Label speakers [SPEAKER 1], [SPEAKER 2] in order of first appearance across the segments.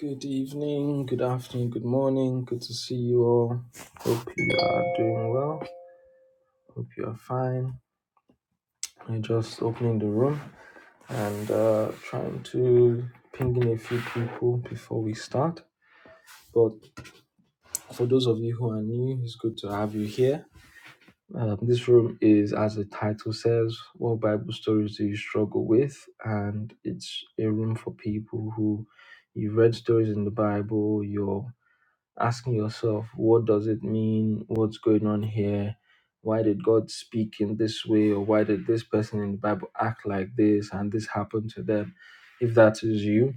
[SPEAKER 1] Good evening, good afternoon, good morning. Good to see you all. Hope you are doing well. Hope you are fine. I'm just opening the room and uh, trying to ping in a few people before we start. But for those of you who are new, it's good to have you here. Um, this room is, as the title says, What Bible Stories Do You Struggle With? And it's a room for people who you've read stories in the Bible, you're asking yourself, what does it mean? What's going on here? Why did God speak in this way? Or why did this person in the Bible act like this and this happened to them? If that is you,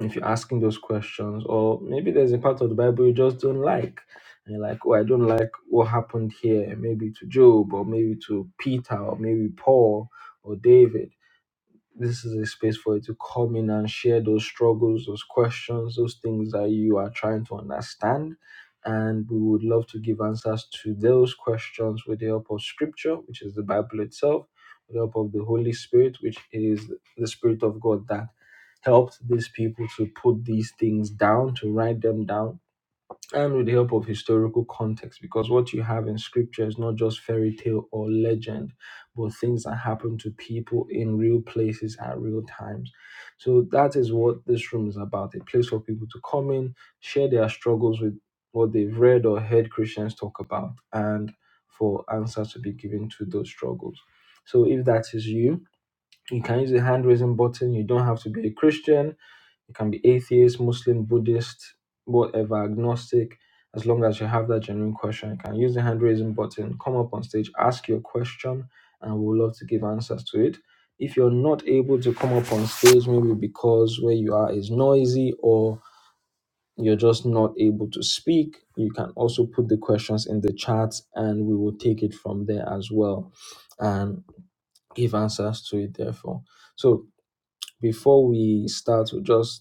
[SPEAKER 1] if you're asking those questions, or maybe there's a part of the Bible you just don't like. And you're like, oh, I don't like what happened here, maybe to Job, or maybe to Peter, or maybe Paul, or David this is a space for you to come in and share those struggles, those questions, those things that you are trying to understand. And we would love to give answers to those questions with the help of Scripture, which is the Bible itself, with the help of the Holy Spirit, which is the Spirit of God that helped these people to put these things down, to write them down and with the help of historical context because what you have in scripture is not just fairy tale or legend but things that happen to people in real places at real times so that is what this room is about a place for people to come in share their struggles with what they've read or heard christians talk about and for answers to be given to those struggles so if that is you you can use the hand raising button you don't have to be a christian you can be atheist, Muslim, Buddhist, whatever, agnostic. As long as you have that genuine question, you can use the hand raising button, come up on stage, ask your question, and we'll love to give answers to it. If you're not able to come up on stage, maybe because where you are is noisy or you're just not able to speak, you can also put the questions in the chat and we will take it from there as well and give answers to it, therefore. So, before we start, we'll just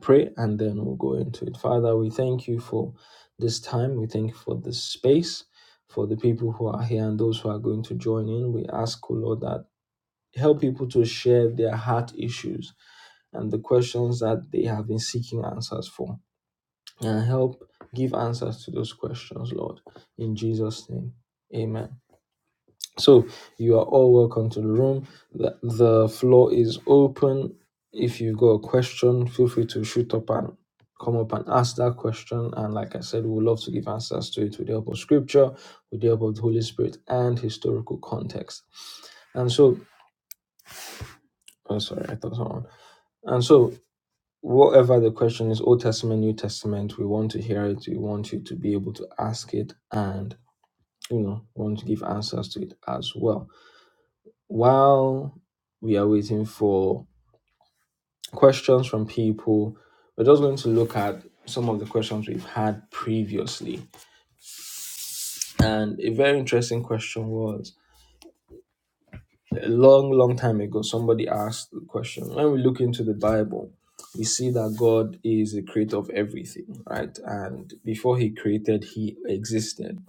[SPEAKER 1] pray and then we'll go into it. Father, we thank you for this time. We thank you for this space, for the people who are here and those who are going to join in. We ask, O Lord, that help people to share their heart issues and the questions that they have been seeking answers for. And help give answers to those questions, Lord. In Jesus' name, amen. So you are all welcome to the room. The, the floor is open. If you've got a question, feel free to shoot up and come up and ask that question. And like I said, we would love to give answers to it with the help of scripture, with the help of the Holy Spirit, and historical context. And so, oh, sorry, I thought someone. And so, whatever the question is, Old Testament, New Testament, we want to hear it. We want you to be able to ask it, and you know, we want to give answers to it as well. while we are waiting for questions from people, we're just going to look at some of the questions we've had previously. And a very interesting question was a long, long time ago, somebody asked the question when we look into the Bible, we see that God is the creator of everything, right? And before he created, he existed.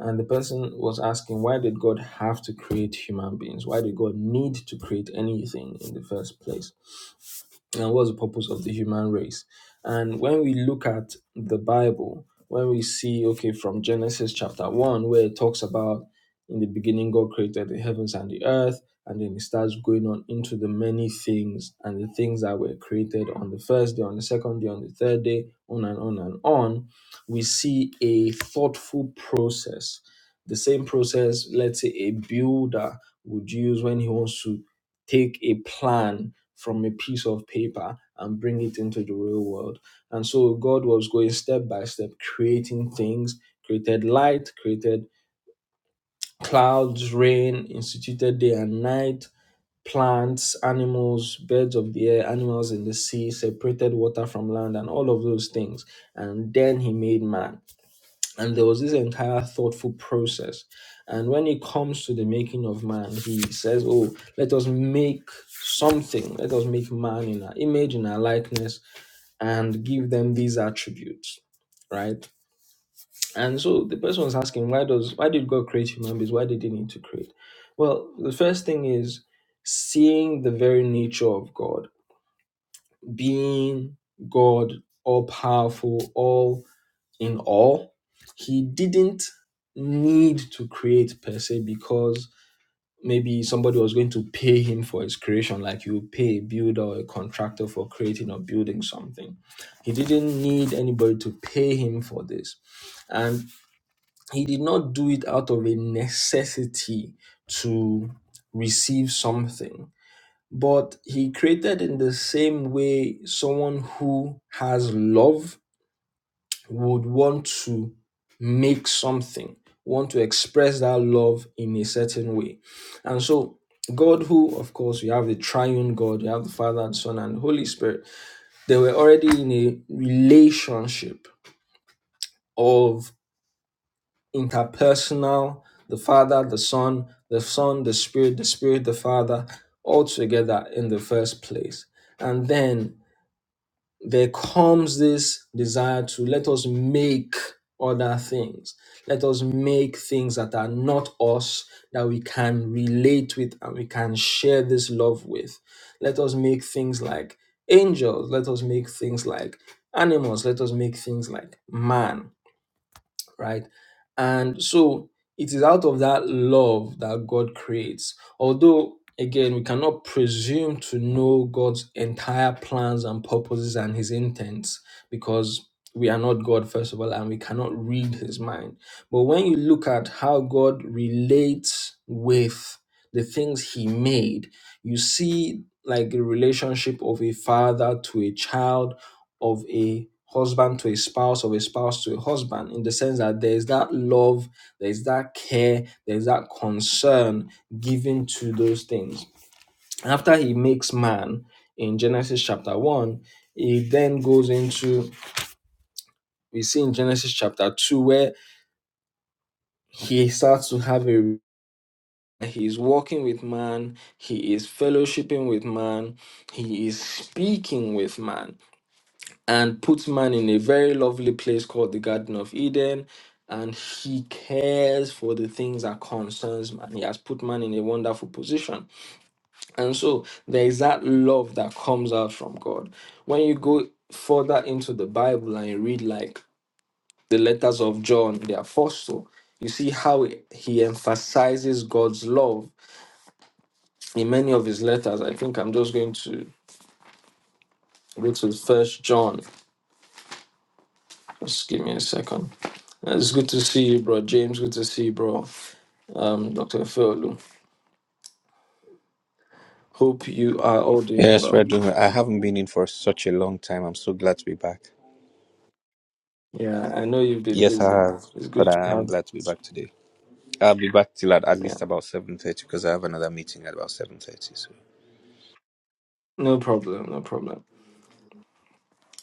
[SPEAKER 1] And the person was asking, why did God have to create human beings? Why did God need to create anything in the first place? and what's the purpose of the human race and when we look at the bible when we see okay from genesis chapter 1 where it talks about in the beginning god created the heavens and the earth and then it starts going on into the many things and the things that were created on the first day on the second day on the third day on and on and on we see a thoughtful process the same process let's say a builder would use when he wants to take a plan from a piece of paper and bring it into the real world. And so God was going step by step, creating things, created light, created clouds, rain, instituted day and night, plants, animals, birds of the air, animals in the sea, separated water from land, and all of those things. And then he made man and there was this entire thoughtful process and when it comes to the making of man he says oh let us make something let us make man in our image in our likeness and give them these attributes right and so the person was asking why does why did god create human beings why did he need to create well the first thing is seeing the very nature of god being god all powerful all in all. He didn't need to create per se because maybe somebody was going to pay him for his creation, like you pay a builder or a contractor for creating or building something. He didn't need anybody to pay him for this. And he did not do it out of a necessity to receive something. But he created in the same way someone who has love would want to make something, want to express that love in a certain way. And so, God, who, of course, you have the triune God, you have the Father and Son and Holy Spirit, they were already in a relationship of interpersonal, the Father, the Son, the Son, the Spirit, the Spirit, the Father, all together in the first place. And then there comes this desire to let us make other things. Let us make things that are not us, that we can relate with and we can share this love with. Let us make things like angels. Let us make things like animals. Let us make things like man right? And so it is out of that love that God creates. Although, again, we cannot presume to know God's entire plans and purposes and his intents because we are not God, first of all, and we cannot read his mind. But when you look at how God relates with the things he made, you see like the relationship of a father to a child of a husband to a spouse, of a spouse to a husband, in the sense that there is that love, there is that care, there is that concern given to those things. after he makes man in Genesis chapter 1, he then goes into, we see in Genesis chapter 2, where he starts to have a he is walking with man, he is fellowshipping with man, he is speaking with man. and puts man in a very lovely place called the Garden of Eden. And he cares for the things that concerns man. He has put man in a wonderful position. And so there is that love that comes out from God. When you go further into the Bible and you read like the letters of John, the apostle, you see how he emphasizes God's love in many of his letters. I think I'm just going to go to first John. Just give me a second. It's good to see you, bro. James, good to see you, bro. Um, Dr. Felu, hope you are all doing
[SPEAKER 2] Yes, we're
[SPEAKER 1] well.
[SPEAKER 2] doing well. I haven't been in for such a long time. I'm so glad to be back.
[SPEAKER 1] Yeah, I know you've been
[SPEAKER 2] Yes, I
[SPEAKER 1] busy.
[SPEAKER 2] have,
[SPEAKER 1] It's
[SPEAKER 2] but
[SPEAKER 1] good to
[SPEAKER 2] I am
[SPEAKER 1] have
[SPEAKER 2] glad to be back today. I'll be back till at, at
[SPEAKER 1] Yeah,
[SPEAKER 2] least about 7.30 because I have another meeting at about 7.30. So.
[SPEAKER 1] no problem, no problem,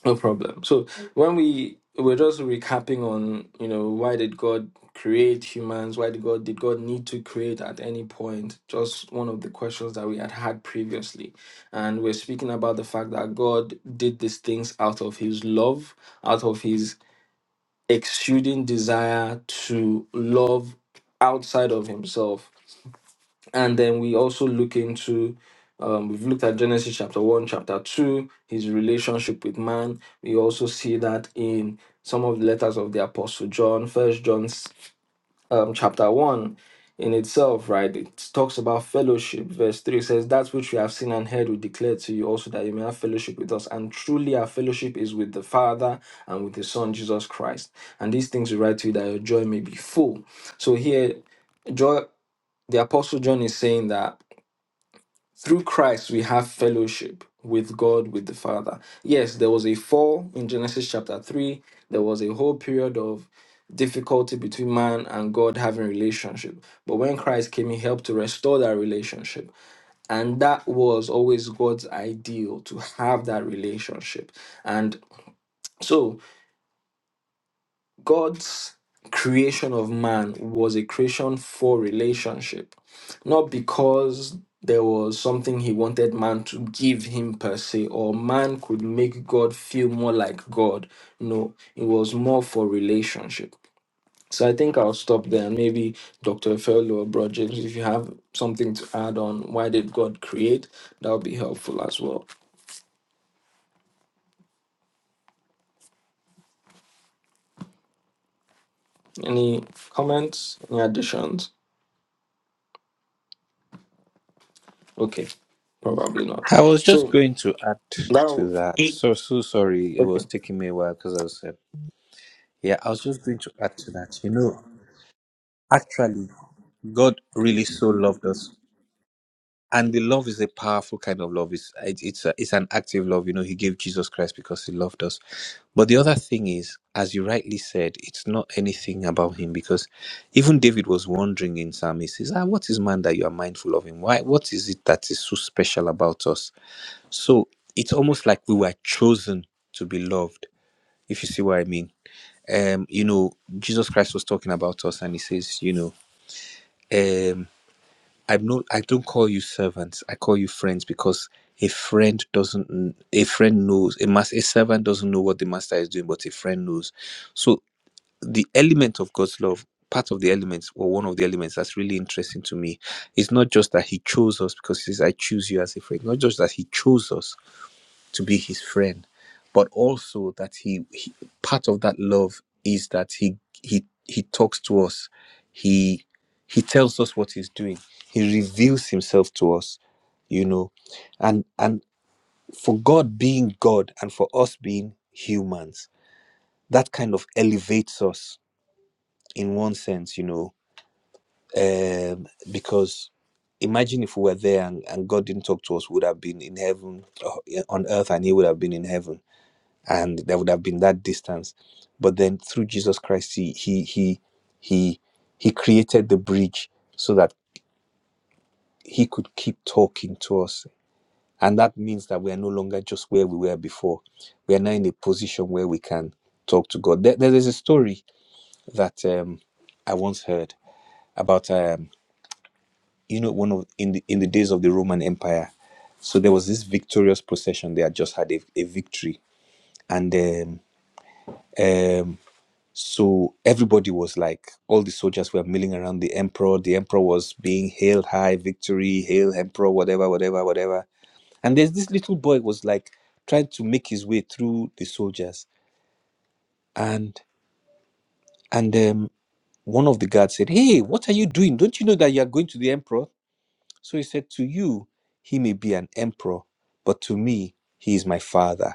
[SPEAKER 1] no problem. So when we were just recapping on, you know, why did God create humans? Why did God did God need to create at any point? Just one of the questions that we had had previously, and we're speaking about the fact that God did these things out of His love, out of His exuding desire to love outside of himself. And then we also look into, um, we've looked at Genesis chapter 1, chapter 2, his relationship with man. We also see that in some of the letters of the Apostle John, First John um, chapter 1 in itself, right? It talks about fellowship. Verse 3 says, That which we have seen and heard, we declare to you also that you may have fellowship with us. And truly, our fellowship is with the Father and with His Son, Jesus Christ. And these things we write to you that your joy may be full. So here, joy, the Apostle John is saying that. Through Christ, we have fellowship with God, with the Father. Yes, there was a fall in Genesis chapter 3. There was a whole period of difficulty between man and God having relationship. But when Christ came, he helped to restore that relationship. And that was always God's ideal to have that relationship. And so God's creation of man was a creation for relationship, not because there was something he wanted man to give him per se, or man could make God feel more like God. No, it was more for relationship. So I think I'll stop there. And maybe Dr. Fellow or Bro James, if you have something to add on why did God create, that would be helpful as well. Any comments? Any additions? Okay, probably not.
[SPEAKER 2] I was just
[SPEAKER 1] So
[SPEAKER 2] going to add
[SPEAKER 1] Now,
[SPEAKER 2] to that. So, so sorry. It
[SPEAKER 1] okay.
[SPEAKER 2] was taking me a while because I was, uh, yeah, I was just going to add to that. You know, actually, God really so loved us and the love is a powerful kind of love it's it, it's a, it's an active love you know he gave jesus christ because he loved us but the other thing is as you rightly said it's not anything about him because even david was wondering in psalm he says ah what is man that you are mindful of him why what is it that is so special about us so it's almost like we were chosen to be loved if you see what i mean um you know jesus christ was talking about us and he says you know um, I no, I don't call you servants. I call you friends because a friend doesn't. kn- A friend knows. A mas, a servant doesn't know what the master is doing, but a friend knows. So the element of God's love, part of the elements, or one of the elements that's really interesting to me, is not just that He chose us because He says, "I choose you as a friend." Not just that He chose us, to be his friend but also that he, he part of that love is that he he he talks to us he he tells us what he's doing he reveals himself to us you know and and for god being god and for us being humans that kind of elevates us in one sense you know um because imagine if we were there and, and god didn't talk to us we would have been in heaven uh, on earth and he would have been in heaven and there would have been that distance but then through jesus christ he he he he, he created the bridge so that he could keep talking to us and that means that we are no longer just where we were before we are now in a position where we can talk to god there, there is a story that um, i once heard about um, you know one of in the in the days of the roman empire so there was this victorious procession they had just had a, a victory and um, um, So everybody was like, all the soldiers were milling around the emperor. The emperor was being hailed high, victory, hail emperor, whatever, whatever, whatever. And there's this little boy was like trying to make his way through the soldiers. And and um, one of the guards said, "Hey, what are you doing? Don't you know that you are going to the emperor?" So he said, "To you, he may be an emperor, but to me, he is my father."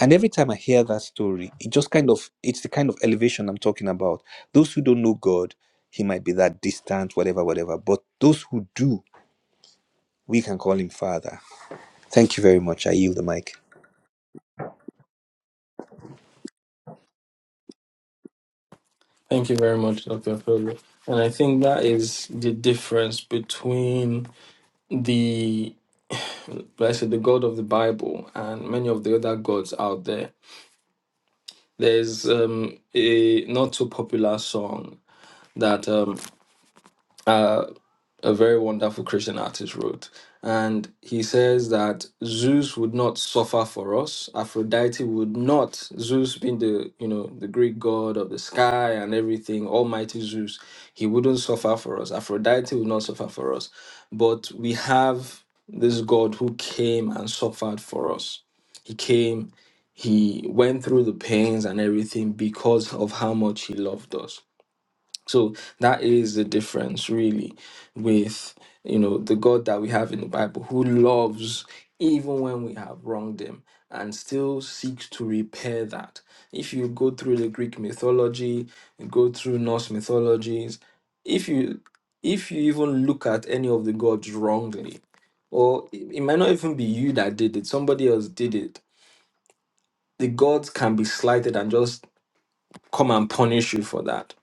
[SPEAKER 2] And every time I hear that story, it just kind of it's the kind of elevation I'm talking about. Those who don't know God, he might be that distant, whatever, whatever. But those who do, we can call him Father. Thank you very much. I yield the mic.
[SPEAKER 1] Thank you very much, Dr. Fowler. And I think that is the difference between the, let's say, the God of the Bible and many of the other gods out there. There's um, a not so popular song that um, uh, a very wonderful Christian artist wrote. And he says that Zeus would not suffer for us. Aphrodite would not, Zeus being the, you know, the Greek god of the sky and everything, Almighty Zeus, he wouldn't suffer for us. Aphrodite would not suffer for us. But we have this God who came and suffered for us. He came, he went through the pains and everything because of how much he loved us. So that is the difference, really, with you know the God that we have in the Bible, who loves even when we have wronged Him, and still seeks to repair that. If you go through the Greek mythology, you go through Norse mythologies, if you if you even look at any of the gods wrongly, or it it might not even be you that did it, somebody else did it. The gods can be slighted and just come and punish you for that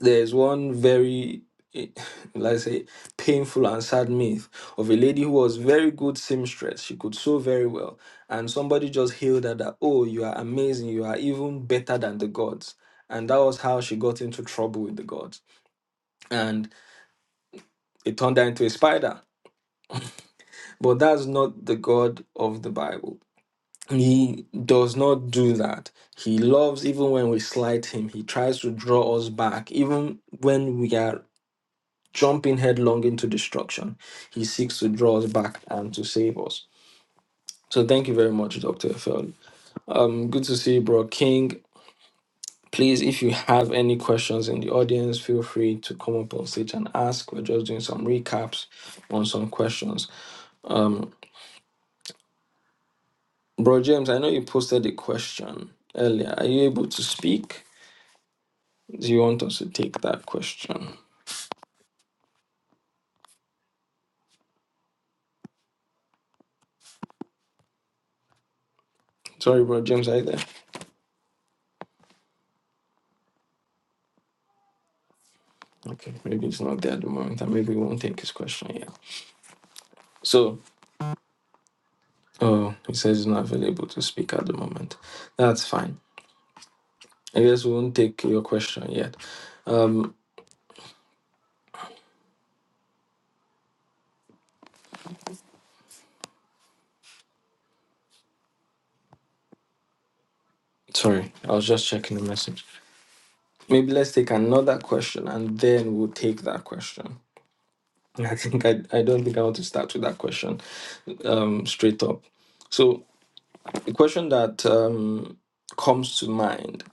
[SPEAKER 1] there's one very eh, let's say painful and sad myth of a lady who was very good seamstress she could sew very well and somebody just hailed her that oh you are amazing you are even better than the gods and that was how she got into trouble with the gods and it turned her into a spider but that's not the god of the bible he does not do that he loves even when we slight him he tries to draw us back even when we are jumping headlong into destruction. He seeks to draw us back and to save us. So thank you very much, Dr. Efel. Um, good to see you, bro. King, please, if you have any questions in the audience, feel free to come up on stage and ask. We're just doing some recaps on some questions. Bro James, I know you posted a question earlier. Are you able to speak? Do you want us to take that question? Sorry, bro James, are you there? Okay, maybe it's not there at the moment, and maybe we won't take his question yet. So Oh, he says he's not available to speak at the moment. That's fine. I guess we won't take your question yet. Um, sorry, I was just checking the message. Maybe let's take another question and then we'll take that question. I think I, I don't think I want to start with that question um, straight up. So the question that um, comes to mind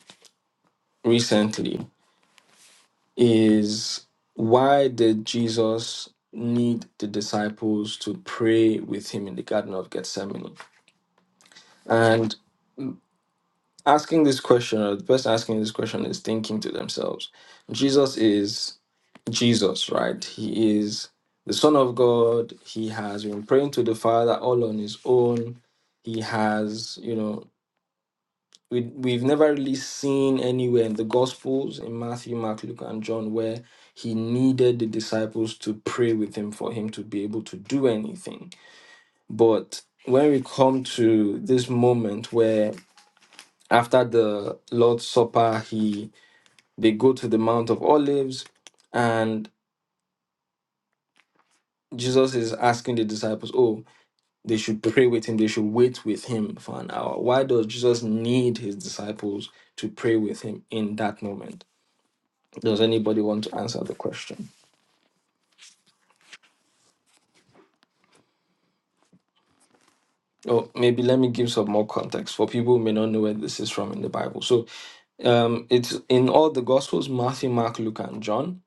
[SPEAKER 1] recently is why did Jesus need the disciples to pray with him in the Garden of Gethsemane? And asking this question, or the person asking this question is thinking to themselves, Jesus is Jesus, right? He is the Son of God. He has been praying to the Father all on his own. He has, you know, we, we've never really seen anywhere in the Gospels, in Matthew, Mark, Luke, and John, where he needed the disciples to pray with him for him to be able to do anything. But when we come to this moment where after the Lord's Supper, he They go to the Mount of Olives, and Jesus is asking the disciples, oh, they should pray with him, they should wait with him for an hour. Why does Jesus need his disciples to pray with him in that moment? Does anybody want to answer the question? Or maybe let me give some more context for people who may not know where this is from in the Bible. So um, it's in all the Gospels Matthew, Mark, Luke, and John,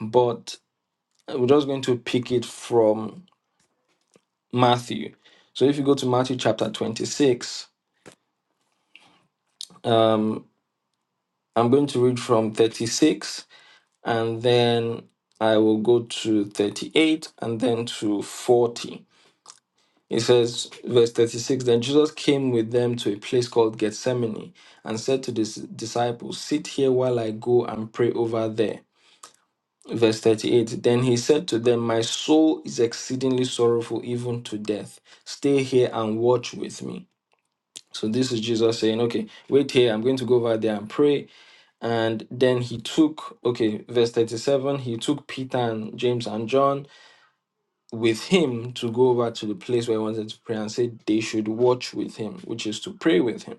[SPEAKER 1] but we're just going to pick it from Matthew. So if you go to Matthew chapter 26, um, I'm going to read from 36 and then I will go to 38 and then to 40. It says, verse 36 Then Jesus came with them to a place called Gethsemane and said to his disciples, Sit here while I go and pray over there. Verse 38 Then he said to them, My soul is exceedingly sorrowful, even to death. Stay here and watch with me. So this is Jesus saying, Okay, wait here. I'm going to go over there and pray. And then he took, okay, verse 37, he took Peter and James and John with him to go over to the place where he wanted to pray and said they should watch with him, which is to pray with him.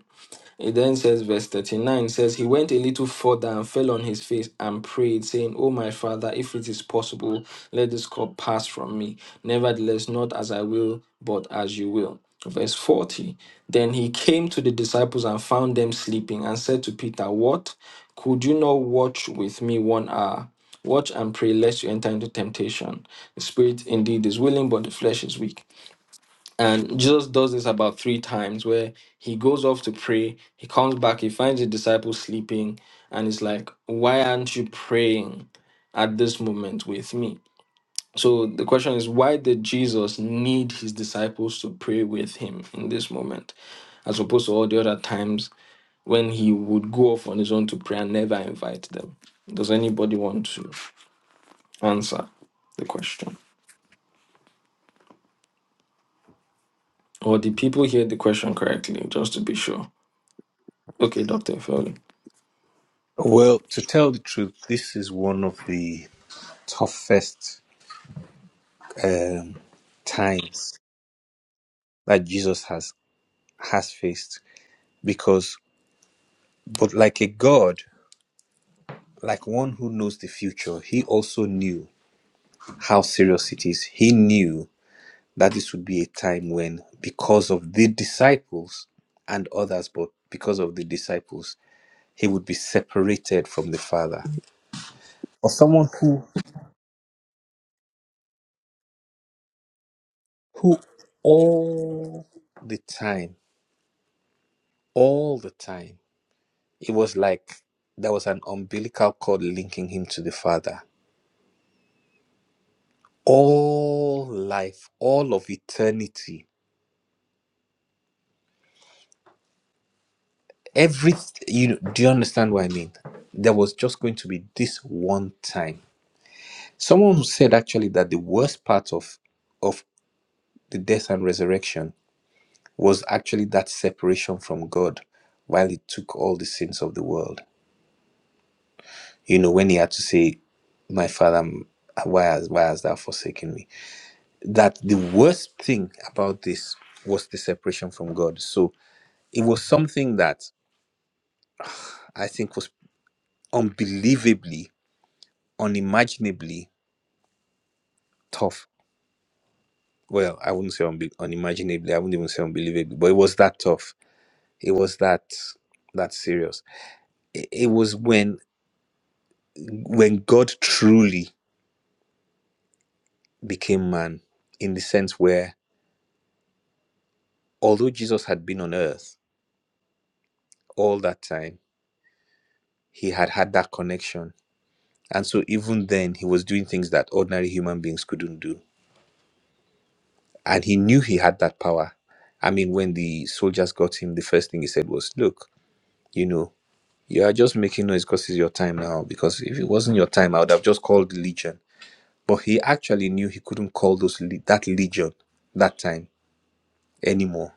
[SPEAKER 1] It then says, verse 39 says, He went a little further and fell on his face and prayed, saying, O my father, if it is possible, let this cup pass from me. Nevertheless, not as I will, but as you will. Verse 40 Then he came to the disciples and found them sleeping and said to Peter, What? Could you not watch with me one hour? Watch and pray, lest you enter into temptation. The spirit indeed is willing, but the flesh is weak. And Jesus does this about three times where he goes off to pray, he comes back, he finds the disciples sleeping, and he's like, Why aren't you praying at this moment with me? So the question is, why did Jesus need his disciples to pray with him in this moment, as opposed to all the other times when he would go off on his own to pray and never invite them? Does anybody want to answer the question? Or did people hear the question correctly, just to be sure? Okay, Dr. Fowler.
[SPEAKER 2] Well, to tell the truth, this is one of the toughest um, times that Jesus has has faced because, but like a God, like one who knows the future, he also knew how serious it is. He knew that this would be a time when, because of the disciples and others, but because of the disciples, he would be separated from the Father. Or someone who, who all the time, all the time, it was like there was an umbilical cord linking him to the Father. All life, all of eternity, every you know, do you understand what I mean? There was just going to be this one time Someone said actually that the worst part of of the death and resurrection was actually that separation from God while he took all the sins of the world. You know, when he had to say, My father, m- why has why hast thou forsaken me? That the worst thing about this was the separation from God. So it was something that I think was unbelievably, unimaginably tough. Well, I wouldn't say unbe- unimaginably, I wouldn't even say unbelievably, but it was that tough It was that that serious. It, it was when when God truly became man in the sense where although Jesus had been on earth all that time, he had had that connection. And so even then he was doing things that ordinary human beings couldn't do. And he knew he had that power. I mean, when the soldiers got him, the first thing he said was, Look, you know, you are just making noise because it's your time now. Because if it wasn't your time, I would have just called the legion but he actually knew he couldn't call those le- that legion that time anymore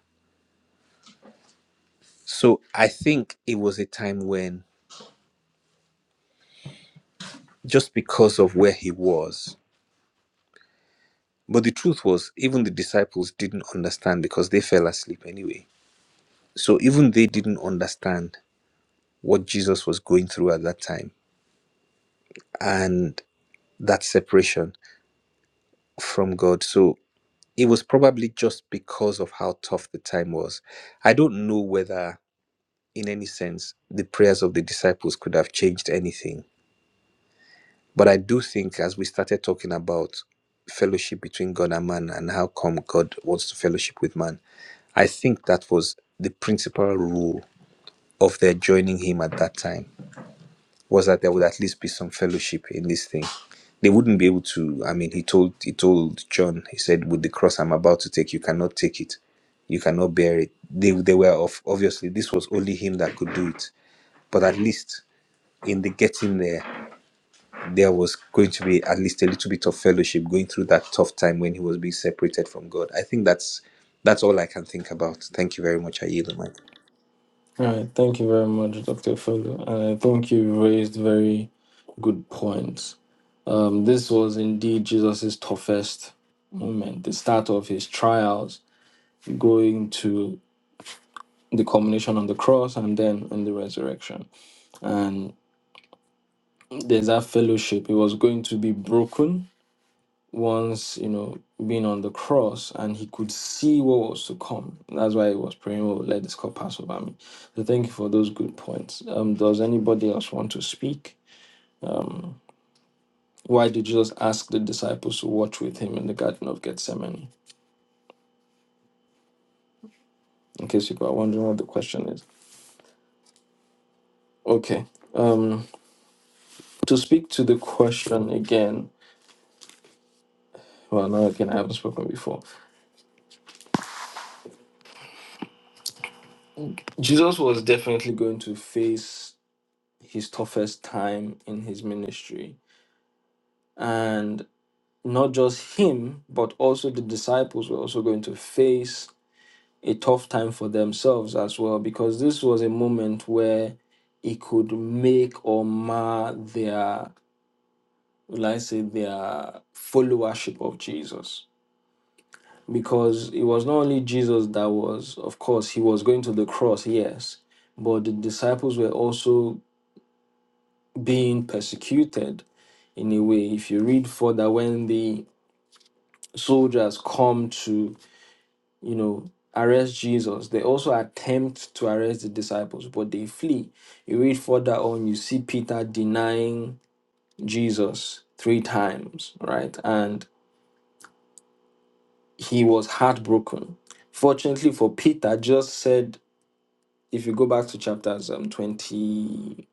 [SPEAKER 2] so i think it was a time when just because of where he was but the truth was even the disciples didn't understand because they fell asleep anyway so even they didn't understand what jesus was going through at that time and that separation from god so it was probably just because of how tough the time was i don't know whether in any sense, the prayers of the disciples could have changed anything. But I do think, as we started talking about fellowship between God and man and how come God wants to fellowship with man, I think that was the principal rule of their joining him at that time was that there would at least be some fellowship in this thing. They wouldn't be able to. I mean, he told he told John. He said, "With the cross I'm about to take, you cannot take it. You cannot bear it." They they were of obviously this was only him that could do it. But at least in the getting there, there was going to be at least a little bit of fellowship going through that tough time when he was being separated from God. I think that's that's all I can think about. Thank you very much. I yield the mic.
[SPEAKER 1] All right, thank you very much, Dr. Felu. And I think you raised very good points. Um, this was indeed Jesus' toughest moment, the start of his trials, going to the culmination on the cross and then in the resurrection. And there's that fellowship. It was going to be broken once, you know, being on the cross and he could see what was to come. That's why he was praying, oh, let this cup pass over me. So thank you for those good points. Um, does anybody else want to speak? Why did Jesus ask the disciples to watch with him in the Garden of Gethsemane? In case you are wondering what the question is. Okay. Um, to speak to the question again, well, now again, I haven't spoken before. Jesus was definitely going to face his toughest time in his ministry. and. not just him, but also the disciples were also going to face a tough time for themselves as well, because this was a moment where it could make or mar their, will I say, their followership of Jesus. Because it was not only Jesus that was, of course, he was going to the cross, yes, but the disciples were also being persecuted in a way. If you read further, when the soldiers come to you know, arrest Jesus. They also attempt to arrest the disciples, but they flee. You read further on, you see Peter denying Jesus three times, right? And he was heartbroken. Fortunately for Peter, just said, if you go back to chapters um, 25,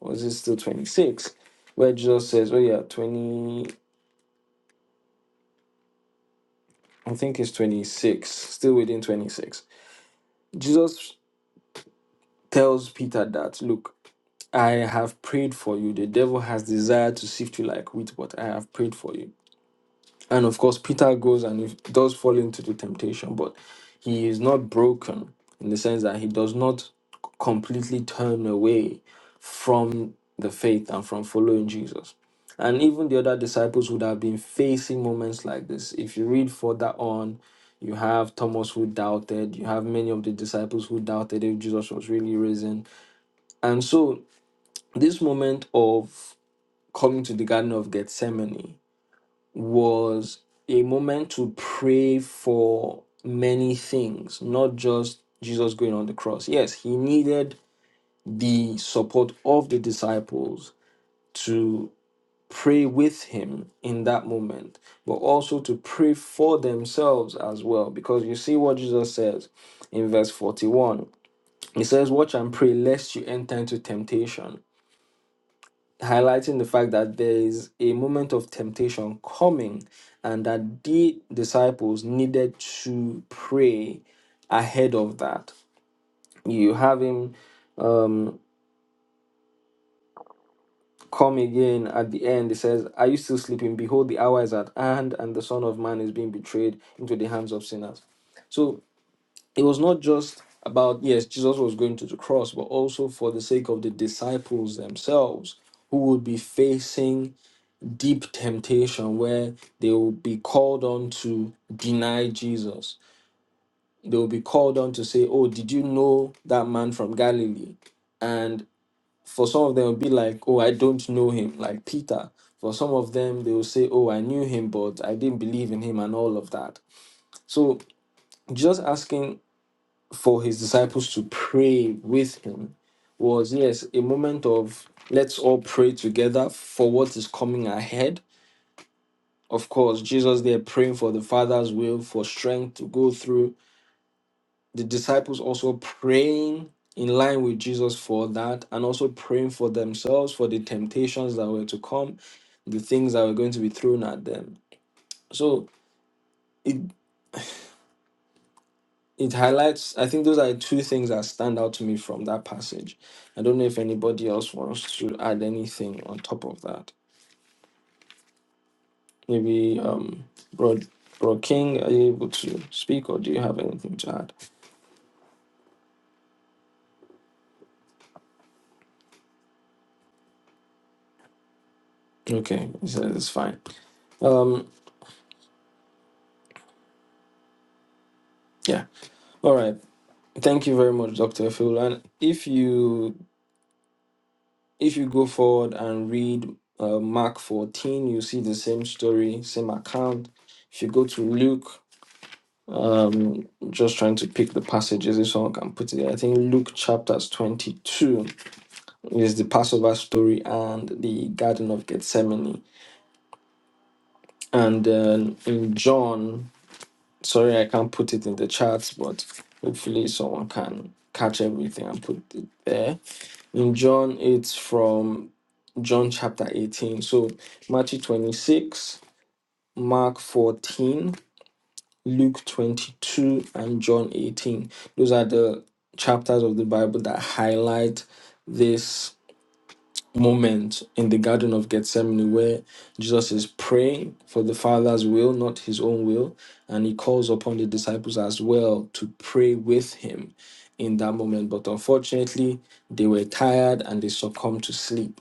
[SPEAKER 1] or is it still 26, where Jesus says, oh yeah, 20, I think it's 26, still within 26. Jesus tells Peter that, look, I have prayed for you. The devil has desired to sift you like wheat, but I have prayed for you. And of course, Peter goes and he does fall into the temptation, but he is not broken in the sense that he does not completely turn away from the faith and from following Jesus. And even the other disciples would have been facing moments like this. If you read further on, you have Thomas who doubted, you have many of the disciples who doubted if Jesus was really risen. And so this moment of coming to the Garden of Gethsemane was a moment to pray for many things, not just Jesus going on the cross. Yes, he needed the support of the disciples to pray with him in that moment, but also to pray for themselves as well. Because you see what Jesus says in verse 41 he says, Watch and pray lest you enter into temptation. highlighting the fact that there is a moment of temptation coming and that the disciples needed to pray ahead of that. You have him um, come again at the end. He says, Are you still sleeping? Behold, the hour is at hand, and the Son of Man is being betrayed into the hands of sinners. So it was not just about, yes, Jesus was going to the cross, but also for the sake of the disciples themselves who would be facing deep temptation where they will be called on to deny Jesus. They will be called on to say, Oh, did you know that man from Galilee? And for some of them, it will be like, Oh, I don't know him, like Peter. For some of them, they will say, Oh, I knew him, but I didn't believe in him, and all of that. So just asking for his disciples to pray with him was, yes, a moment of let's all pray together for what is coming ahead Of course, Jesus there praying for the Father's will for strength to go through. The disciples also praying in line with Jesus for that and also praying for themselves for the temptations that were to come, the things that were going to be thrown at them. So it it highlights I think those are the two things that stand out to me from that passage. I don't know if anybody else wants to add anything on top of that. Maybe um Bro, Bro King, are you able to speak or do you have anything to add? Okay, so it's fine. Um, yeah. All right. Thank you very much, Doctor Phil. And if you if you go forward and read uh, Mark fourteen, you see the same story, same account. If you go to Luke, um, just trying to pick the passages if someone can put it. There. I think Luke chapters twenty two is the Passover story and the Garden of Gethsemane, and then in John. Sorry, I can't put it in the chat, but hopefully someone can catch everything and put it there. In John, it's from John chapter 18. So Matthew 26, Mark 14, Luke 22, and John 18. Those are the chapters of the Bible that highlight this moment in the Garden of Gethsemane where Jesus is praying for the Father's will, not his own will, and he calls upon the disciples as well to pray with him in that moment. But unfortunately, they were tired and they succumbed to sleep.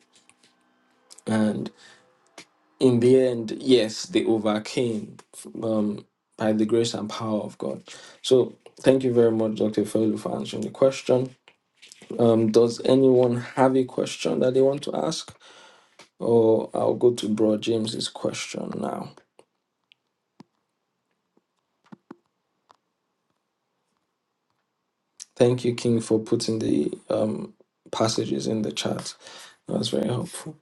[SPEAKER 1] And in the end, yes, they overcame um, by the grace and power of God. So thank you very much, Dr. Felu, for answering the question. Um, does anyone have a question that they want to ask? Oh, I'll go to Bro James's question now. Thank you, King, for putting the um, passages in the chat. That was very helpful.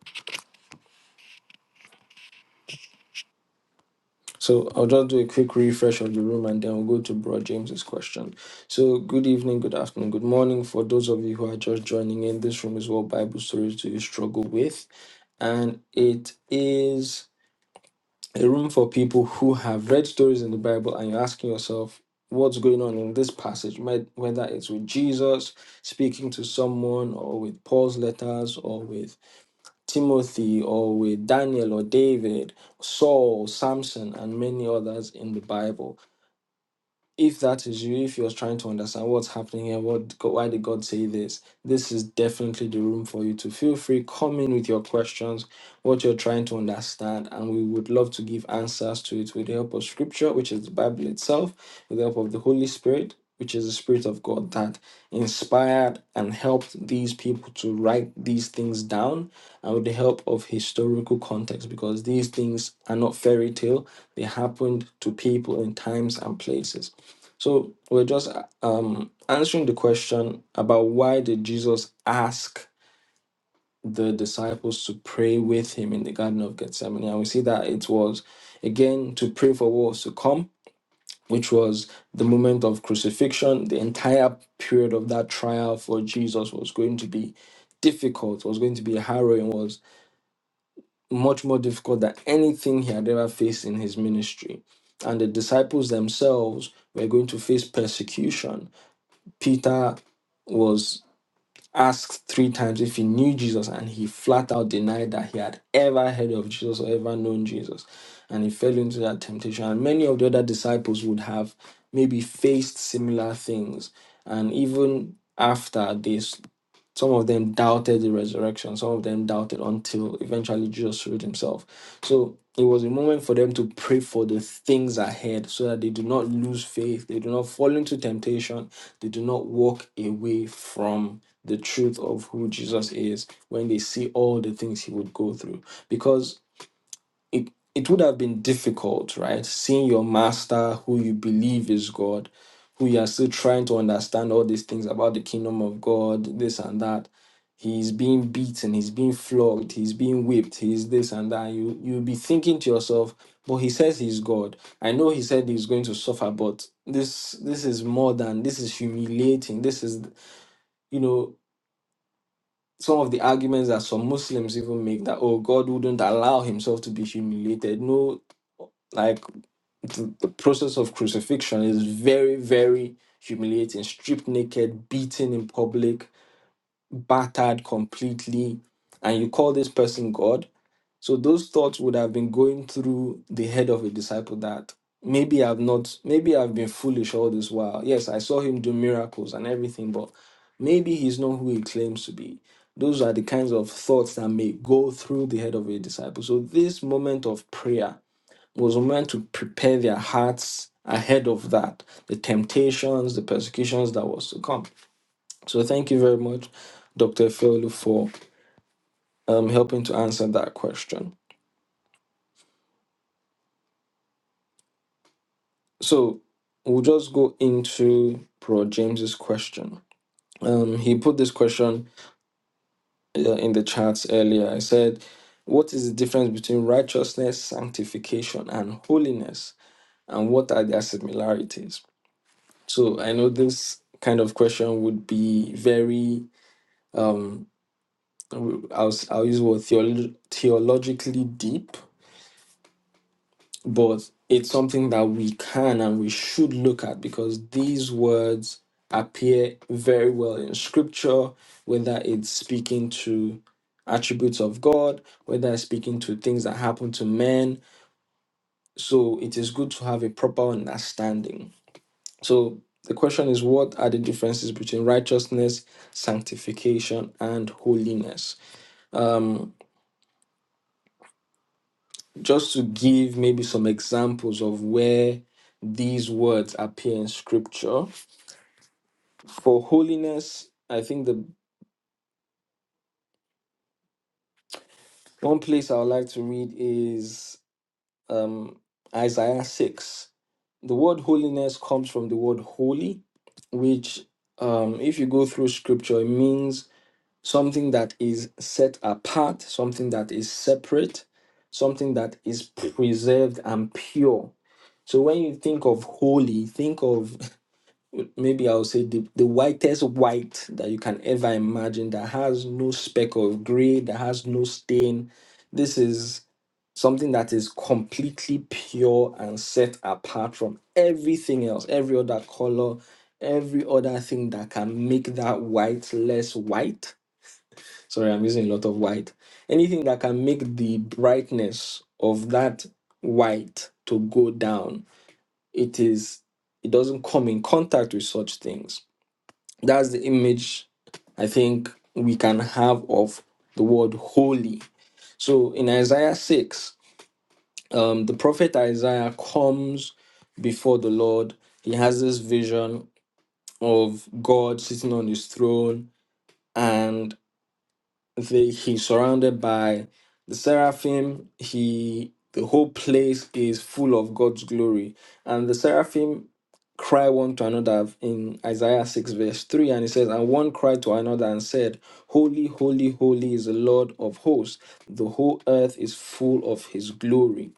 [SPEAKER 1] So I'll just do a quick refresh of the room and then we'll go to Bro James's question. So good evening, good afternoon, good morning for those of you who are just joining in. This room is what Bible stories do you struggle with, and it is. a room for people who have read stories in the Bible and you're asking yourself what's going on in this passage, med- whether it's with Jesus speaking to someone, or with Paul's letters, or with Timothy, or with Daniel, or David, Saul, Samson, and many others in the Bible if that is you, if you're trying to understand what's happening here, what God- why did God say this, this is definitely the room for you to feel free. Come in with your questions, what you're trying to understand, and we would love to give answers to it with the help of Scripture, which is the Bible itself, with the help of the Holy Spirit, which is the Spirit of God that inspired and helped these people to write these things down, and with the help of historical context, because these things are not fairy tale; they happened to people in times and places. So we're just um, answering the question about why did Jesus ask the disciples to pray with him in the Garden of Gethsemane? And we see that it was again to pray for what was to come, which was the moment of crucifixion. The entire period of that trial for Jesus was going to be difficult, was going to be harrowing, was much more difficult than anything he had ever faced in his ministry. And the disciples themselves were going to face persecution Peter was asked three times if he knew Jesus, and he flat out denied that he had ever heard of Jesus or ever known Jesus. And he fell into that temptation. And many of the other disciples would have maybe faced similar things. And even after this. Some of them doubted the resurrection. Some of them doubted until eventually Jesus showed himself. So it was a moment for them to pray for the things ahead so that they do not lose faith, they do not fall into temptation, they do not walk away from the truth of who Jesus is when they see all the things he would go through. Because it it would have been difficult, right? Seeing your master, who you believe is God, who you are still trying to understand all these things about the kingdom of God, this and that. He's being beaten, he's being flogged, he's being whipped, he's this and that. You you'll be thinking to yourself, but he says he's God. I know he said he's going to suffer, but this this is more than this is humiliating. This is you know some of the arguments that some Muslims even make that oh God wouldn't allow himself to be humiliated. No, like the, the process of crucifixion is very, very humiliating. Stripped naked, beaten in public, battered completely, and you call this person God? So those thoughts would have been going through the head of a disciple that maybe I've not, maybe I've been foolish all this while. Yes, I saw him do miracles and everything, but maybe he's not who he claims to be. Those are the kinds of thoughts that may go through the head of a disciple. So this moment of prayer was meant to prepare their hearts ahead of that, the temptations, the persecutions that was to come. So thank you very much, Dr. Feolu, for um, helping to answer that question. So we'll just go into Bro James's question. Um, he put this question uh, in the chats earlier. I said, "What is the difference between righteousness, sanctification, and holiness, and what are their similarities?" So I know this kind of question would be very um, I'll I'll use the word theolo- theologically deep but it's something that we can and we should look at because these words appear very well in scripture, whether it's speaking to attributes of God, whether it's speaking to things that happen to men. So it is good to have a proper understanding. So the question is what are the differences between righteousness, sanctification, and holiness? Um, just to give maybe some examples of where these words appear in scripture For holiness, I think the one place I would like to read is um, Isaiah 6. The word holiness comes from the word holy, which, um, if you go through scripture, it means something that is set apart, something that is separate, something that is preserved and pure. So when you think of holy, think of maybe I'll say the, the whitest white that you can ever imagine that has no speck of gray, that has no stain. This is something that is completely pure and set apart from everything else, every other color, every other thing that can make that white less white. Sorry, I'm using a lot of white. Anything that can make the brightness of that white to go down. It is it doesn't come in contact with such things that's the image I think we can have of the word holy. So in Isaiah 6, um, the prophet Isaiah comes before the Lord. He has this vision of God sitting on his throne and the, he's surrounded by the seraphim he the whole place is full of god's glory and the seraphim cry one to another in isaiah 6 verse 3 and it says and one cried to another and said holy holy holy is the lord of hosts the whole earth is full of his glory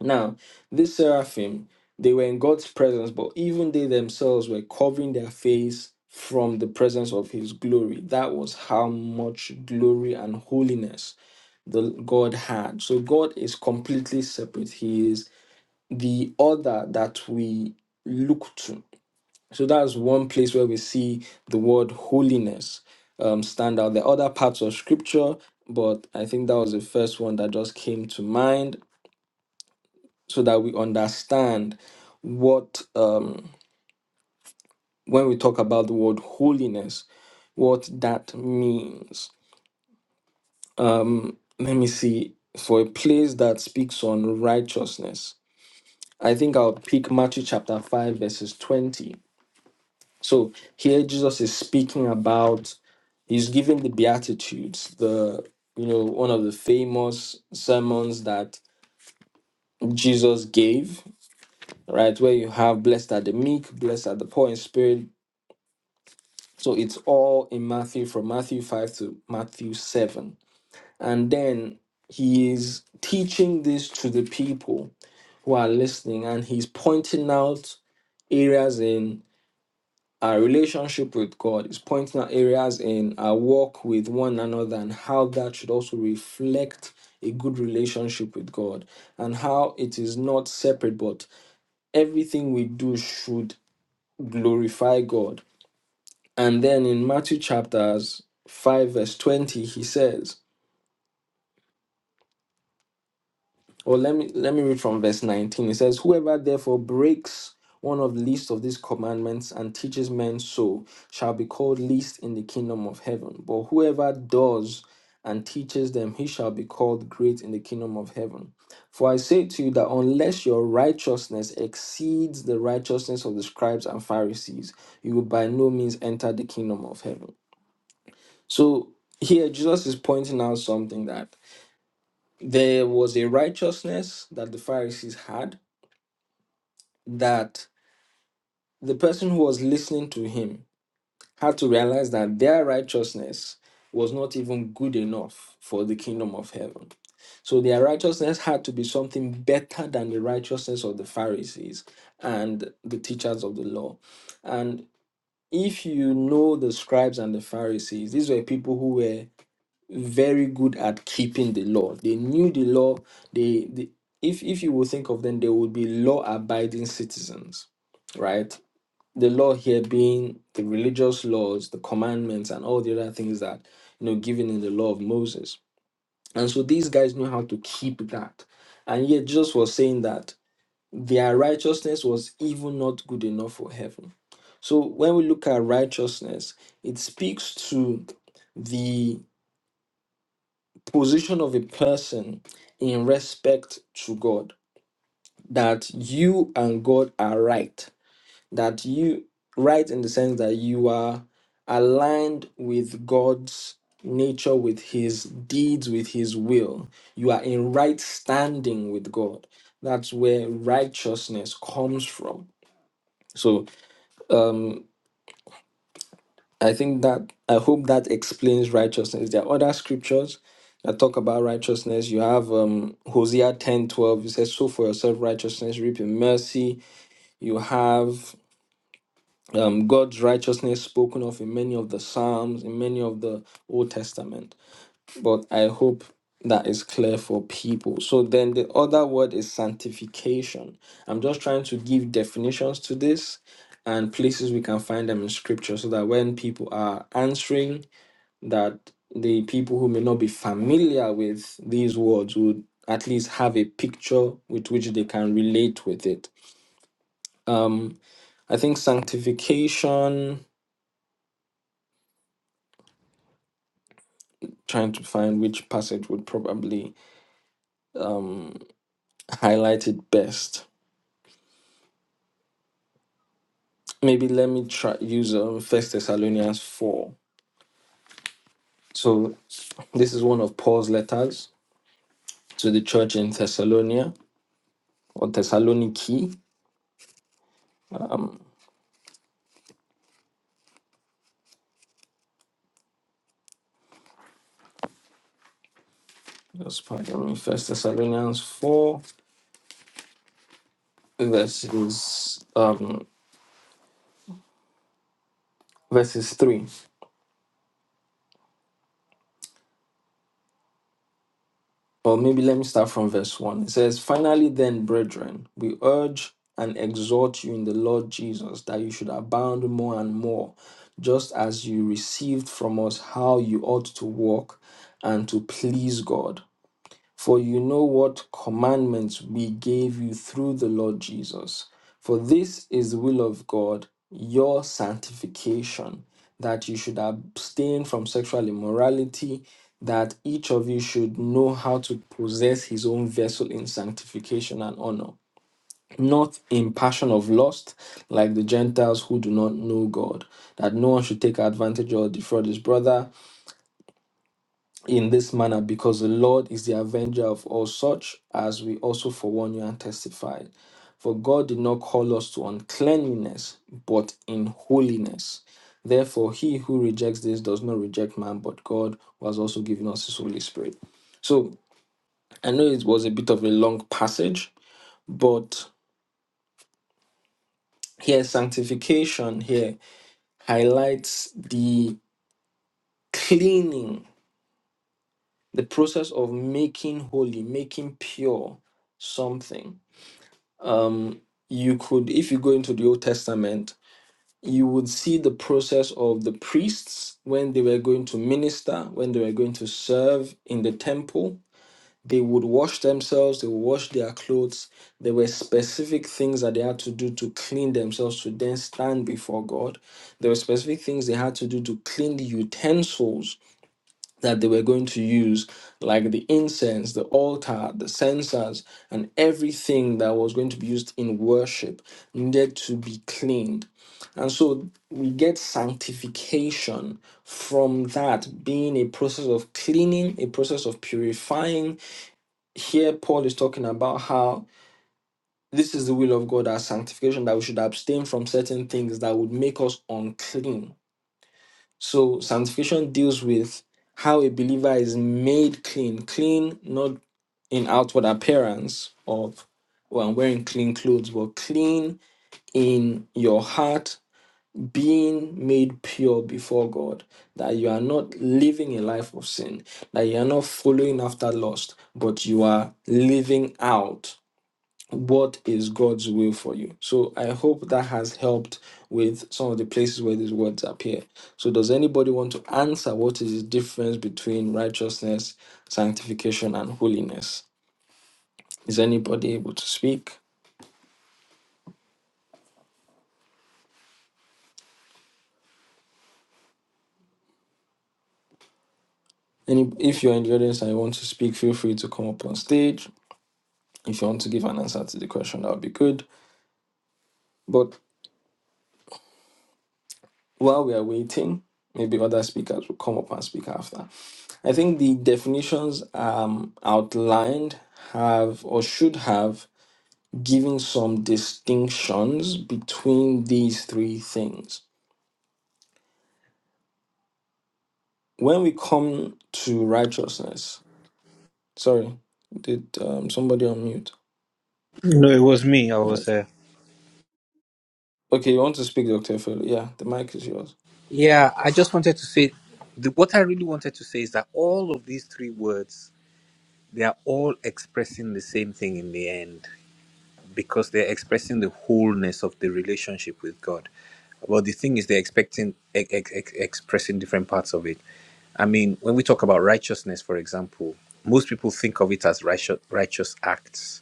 [SPEAKER 1] now, these seraphim, they were in God's presence, but even they themselves were covering their face from the presence of his glory. That was how much glory and holiness the God had. So God is completely separate. He is the other that we look to. So that's one place where we see the word holiness um, stand out. The other parts of scripture, but I think that was the first one that just came to mind so that we understand what um, when we talk about the word holiness what that means um, let me see for a place that speaks on righteousness i think i'll pick matthew chapter 5 verses 20 so here jesus is speaking about he's giving the beatitudes the you know one of the famous sermons that jesus gave right where you have blessed are the meek blessed are the poor in spirit So it's all in Matthew from Matthew 5 to Matthew 7. And then he is teaching this to the people who are listening and he's pointing out areas in our relationship with God. He's pointing out areas in our walk with one another and how that should also reflect a good relationship with God and how it is not separate, but everything we do should glorify God And then in Matthew chapters 5, verse 20, he says, or let me let me read from verse 19. He says, Whoever therefore breaks one of the least of these commandments and teaches men so shall be called least in the kingdom of heaven. But whoever does and teaches them, he shall be called great in the kingdom of heaven. For I say to you that unless your righteousness exceeds the righteousness of the scribes and Pharisees, you will by no means enter the kingdom of heaven. So here Jesus is pointing out something that there was a righteousness that the Pharisees had that the person who was listening to him had to realize that their righteousness was not even good enough for the kingdom of heaven. So their righteousness had to be something better than the righteousness of the Pharisees and the teachers of the law. And if you know the scribes and the Pharisees, these were people who were very good at keeping the law. They knew the law. They, they if if you will think of them, they would be law abiding citizens, right? The law here being the religious laws, the commandments, and all the other things that you know given in the law of Moses. And so these guys know how to keep that. And yet Jesus was saying that their righteousness was even not good enough for heaven. So when we look at righteousness, it speaks to the position of a person in respect to God that you and God are right that you right in the sense that you are aligned with God's nature with his deeds with his will you are in right standing with God that's where righteousness comes from so um, I think that I hope that explains righteousness. There are other scriptures that talk about righteousness. You have um, Hosea ten twelve. It says, "Sow for yourself righteousness, reap in mercy." You have um, God's righteousness spoken of in many of the Psalms, in many of the Old Testament. But I hope that is clear for people. So then the other word is sanctification. I'm just trying to give definitions to this and places we can find them in scripture so that when people are answering that the people who may not be familiar with these words would at least have a picture with which they can relate with it. Um, I think sanctification, trying to find which passage would probably um, highlight it best. Maybe let me try use um, First Thessalonians 4. So this is one of Paul's letters to the church in Thessalonia or Thessaloniki. Just pardon me, First Thessalonians 4 verses um verses 3. Or maybe let me start from verse 1. It says, Finally, then, brethren, we urge and exhort you in the Lord Jesus that you should abound more and more, just as you received from us how you ought to walk and to please God. For you know what commandments we gave you through the Lord Jesus. For this is the will of God, your sanctification, that you should abstain from sexual immorality, that each of you should know how to possess his own vessel in sanctification and honor, not in passion of lust, like the Gentiles who do not know God, that no one should take advantage or defraud his brother in this manner, because the Lord is the avenger of all such, as we also forewarn you and testified. For God did not call us to uncleanliness, but in holiness. Therefore, he who rejects this does not reject man, but God, who has also given us his Holy Spirit. So I know it was a bit of a long passage, but here sanctification here highlights the cleaning, the process of making holy, making pure something um, you could, if you go into the Old Testament, you would see the process of the priests when they were going to minister, when they were going to serve in the temple. They would wash themselves, they would wash their clothes. There were specific things that they had to do to clean themselves to then stand before God. There were specific things they had to do to clean the utensils that they were going to use, like the incense, the altar, the censers, and everything that was going to be used in worship, needed to be cleaned. And so we get sanctification from that being a process of cleaning, a process of purifying. Here, Paul is talking about how this is the will of God, our sanctification, that we should abstain from certain things that would make us unclean so sanctification deals with how a believer is made clean, clean not in outward appearance of well, I'm wearing clean clothes, but clean in your heart, being made pure before God, that you are not living a life of sin, that you are not following after lust, but you are living out what is God's will for you? So I hope that has helped with some of the places where these words appear. So does anybody want to answer what is the difference between righteousness, sanctification, and holiness? Is anybody able to speak? Any if you're in the audience and you want to speak, feel free to come up on stage. If you want to give an answer to the question, that would be good. But while we are waiting, maybe other speakers will come up and speak after. I think the definitions um, outlined have or should have given some distinctions between these three things. When we come to righteousness, sorry, did um, somebody unmute?
[SPEAKER 2] No, it was me. I was
[SPEAKER 1] Alright.
[SPEAKER 2] there.
[SPEAKER 1] Okay, you want to speak, Dr. Fellow? Yeah, the mic is yours.
[SPEAKER 2] Yeah, I just wanted to say the, what I really wanted to say is that all of these three words, they are all expressing the same thing in the end. because they're expressing the wholeness of the relationship with God. But the thing is, they're expecting ex- ex- ex- expressing different parts of it. I mean, when we talk about righteousness, for example, most people think of it as righteous, righteous acts,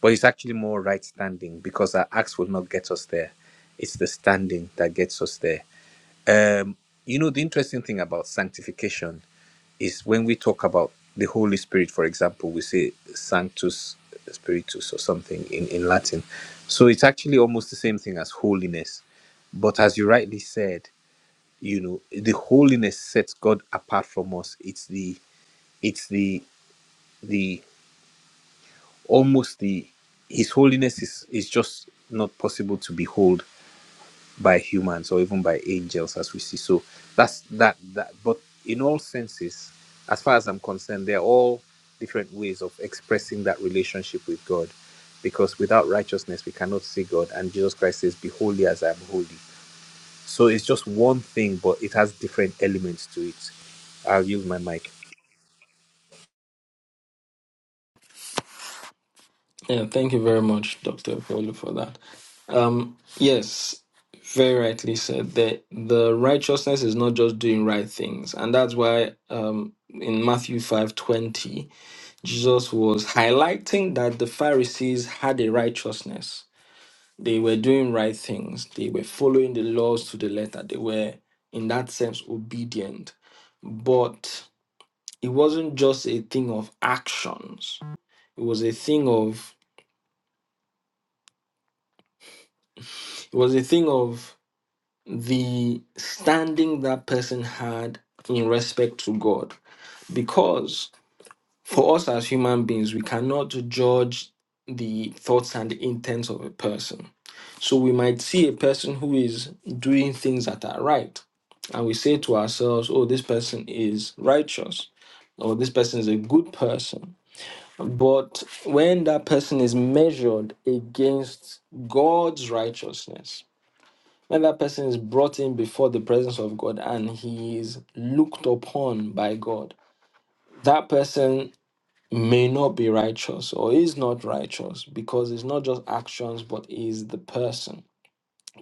[SPEAKER 2] but it's actually more right standing because our acts will not get us there. It's the standing that gets us there. Um, you know, the interesting thing about sanctification is when we talk about the Holy Spirit, for example, we say Sanctus Spiritus or something in, in Latin. So it's actually almost the same thing as holiness. But as you rightly said, you know, the holiness sets God apart from us. It's the it's the the almost the his holiness is is just not possible to behold by humans or even by angels as we see so that's that that but in all senses as far as i'm concerned they're all different ways of expressing that relationship with god because without righteousness we cannot see god and jesus christ says be holy as i am holy so it's just one thing but it has different elements to it i'll use my mic
[SPEAKER 1] Yeah, thank you very much, Dr. Fellow, for that. Um, yes, very rightly said. The the righteousness is not just doing right things, and that's why um, in Matthew five twenty, Jesus was highlighting that the Pharisees had a righteousness. They were doing right things. They were following the laws to the letter. They were, in that sense, obedient. But it wasn't just a thing of actions. It was a thing of it was a thing of the standing that person had in respect to God. Because for us as human beings, we cannot judge the thoughts and the intents of a person. So we might see a person who is doing things that are right, and we say to ourselves, oh, this person is righteous, or this person is a good person. But when that person is measured against God's righteousness, when that person is brought in before the presence of God and he is looked upon by God, that person may not be righteous or is not righteous because it's not just actions but is the person,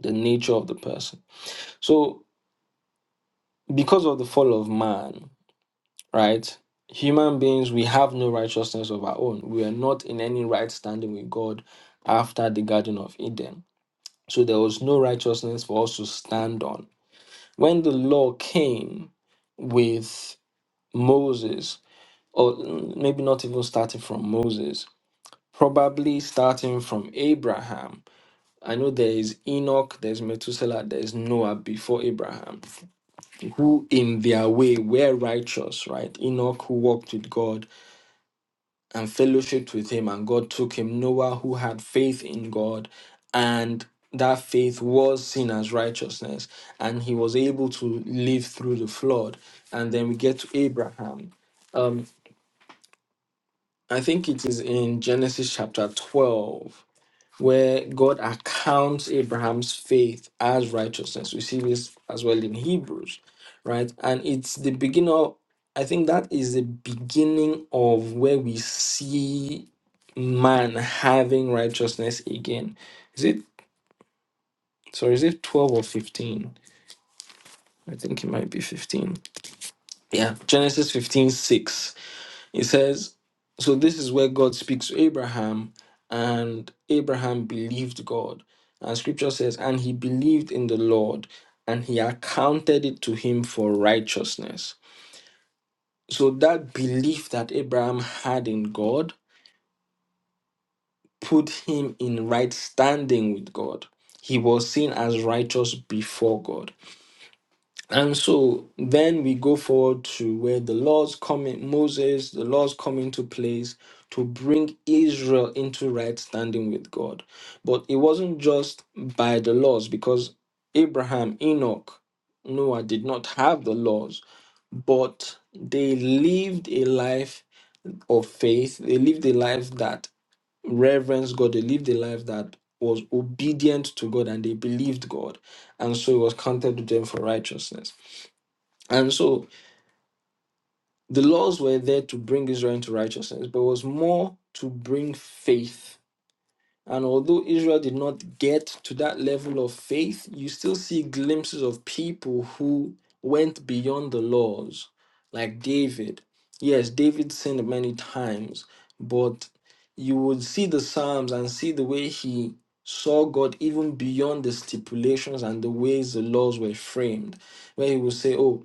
[SPEAKER 1] the nature of the person. So, because of the fall of man, right? Human beings, we have no righteousness of our own. We are not in any right standing with God after the Garden of Eden. So there was no righteousness for us to stand on. When the law came with Moses, or mm, maybe not even starting from Moses, probably starting from Abraham. I know there is Enoch, there's Methuselah, there's Noah before Abraham, who in their way were righteous, right? Enoch who walked with God, and fellowshiped with him, and God took him. Noah, who had faith in God, and that faith was seen as righteousness, and he was able to live through the flood. And then we get to Abraham. Um, I think it is in Genesis chapter 12 where God accounts Abraham's faith as righteousness. We see this as well in Hebrews, right? And it's the beginning of, I think that is the beginning of where we see man having righteousness again. Is it, sorry, is it 12 or 15? I think it might be 15. Yeah, Genesis 15:6. It says, so this is where God speaks to Abraham, and Abraham believed God. And scripture says, and he believed in the Lord, and he accounted it to him for righteousness. So that belief that Abraham had in God put him in right standing with God. He was seen as righteous before God. And so then we go forward to where the laws coming Moses, the laws come into place to bring Israel into right standing with God. But it wasn't just by the laws, because Abraham, Enoch, Noah did not have the laws, but they lived a life of faith. They lived a life that reverenced God. They lived a life that was obedient to God and they believed God. And so it was counted to them for righteousness. And so the laws were there to bring Israel into righteousness, but was more to bring faith. And although Israel did not get to that level of faith, you still see glimpses of people who went beyond the laws, like David. Yes, David sinned many times, but you would see the Psalms and see the way he saw God even beyond the stipulations and the ways the laws were framed, where he would say, Oh,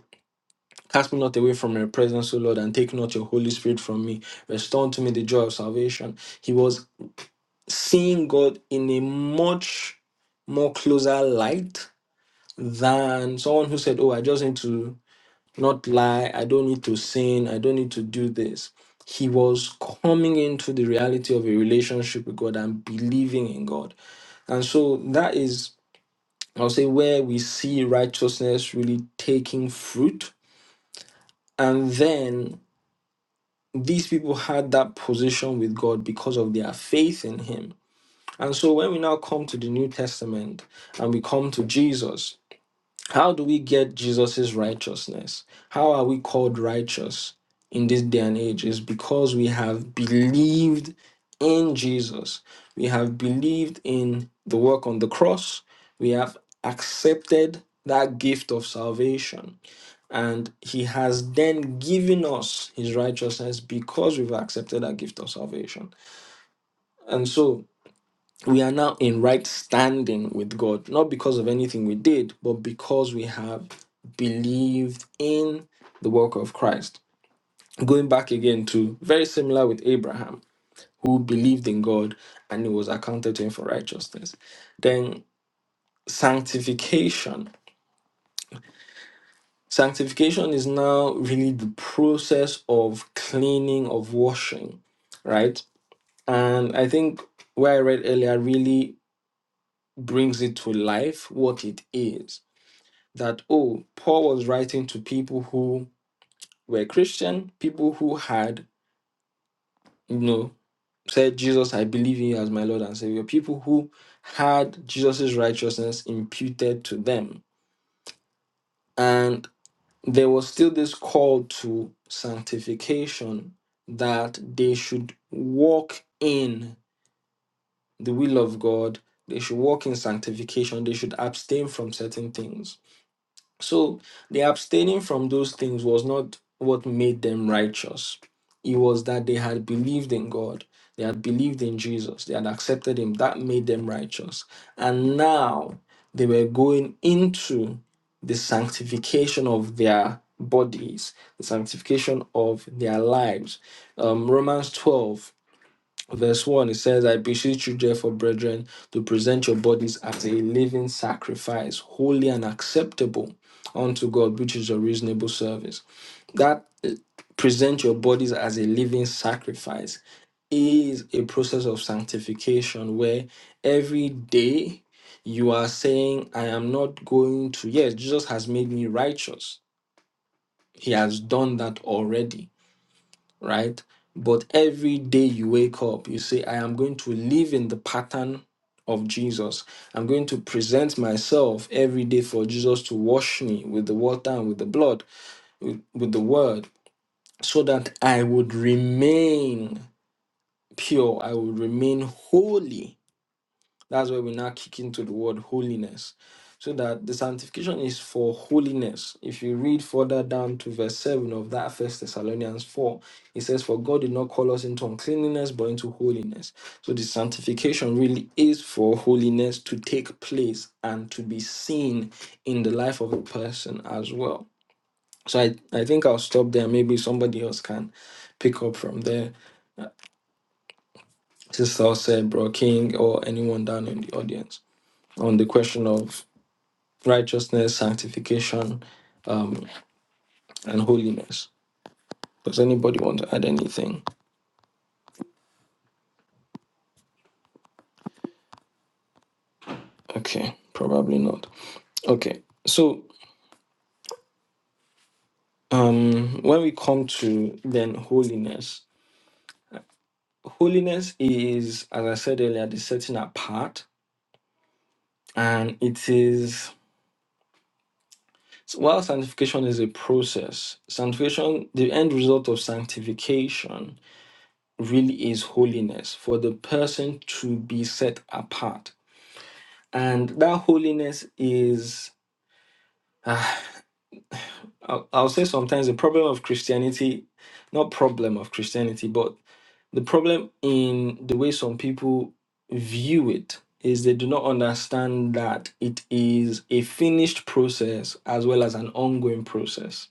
[SPEAKER 1] Cast me not away from your presence, O Lord, and take not your Holy Spirit from me. Restore unto me the joy of salvation. He was seeing God in a much more closer light than someone who said, Oh, I just need to not lie. I don't need to sin. I don't need to do this. He was coming into the reality of a relationship with God and believing in God. And so that is, I'll say, where we see righteousness really taking fruit. And then these people had that position with God because of their faith in Him. And so when we now come to the New Testament and we come to Jesus, how do we get Jesus' righteousness? How are we called righteous in this day and age? Is because we have believed in Jesus. We have believed in the work on the cross. We have accepted that gift of salvation. And he has then given us his righteousness because we've accepted that gift of salvation. And so we are now in right standing with God, not because of anything we did, but because we have believed in the work of Christ. Going back again to very similar with Abraham, who believed in God and it was accounted to him for righteousness. Then sanctification Sanctification is now really the process of cleaning, of washing, right? And I think where I read earlier really brings it to life what it is. That, oh, Paul was writing to people who were Christian, people who had, you know, said, Jesus, I believe in you as my Lord and Savior, people who had Jesus' righteousness imputed to them. and. there was still this call to sanctification that they should walk in the will of God, they should walk in sanctification, they should abstain from certain things. So the abstaining from those things was not what made them righteous. It was that they had believed in God, they had believed in Jesus, they had accepted Him. That made them righteous. And now they were going into the sanctification of their bodies, the sanctification of their lives. Um, Romans 12 Verse 1, it says, I beseech you, therefore, brethren, to present your bodies as a living sacrifice, holy and acceptable unto God, which is your reasonable service. That uh, present your bodies as a living sacrifice is a process of sanctification where every day you are saying, I am not going to, yes, Jesus has made me righteous. He has done that already right? But every day you wake up, you say, I am going to live in the pattern of Jesus. I'm going to present myself every day for Jesus to wash me with the water and with the blood, with, with the word, so that I would remain pure, I would remain holy that's where we now kick into the word holiness. So that the sanctification is for holiness. If you read further down to verse 7 of that first Thessalonians 4, it says, For God did not call us into uncleanliness, but into holiness. So the sanctification really is for holiness to take place and to be seen in the life of a person as well. So I, I think I'll stop there. Maybe somebody else can pick up from there. Sister said, Bro King, or anyone down in the audience on the question of righteousness, sanctification, um, and holiness. Does anybody want to add anything? Okay, probably not. Okay, so um, when we come to then holiness, holiness is, as I said earlier, the setting apart, and it is. so While sanctification is a process, sanctification, the end result of sanctification really is holiness for the person to be set apart. And that holiness is Ah, I'll, I'll say sometimes the problem of Christianity, not problem of Christianity, but the problem in the way some people view it is they do not understand that it is a finished process as well as an ongoing process.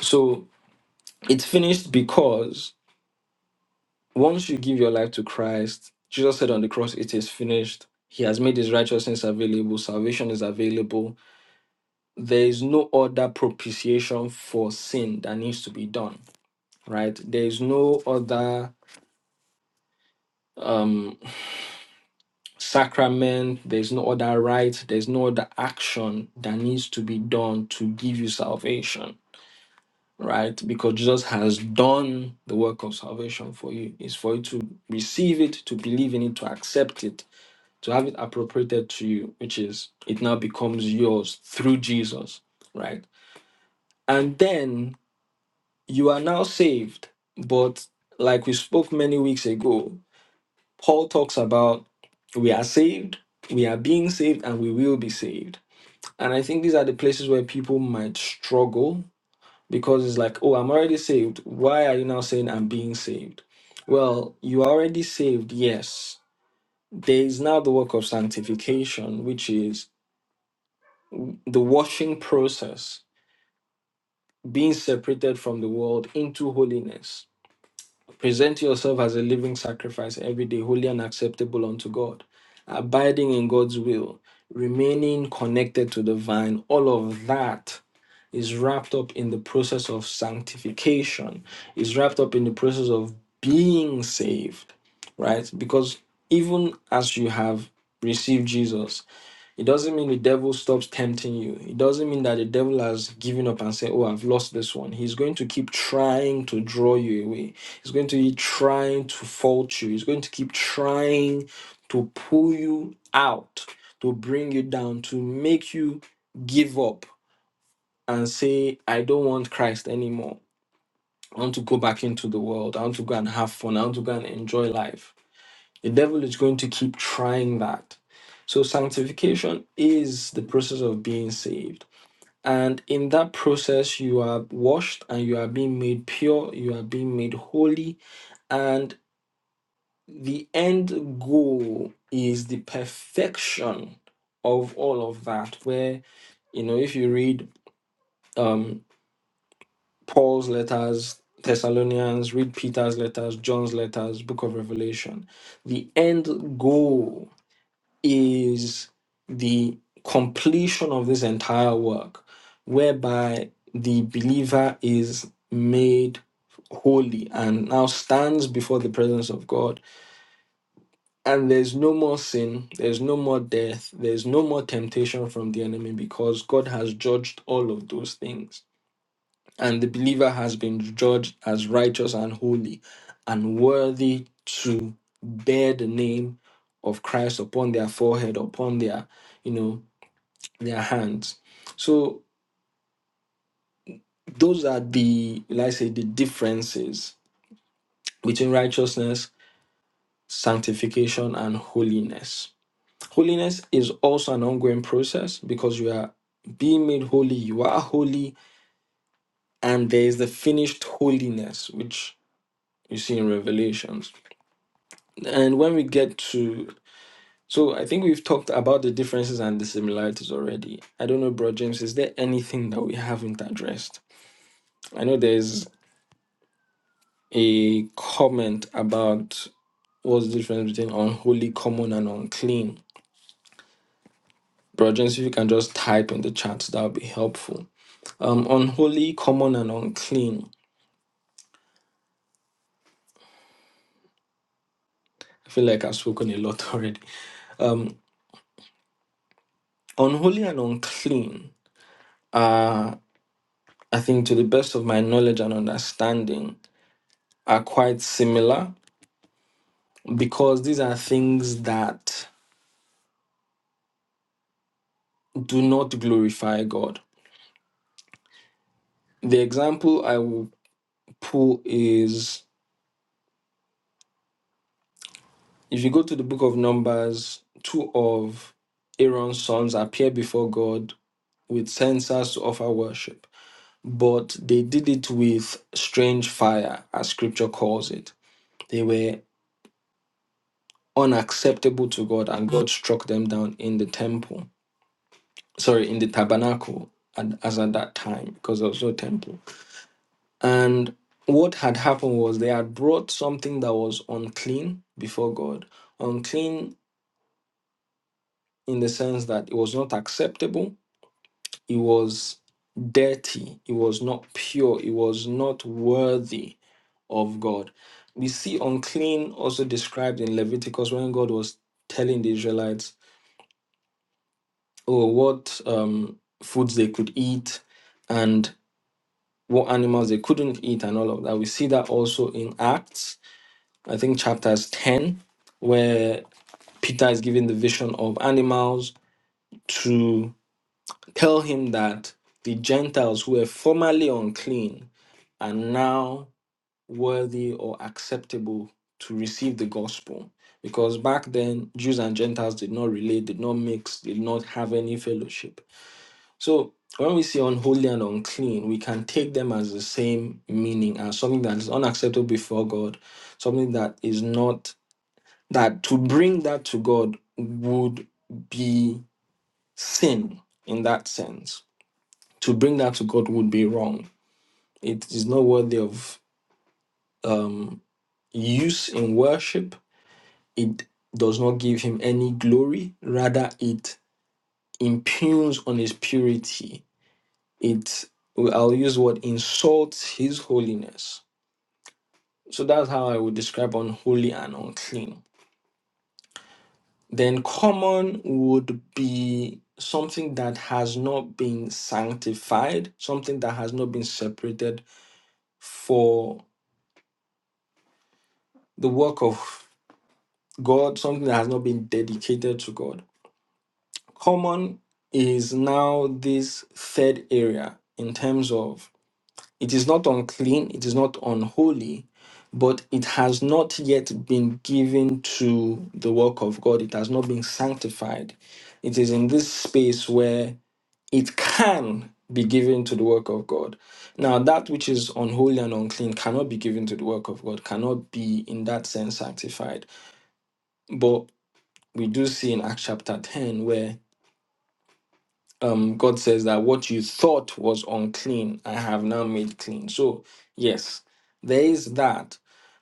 [SPEAKER 1] So it's finished because once you give your life to Christ, Jesus said on the cross, it is finished. He has made his righteousness available, salvation is available. There is no other propitiation for sin that needs to be done right? There is no other um sacrament, there's no other rite, there's no other action that needs to be done to give you salvation, right? Because Jesus has done the work of salvation for you. It's for you to receive it, to believe in it, to accept it, to have it appropriated to you, which is it now becomes yours through Jesus, right? And then you are now saved, but like we spoke many weeks ago, Paul talks about we are saved, we are being saved, and we will be saved. And I think these are the places where people might struggle because it's like, oh, I'm already saved. Why are you now saying I'm being saved? Well, you are already saved, yes. There is now the work of sanctification, which is the washing process, being separated from the world into holiness Present yourself as a living sacrifice every day, holy and acceptable unto God, abiding in God's will, remaining connected to the vine. All of that is wrapped up in the process of sanctification, is wrapped up in the process of being saved, right? Because even as you have received Jesus, it doesn't mean the devil stops tempting you. It doesn't mean that the devil has given up and said, Oh, I've lost this one. He's going to keep trying to draw you away. He's going to keep trying to fault you. He's going to keep trying to pull you out, to bring you down, to make you give up and say, I don't want Christ anymore. I want to go back into the world. I want to go and have fun. I want to go and enjoy life the devil is going to keep trying that. So, sanctification is the process of being saved. And in that process, you are washed and you are being made pure, you are being made holy. And the end goal is the perfection of all of that. Where, you know, if you read um, Paul's letters, Thessalonians, read Peter's letters, John's letters, Book of Revelation, the end goal is the completion of this entire work, whereby the believer is made holy and now stands before the presence of God. And there's no more sin, there's no more death, there's no more temptation from the enemy because God has judged all of those things. And the believer has been judged as righteous and holy and worthy to bear the name of Christ upon their forehead, upon their, you know, their hands. So those are the, like I say, the differences between righteousness, sanctification, and holiness. Holiness is also an ongoing process because you are being made holy, you are holy, and there is the finished holiness, which you see in Revelations. And when we get to so I think we've talked about the differences and the similarities already. I don't know, bro James, is there anything that we haven't addressed? I know there's a comment about what's the difference between unholy, common, and unclean. Bro, James, if you can just type in the chat, that would be helpful. Um, unholy, common, and unclean. I feel like I've spoken a lot already. Um, unholy and unclean are, I think, to the best of my knowledge and understanding, are quite similar because these are things that do not glorify God. The example I will pull is If you go to the book of Numbers, two of Aaron's sons appear before God with censers to offer worship, but they did it with strange fire, as scripture calls it. They were unacceptable to God, and God struck them down in the temple, sorry, in the tabernacle and as at that time, because there was no temple. And what had happened was they had brought something that was unclean before God, unclean in the sense that it was not acceptable It was dirty. It was not pure. It was not worthy of God. We see unclean also described in Leviticus when God was telling the Israelites, oh, what um, foods they could eat and what animals they couldn't eat and all of that. We see that also in Acts, I think chapters 10, where Peter is given the vision of animals to tell him that the Gentiles who were formerly unclean are now worthy or acceptable to receive the gospel. Because back then, Jews and Gentiles did not relate, did not mix, did not have any fellowship. So when we say unholy and unclean, we can take them as the same meaning as something that is unacceptable before God, something that is not, that to bring that to God would be sin in that sense. To bring that to God would be wrong. It is not worthy of. um use in worship, it does not give him any glory. Rather, it impugns on his purity. It, I'll use the word, insults his holiness. So that's how I would describe unholy and unclean. Then common would be something that has not been sanctified, something that has not been separated for the work of God, something that has not been dedicated to God. Common is now this third area in terms of it is not unclean, it is not unholy, but it has not yet been given to the work of God. It has not been sanctified. It is in this space where it can be given to the work of God. Now, that which is unholy and unclean cannot be given to the work of God, cannot be in that sense sanctified. But we do see in Acts chapter 10 where um, God says that what you thought was unclean, I have now made clean. So, yes, there is that.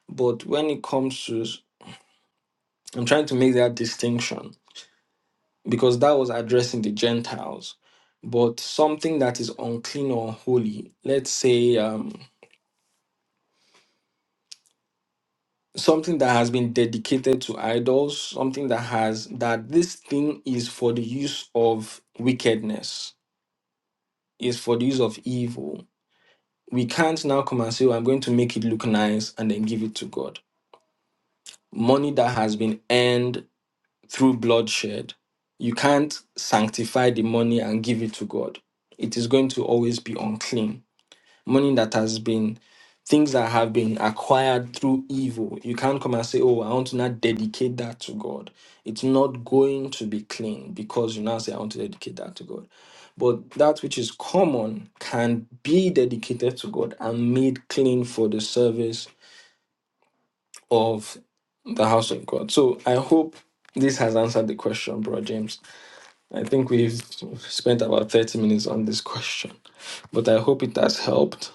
[SPEAKER 1] But when it comes to, I'm trying to make that distinction because that was addressing the Gentiles. But something that is unclean or holy, let's say um, something that has been dedicated to idols, something that has, that this thing is for the use of wickedness, is for the use of evil we can't now come and say, oh, I'm going to make it look nice and then give it to God. Money that has been earned through bloodshed, you can't sanctify the money and give it to God. It is going to always be unclean money that has been things that have been acquired through evil. You can't come and say, Oh, I want to now dedicate that to God. It's not going to be clean because you now say, I want to dedicate that to God. But that which is common can be dedicated to God and made clean for the service of the house of God. So I hope this has answered the question, Bro James. I think we've spent about 30 minutes on this question, but I hope it has helped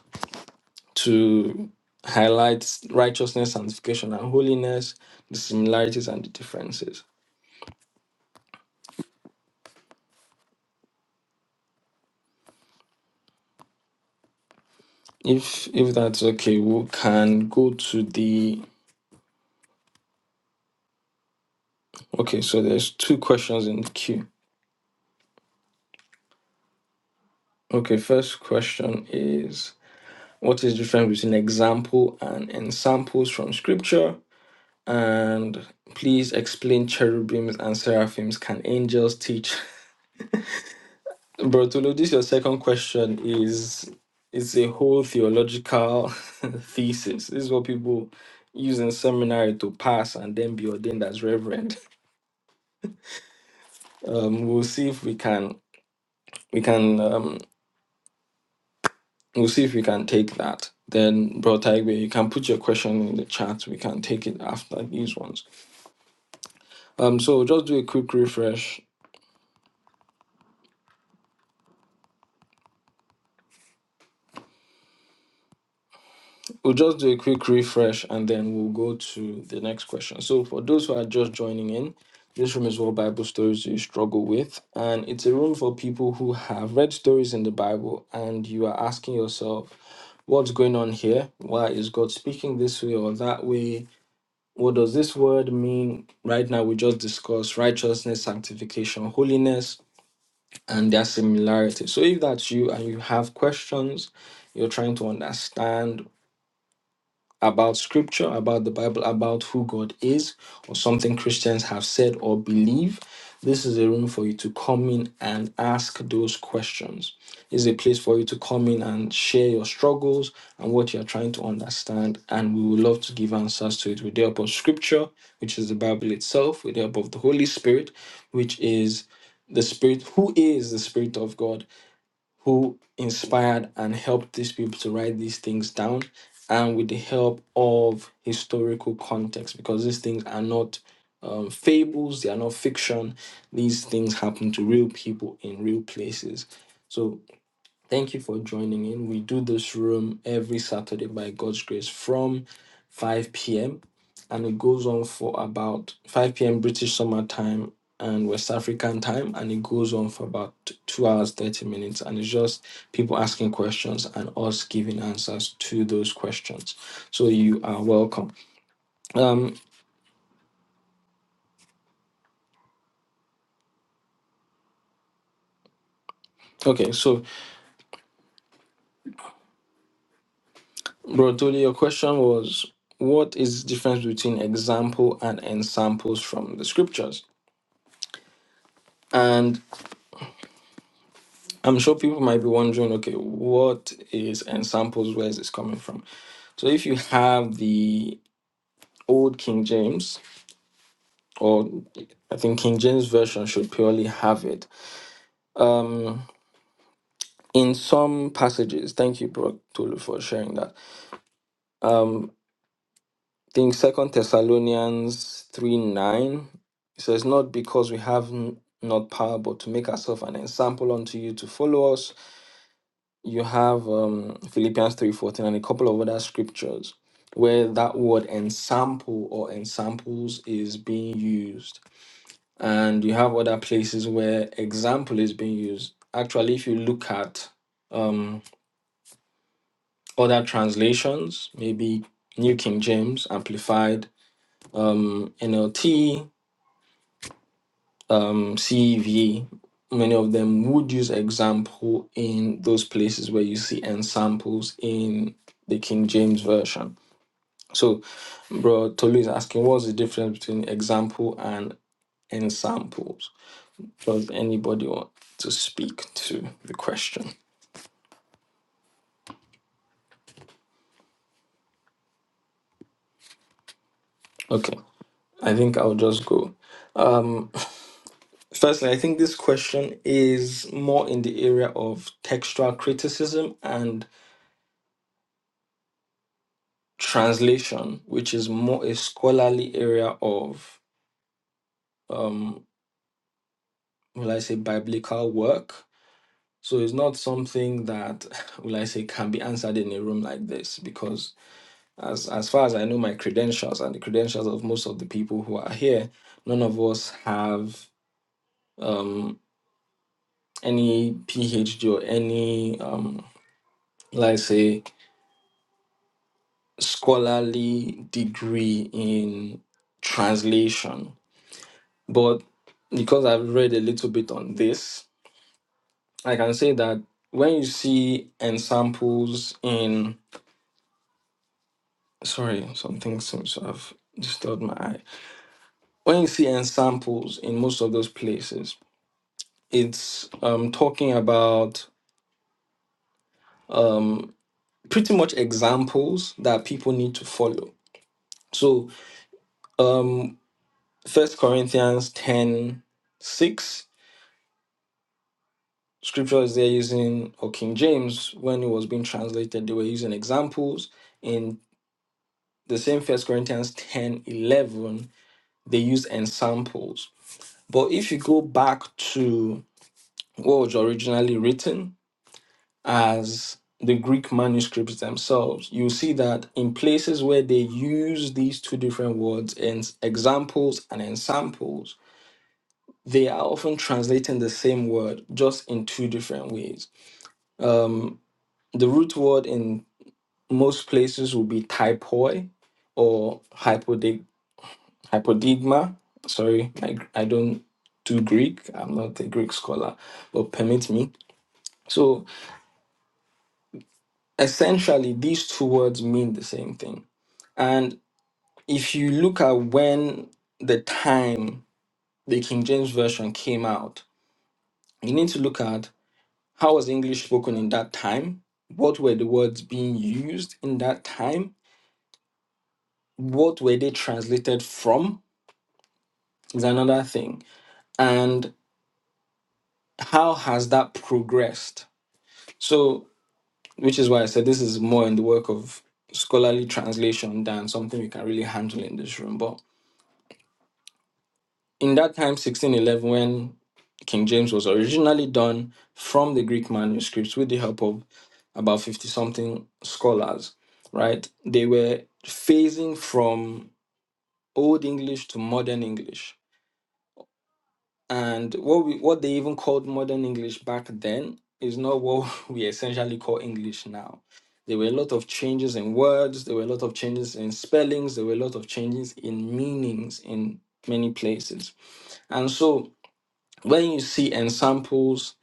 [SPEAKER 1] to highlight righteousness, sanctification, and holiness, the similarities and the differences. If if that's okay, we can go to the okay. So there's two questions in the queue. Okay, first question is what is the difference between example and ensamples from scripture? And please explain cherubims and seraphims. Can angels teach? Brotolo, this your second question is it's a whole theological thesis. This is what people use in seminary to pass and then be ordained as reverend. Um, we'll see if we can we can um, we'll see if we can take that. Then, Bro Taigwe, you can put your question in the chat. We can take it after these ones. Um, so just do a quick refresh. We'll just do a quick refresh and then we'll go to the next question. So, for those who are just joining in, this room is what Bible stories you struggle with. And it's a room for people who have read stories in the Bible and you are asking yourself, what's going on here? Why is God speaking this way or that way? What does this word mean? Right now, we just discussed righteousness, sanctification, holiness, and their similarity. So, if that's you and you have questions, you're trying to understand about scripture, about the Bible, about who God is, or something Christians have said or believe, this is a room for you to come in and ask those questions. It's a place for you to come in and share your struggles and what you're trying to understand. And we would love to give answers to it with the help of scripture, which is the Bible itself, with the help of the Holy Spirit, which is the Spirit, who is the Spirit of God who inspired and helped these people to write these things down and with the help of historical context because these things are not um, fables they are not fiction these things happen to real people in real places so. Thank you for joining in. We do this room every Saturday by God's grace from 5 p.m. and it goes on for about 5 p.m. British summer time and West African time and it goes on for about t- 2 hours 30 minutes and it's just people asking questions and us giving answers to those questions. So you are welcome. Um okay, so Rodoli, your question was what is the difference between example and ensamples from the scriptures? I'm sure people might be wondering, okay, what is and samples? Where is this coming from? So if you have the old King James, or I think King James version should purely have it. Um, in some passages, thank you, Bro Tolu, for sharing that. Um, I think Second Thessalonians three nine says, "Not because we have n- not power, but to make ourselves an example unto you to follow us." you have um, Philippians 3:14 and a couple of other scriptures where that word ensample or ensamples is being used and you have other places where example is being used actually if you look at um, other translations maybe New King James amplified um, NLT um, CEV many of them would use example in those places where you see ensamples in the King James version So, bro, Tolu is asking, what's the difference between example and ensamples? Does anybody want to speak to the question? Okay, I think I'll just go. Firstly, I think this question is more in the area of textual criticism and translation, which is more a scholarly area of, um, will I say, biblical work. So it's not something that, will I say, can be answered in a room like this because As as far as I know, my credentials and the credentials of most of the people who are here, none of us have um, any PhD or any, um, let's say, scholarly degree in translation. But because I've read a little bit on this, I can say that when you see ensamples in sorry, something seems to have disturbed my eye. When you see ensamples in most of those places, it's um, talking about um, pretty much examples that people need to follow. So, um, 1 Corinthians ten six 6, scripture is there using, or King James, when it was being translated, they were using examples. In the same First Corinthians 10 11, they use examples. But if you go back to what was originally written, as the Greek manuscripts themselves, you see that in places where they use these two different words in examples and ensamples, they are often translating the same word just in two different ways. Um, the root word in most places will be typoi or hypodig- hypodigma. Sorry, I, I don't do Greek. I'm not a Greek scholar, but permit me. So essentially, these two words mean the same thing. And if you look at when the time the King James Version came out, you need to look at how was English spoken in that time? What were the words being used in that time? What were they translated from? Is another thing. And how has that progressed? So, which is why I said this is more in the work of scholarly translation than something we can really handle in this room. but. in that time 1611 when king james was originally done from the greek manuscripts with the help of about 50 something scholars right they were phasing from old english to modern english and what we what they even called modern english back then is not what we essentially call english now there were a lot of changes in words there were a lot of changes in spellings there were a lot of changes in meanings in many places and so When you see ensamples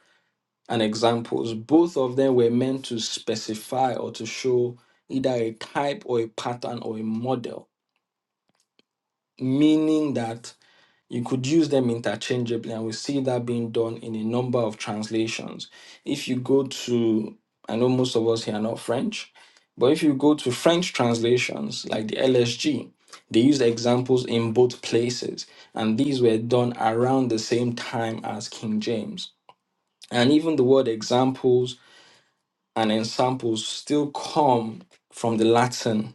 [SPEAKER 1] and examples, both of them were meant to specify or to show either a type or a pattern or a model, meaning that you could use them interchangeably, and we see that being done in a number of translations. If you go to, I know most of us here are not French, but if you go to French translations like the LSG, they use examples in both places, and these were done around the same time as King James. And even the word examples and ensamples still come from the Latin,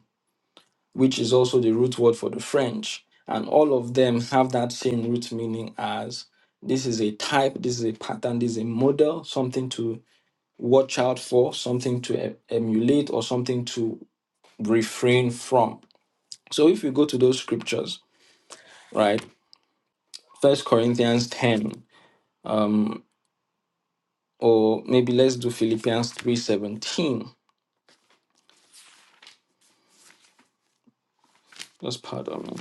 [SPEAKER 1] which is also the root word for the French. And all of them have that same root meaning as this is a type, this is a pattern, this is a model, something to watch out for, something to e- emulate, or something to refrain from. So if we go to those scriptures, right? First Corinthians 10, or maybe let's do Philippians 3:17. Just pardon me.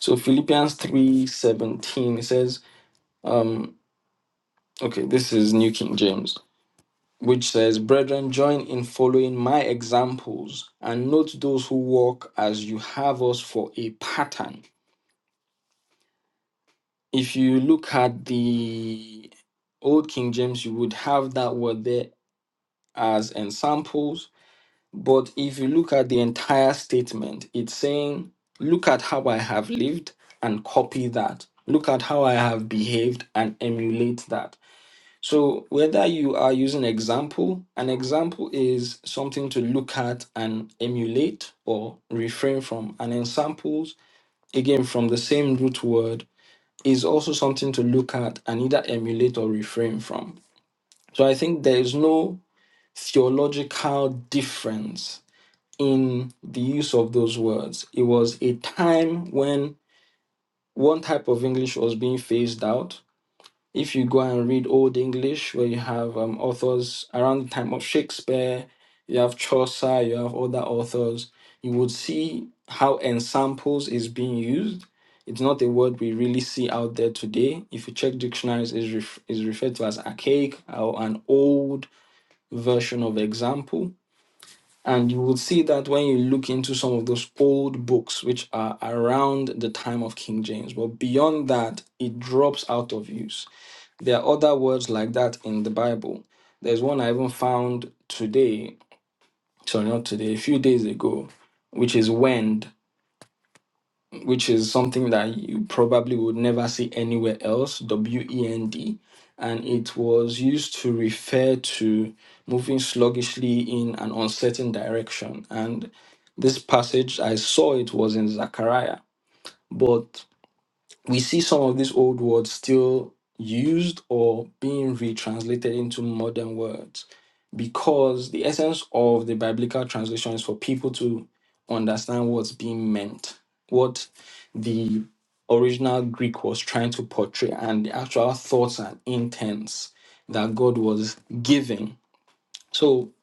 [SPEAKER 1] So Philippians 3:17 says, okay, this is New King James, which says, "Brethren, join in following my examples and note those who walk as you have us for a pattern." If you look at the Old King James, you would have that word there as ensamples, but if you look at the entire statement, it's saying, "Look at how I have lived and copy that. Look at how I have behaved and emulate that." So whether you are using example, an example is something to look at and emulate or refrain from. And examples, again from the same root word, is also something to look at and either emulate or refrain from. So I think there is no theological difference in the use of those words. It was a time when one type of English was being phased out If you go and read Old English, where you have um, authors around the time of Shakespeare, you have Chaucer, you have other authors, you would see how ensamples is being used. It's not a word we really see out there today. If you check dictionaries, is ref- is referred to as archaic or an old version of example. And you would see that when you look into some of those old books, which are around the time of King James. But beyond that, it drops out of use there are other words like that in the Bible. There's one I even found today, sorry, not today, a few days ago, which is wend, which is something that you probably would never see anywhere else, W E N D. And it was used to refer to moving sluggishly in an uncertain direction. And this passage, I saw it was in Zechariah, but we see some of these old words still used or being retranslated into modern words because the essence of the biblical translation is for people to understand what's being meant, what the original Greek was trying to portray, and the actual thoughts and intents that God was giving. So,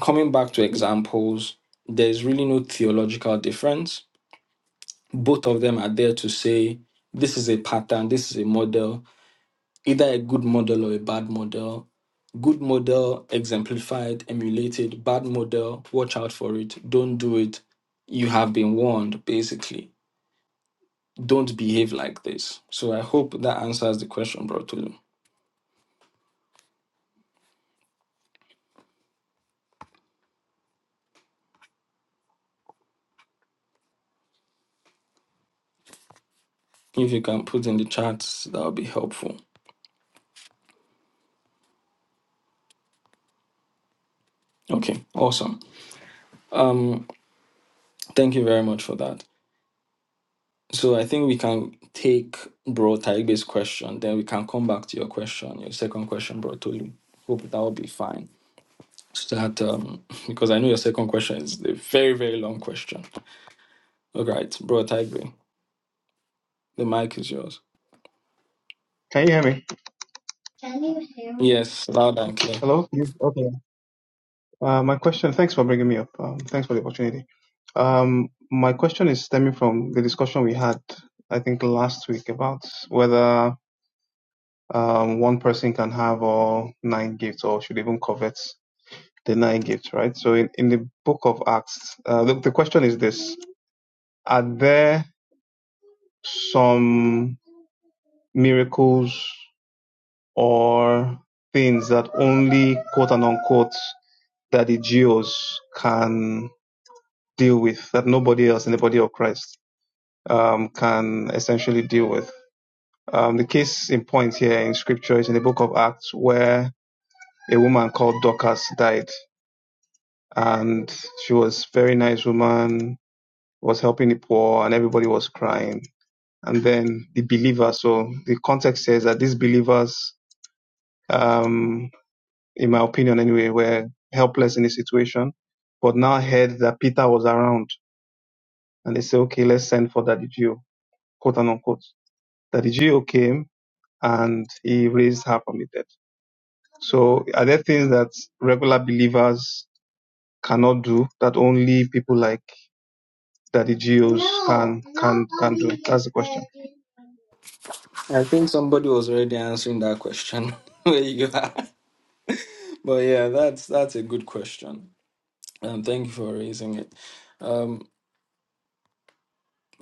[SPEAKER 1] coming back to examples, there's really no theological difference both of them are there to say this is a pattern, this is a model, either a good model or a bad model. Good model exemplified, emulated, bad model, watch out for it, don't do it. You have been warned, basically. Don't behave like this. So I hope that answers the question, bro Tolu. If you can put in the chat, that would be helpful. Okay, awesome. Um, thank you very much for that. So I think we can take Bro Taigbe's question, then we can come back to your question, your second question, Bro Tolu. Hope that will be fine. So that um, because I know your second question is a very very long question. All right, Bro Taigbe, the mic is yours.
[SPEAKER 3] Can you hear me?
[SPEAKER 1] Yes, loud and clear.
[SPEAKER 3] Hello? You- Okay. Uh, my question, thanks for bringing me up. Um, thanks for the opportunity. Um, my question is stemming from the discussion we had, I think, last week about whether um, one person can have all nine gifts or should even covet the nine gifts, right? So in, in the book of Acts, uh, the, the question is this Are there some miracles or things that only quote and unquote that the Jews can deal with that nobody else in the body of Christ um, can essentially deal with. Um, the case in point here in scripture is in the book of Acts where a woman called Dorcas died and she was a very nice woman, was helping the poor and everybody was crying. And then the believers, so the context says that these believers, um, in my opinion anyway, were helpless in the situation, but now heard that Peter was around and they say, okay, let's send for that Jew, quote unquote that the GO came and he raised her from the dead. So are there things that regular believers cannot do that only people like that the GOs can can can do? That's the question.
[SPEAKER 1] I think somebody was already answering that question where you are. But yeah, that's that's a good question. Um, thank you for raising it. Um.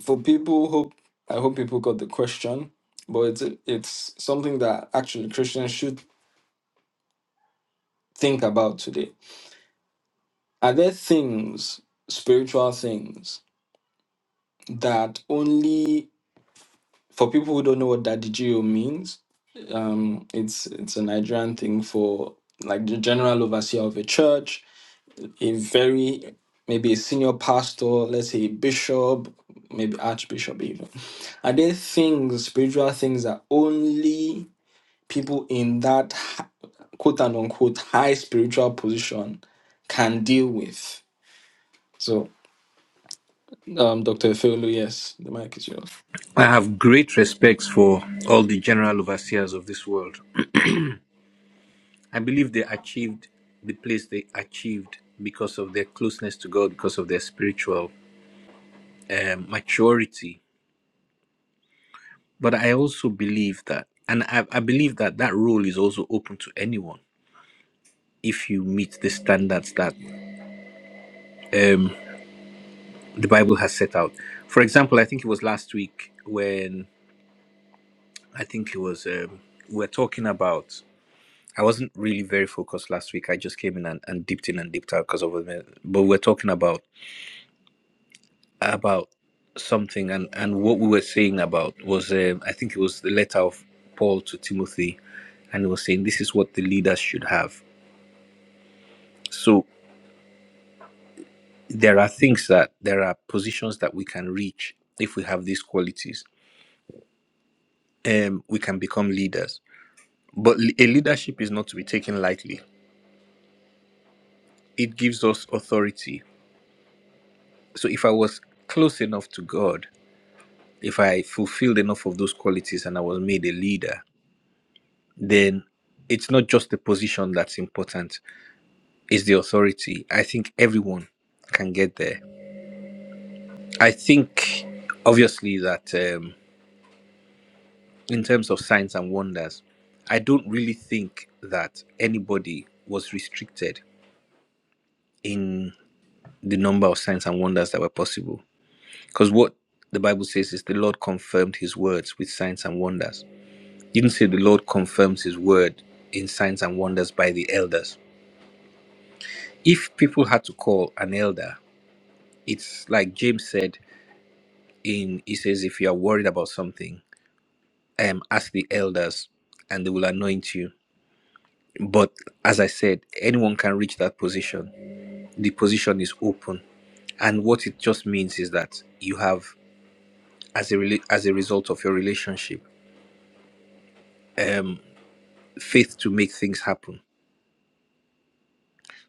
[SPEAKER 1] for people hope i hope people got the question but it's it's something that actually christians should think about today are there things spiritual things that only for people who don't know what dadigio means um it's it's a nigerian thing for like the general overseer of a church a very maybe a senior pastor let's say a bishop maybe archbishop even are there things spiritual things that only people in that hi- quote and unquote high spiritual position can deal with. So, um, Dr. Efeolu, yes, the mic is yours.
[SPEAKER 2] I have great respects for all the general overseers of this world. I believe they achieved the place they achieved because of their closeness to God, because of their spiritual um, maturity. But I also believe that, and I, I believe that that role is also open to anyone if you meet the standards that um, the Bible has set out. For example, I think it was last week when I think it was um, we we're talking about. I wasn't really very focused last week. I just came in and, and dipped in and dipped out because of. But we're talking about about something, and and what we were saying about was um, I think it was the letter of Paul to Timothy, and he was saying this is what the leaders should have. So there are things that there are positions that we can reach if we have these qualities. Um, we can become leaders, but le- a leadership is not to be taken lightly. It gives us authority. So if I was close enough to God, if I fulfilled enough of those qualities and I was made a leader, then it's not just the position that's important, it's the authority. I think everyone can get there. I think, obviously, that um, in terms of signs and wonders, I don't really think that anybody was restricted in the number of signs and wonders that were possible. Because what the Bible says is the Lord confirmed his words with signs and wonders. It didn't say the Lord confirms his word in signs and wonders by the elders. If people had to call an elder It's like James said in he says if you are worried about something, um ask the elders and they will anoint you. But as I said, anyone can reach that position. The position is open. And what it just means is that you have as a rela- as a result of your relationship, um faith to make things happen.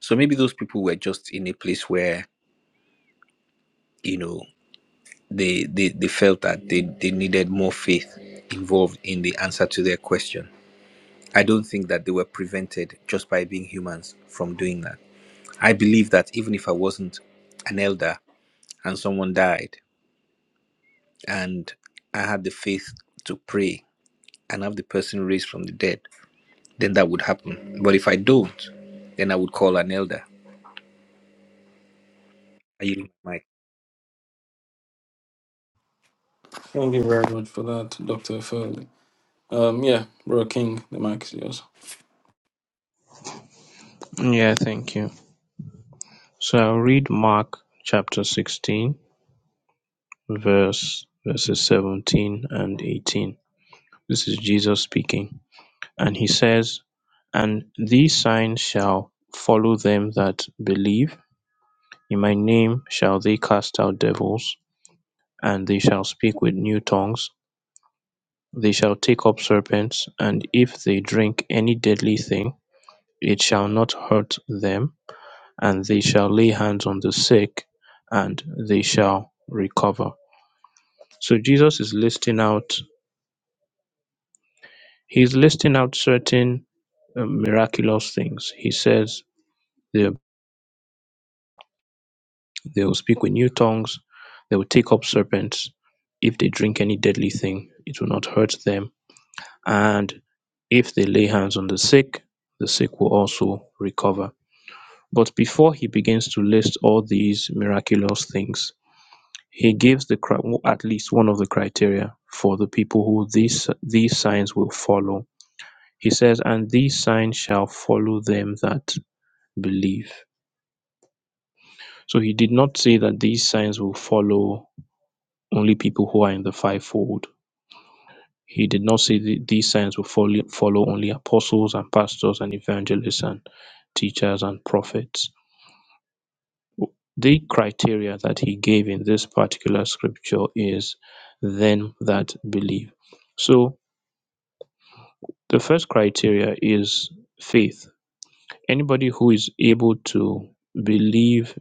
[SPEAKER 2] So maybe those people were just in a place where, you know, they they, they felt that they, they needed more faith involved in the answer to their question I don't think that they were prevented just by being humans from doing that. I believe that even if I wasn't an elder and someone died and I had the faith to pray and have the person raised from the dead, then that would happen. But if I don't, then I would call an elder. Are you Mike?
[SPEAKER 1] Thank you very much for that, Dr. Efeolu. Um, yeah, Bro King, the mic is yours.
[SPEAKER 4] Yeah, thank you. So I'll read Mark chapter 16, verse verses 17 and 18. This is Jesus speaking. And he says, And these signs shall follow them that believe. In my name shall they cast out devils, and they shall speak with new tongues. They shall take up serpents, and if they drink any deadly thing, it shall not hurt them and they shall lay hands on the sick and they shall recover. So Jesus is listing out, he's listing out certain uh, miraculous things. He says they, they will speak with new tongues, they will take up serpents. If they drink any deadly thing, it will not hurt them. And if they lay hands on the sick, the sick will also recover. But before he begins to list all these miraculous things, He gives the cri- at least one of the criteria for the people who these these signs will follow. He says, and these signs shall follow them that believe. So he did not say that these signs will follow only people who are in the fivefold. He did not say that these signs will follow, follow only apostles and pastors and evangelists and teachers and prophets. The criteria that he gave in this particular scripture is them that believe. So The first criteria is faith. Anybody who is able to believe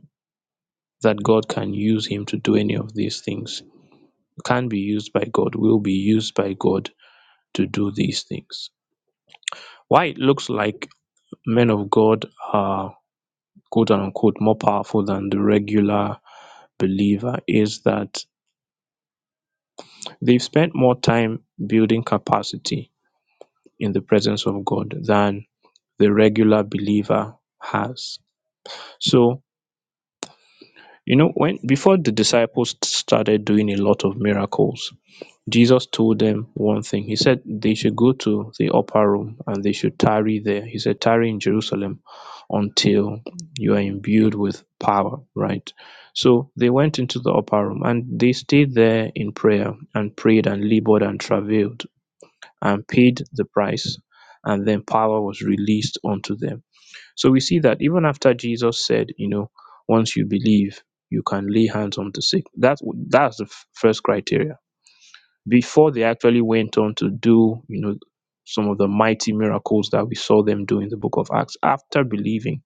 [SPEAKER 4] that God can use him to do any of these things can be used by God, will be used by God to do these things. Why it looks like men of God are quote unquote more powerful than the regular believer is that they've spent more time building capacity in the presence of God than the regular believer has. So You know, when before the disciples started doing a lot of miracles, Jesus told them one thing. He said they should go to the upper room and they should tarry there. He said, tarry in Jerusalem until you are imbued with power, right? So they went into the upper room and they stayed there in prayer and prayed and labored and travailed and paid the price. And then power was released unto them so we see that even after Jesus said, you know, once you believe, you can lay hands on the sick. That's that's the f- first criteria. Before they actually went on to do, you know, some of the mighty miracles that we saw them do in the book of Acts, after believing,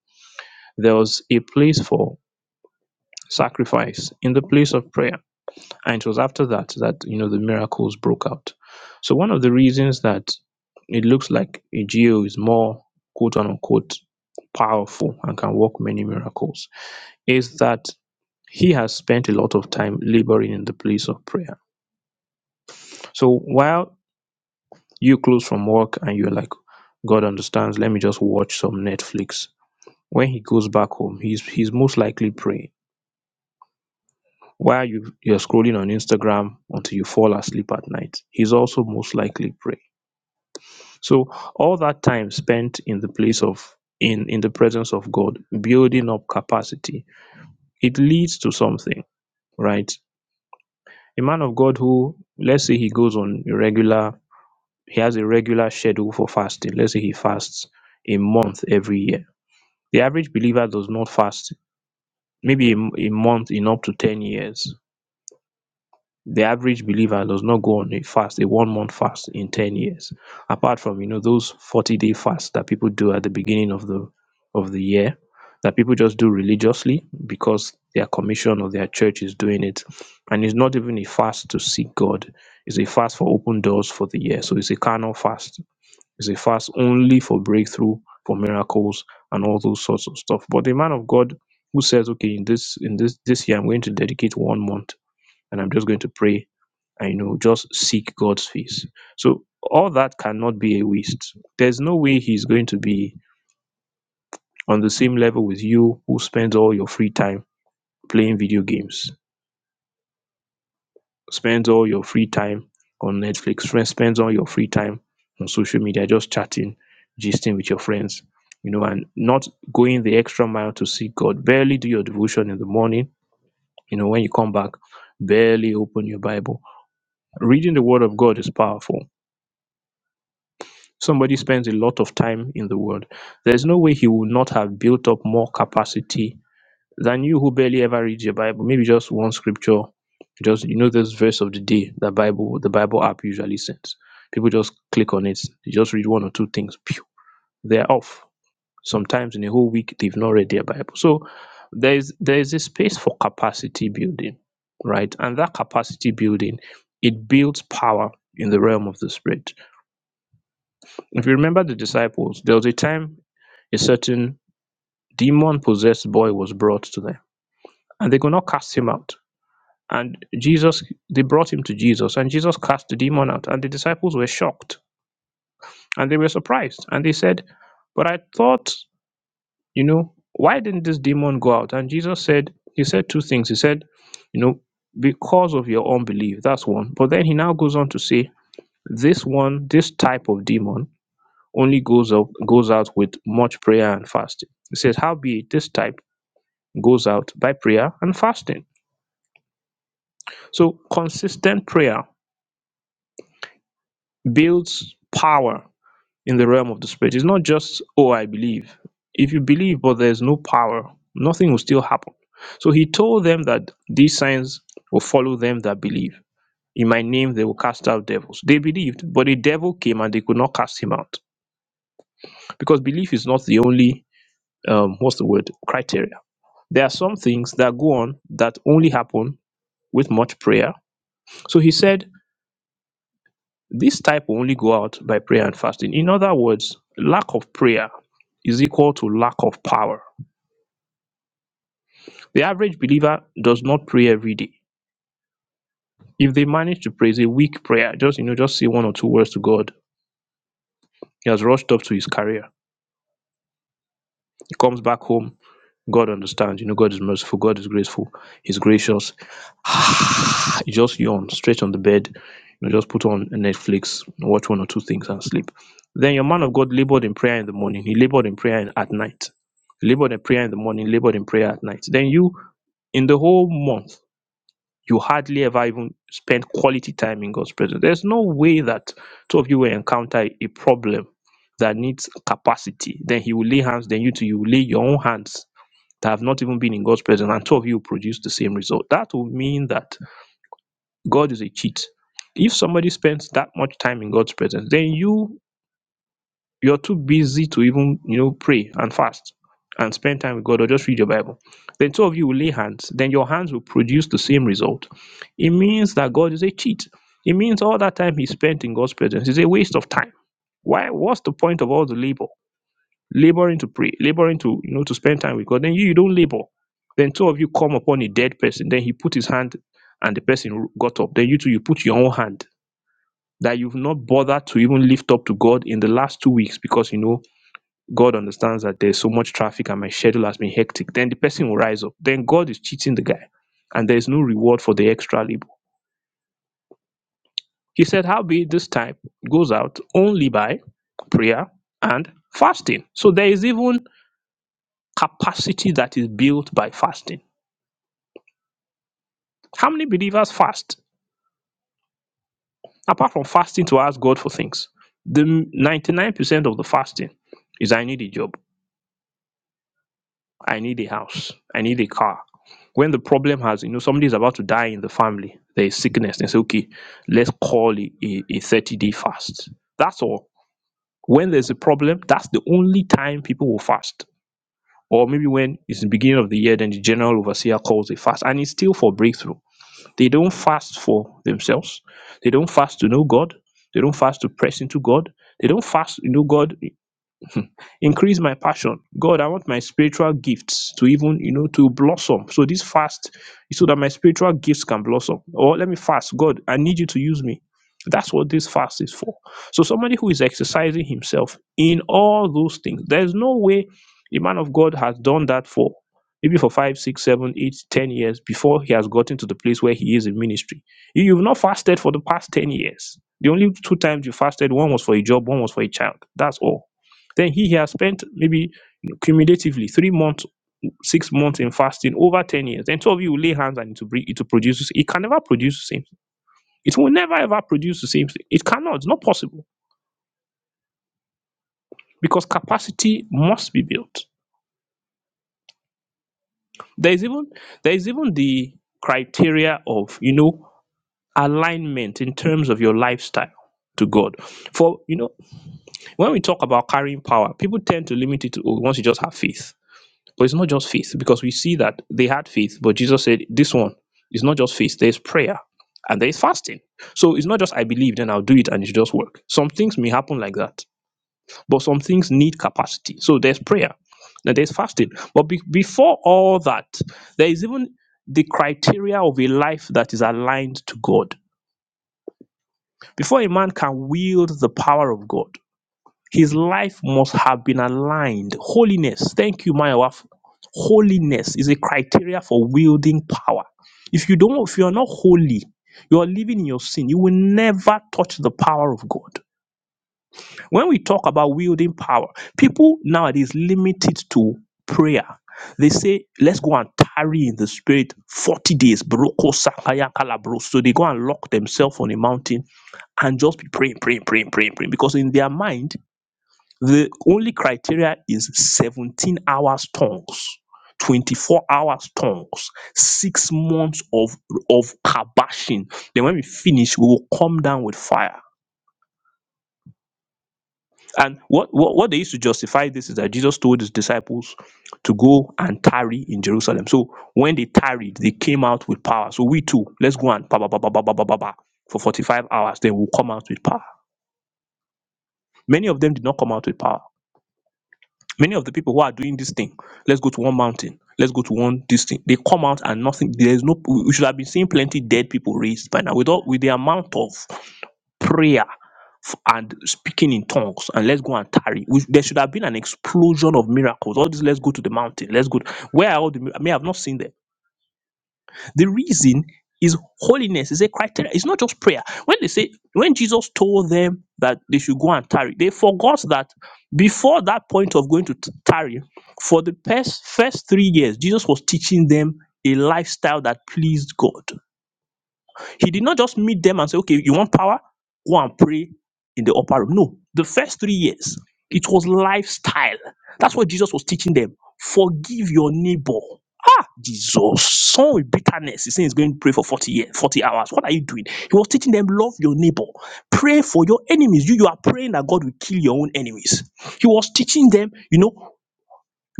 [SPEAKER 4] there was a place for sacrifice in the place of prayer. And it was after that that, you know, the miracles broke out. So one of the reasons that it looks like a geo is more quote unquote powerful and can work many miracles is that he has spent a lot of time laboring in the place of prayer. So while you close from work and you're like, God understands, let me just watch some Netflix. When he goes back home, he's he's most likely praying. While you, you're scrolling on Instagram until you fall asleep at night, he's also most likely praying. So all that time spent in the place of in in the presence of God, building up capacity, it leads to something, right? a man of God who let's say he goes on a regular he has a regular schedule for fasting. Let's say he fasts a month every year. The average believer does not fast maybe a, m- a month in up to 10 years the average believer does not go on a fast, a one month fast in 10 years, apart from, you know, those 40 day fasts that people do at the beginning of the of the year that people just do religiously because their commission or their church is doing it. And it's not even a fast to seek God. It's a fast for open doors for the year. So it's a carnal fast. It's a fast only for breakthrough, for miracles and all those sorts of stuff. But the man of God who says, okay, in this in this this year I'm going to dedicate one month and I'm just going to pray I know, just seek God's face. So all that cannot be a waste. There's no way he's going to be on the same level with you who spends all your free time playing video games, spends all your free time on Netflix, friend spends all your free time on social media, just chatting, gisting with your friends, you know, and not going the extra mile to seek God. Barely do your devotion in the morning, you know, when you come back, barely open your Bible. Reading the word of God is powerful somebody spends a lot of time in the world, there's no way he would not have built up more capacity than you who barely ever read your Bible. Maybe just one scripture, just you know this verse of the day that Bible the Bible app usually sends. People just click on it, they just read one or two things, pew, they're off. Sometimes in a whole week they've not read their Bible. So there is there is a space for capacity building, right? And that capacity building it builds power in the realm of the spirit. If you remember the disciples, there was a time a certain demon possessed boy was brought to them and they could not cast him out. And Jesus, they brought him to Jesus and Jesus cast the demon out. And the disciples were shocked and they were surprised. And they said, But I thought, you know, why didn't this demon go out? And Jesus said, He said two things. He said, You know, because of your unbelief. That's one. But then he now goes on to say, This one, this type of demon only goes up goes out with much prayer and fasting. He says, Howbeit this type? goes out by prayer and fasting. So consistent prayer builds power in the realm of the spirit. It's not just, oh, I believe. If you believe, but there's no power, nothing will still happen. So he told them that these signs will follow them that believe. In my name, they will cast out devils. They believed, but the devil came and they could not cast him out. Because belief is not the only, um, what's the word, criteria. There are some things that go on that only happen with much prayer. So he said, This type will only go out by prayer and fasting. In other words, lack of prayer is equal to lack of power. The average believer does not pray every day. If they manage to pray, it's a weak prayer. Just you know, just say one or two words to God. He has rushed up to his career. He comes back home God understands. You know, God is merciful. God is graceful. He's gracious. you just yawn, stretch on the bed, you know, just put on a Netflix, watch one or two things and sleep. Then your man of God labored in prayer in the morning. He labored in prayer in, at night. He labored in prayer in the morning, labored in prayer at night. Then you, in the whole month, you hardly ever even spend quality time in God's presence. There's no way that two of you will encounter a problem that needs capacity. Then He will lay hands. Then you too, you will lay your own hands that have not even been in God's presence, and two of you produce the same result. That will mean that God is a cheat. If somebody spends that much time in God's presence, then you you're too busy to even you know pray and fast and spend time with God or just read your Bible. Then two of you will lay hands, then your hands will produce the same result. It means that God is a cheat. It means all that time he spent in God's presence is a waste of time. Why what's the point of all the labor? laboring to pray, laboring to you know to spend time with God. Then you, you don't labor. Then two of you come upon a dead person. Then he put his hand, and the person got up. Then you two you put your own hand that you've not bothered to even lift up to God in the last two weeks because you know God understands that there's so much traffic and my schedule has been hectic. Then the person will rise up. Then God is cheating the guy, and there is no reward for the extra labor. He said, "Howbeit this time goes out only by prayer and fasting." So there is even capacity that is built by fasting. How many believers fast? Apart from fasting to ask God for things, the 99% of the fasting is I need a job, I need a house, I need a car. When the problem has, you know, somebody is about to die in the family, there is sickness, they say, okay, let's call it a, a 30 day fast. That's all. When there's a problem, that's the only time people will fast. Or maybe when it's the beginning of the year, then the general overseer calls a fast, and it's still for breakthrough They don't fast for themselves. They don't fast to know God. They don't fast to press into God. They don't fast to know God increase my passion. God, I want my spiritual gifts to even, you know, to blossom. So this fast is so that my spiritual gifts can blossom. Or let me fast. God, I need you to use me. That's what this fast is for. So somebody who is exercising himself in all those things, there's no way a man of God has done that for maybe for five, six, seven, eight, ten years before he has gotten to the place where he is in ministry. You- You've not fasted for the past ten years. The only two times you fasted, one was for a job, one was for a child. That's all. Then he has spent maybe cumulatively three months, six months in fasting over 10 years. Then two of you will lay hands and it will, bring, it will produce. It can never produce the same thing. It will never ever produce the same thing. It cannot. It's not possible because capacity must be built. There is even there is even the criteria of you know alignment in terms of your lifestyle to God. For you know when we talk about carrying power, people tend to limit it to oh, once you just have faith But it's not just faith because we see that they had faith, but Jesus said, This one is not just faith, there's prayer and there's fasting. So it's not just I believe, then I'll do it and it should just work. Some things may happen like that, but some things need capacity. So there's prayer and there's fasting. But be- before all that, there is even the criteria of a life that is aligned to God. Before a man can wield the power of God, his life must have been aligned. Holiness, thank you, Mayawa. Holiness is a criteria for wielding power. If you don't, if you are not holy, you are living in your sin. You will never touch the power of God. When we talk about wielding power, people nowadays limit it to prayer. They say, let's go and tarry in the spirit 40 days. Broko sakaya kalabro. So they go and lock themselves on a mountain and just be praying, praying, praying, praying, praying. Because in their mind, the only criteria is 17 hours tongues, 24 hours tongues, six months of of kabashing. Then when we finish, we will come down with fire. And what, what, what they used to justify this is that Jesus told his disciples to go and tarry in Jerusalem. So when they tarried, they came out with power. So we too, let's go and ba ba ba ba ba ba ba ba for 45 hours, then we'll come out with power. Many of them did not come out with power. Many of the people who are doing this thing, let's go to one mountain, let's go to one this thing, they come out and nothing, there is no, we should have been seeing plenty dead people raised by now. With, all, with the amount of prayer f- and speaking in tongues and let's go and tarry. We, there should have been an explosion of miracles. All this, let's go to the mountain, let's go. Where are all the, mir- I mean, I've not seen them the reason is holiness is a criteria. It's not just prayer. When they say, when Jesus told them that they should go and tarry, they forgot that before that point of going to t- tarry, for the past first three years, Jesus was teaching them a lifestyle that pleased God. He did not just meet them and say, okay, you want power? Go and pray in the upper room. No, the first three years, it was lifestyle. That's what Jesus was teaching them. Forgive your neighbor. Ah, Jesus. Son with bitterness. He's saying he's going to pray for 40 years, 40 hours. What are you doing? He was teaching them, love your neighbor. Pray for your enemies. You, you are praying that God will kill your own enemies. He was teaching them, you know,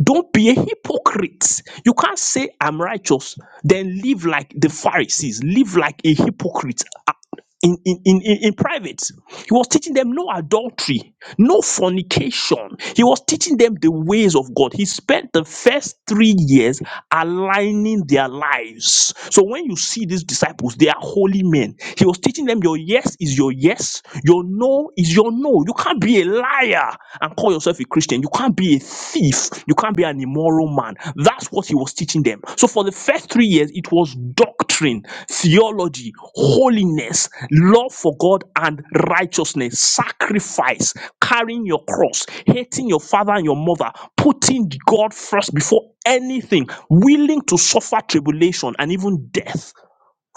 [SPEAKER 4] don't be a hypocrite. You can't say, I'm righteous, then live like the Pharisees, live like a hypocrite uh, in, in, in, in in private. He was teaching them no adultery, no fornication. He was teaching them the ways of God. He spent the first three years aligning their lives. So when you see these disciples, they are holy men. He was teaching them your yes is your yes, your no is your no. You can't be a liar and call yourself a Christian. You can't be a thief you can't be an immoral man. That's what he was teaching them. So for the first three years, it was doctrine, theology, holiness, love for God and righteousness, sacrifice, carrying your cross, hating your father and your mother, putting God first before anything, willing to suffer tribulation and even death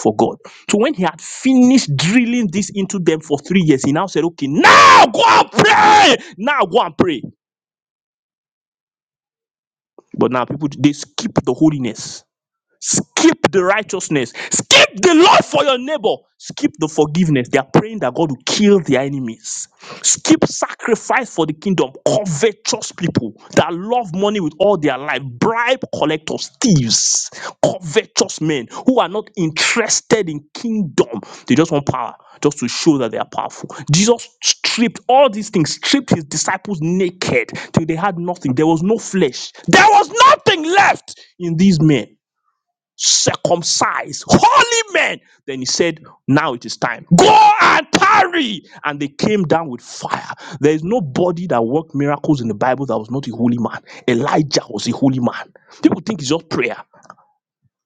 [SPEAKER 4] for God. So when he had finished drilling this into them for three years, he now said, Okay, now go and pray. Now go and pray. But now people they skip the holiness. Skip the righteousness. Skip the love for your neighbor. Skip the forgiveness. They are praying that God will kill their enemies. Skip sacrifice for the kingdom. Covetous people that love money with all their life. Bribe collectors, thieves, covetous men who are not interested in kingdom. They just want power just to show that they are powerful. Jesus stripped all these things, stripped his disciples naked till they had nothing. There was no flesh. There was nothing left in these men circumcised, holy men. Then he said, Now it is time. Go and tarry. And they came down with fire. There is nobody that worked miracles in the Bible that was not a holy man. Elijah was a holy man. People think it's just prayer.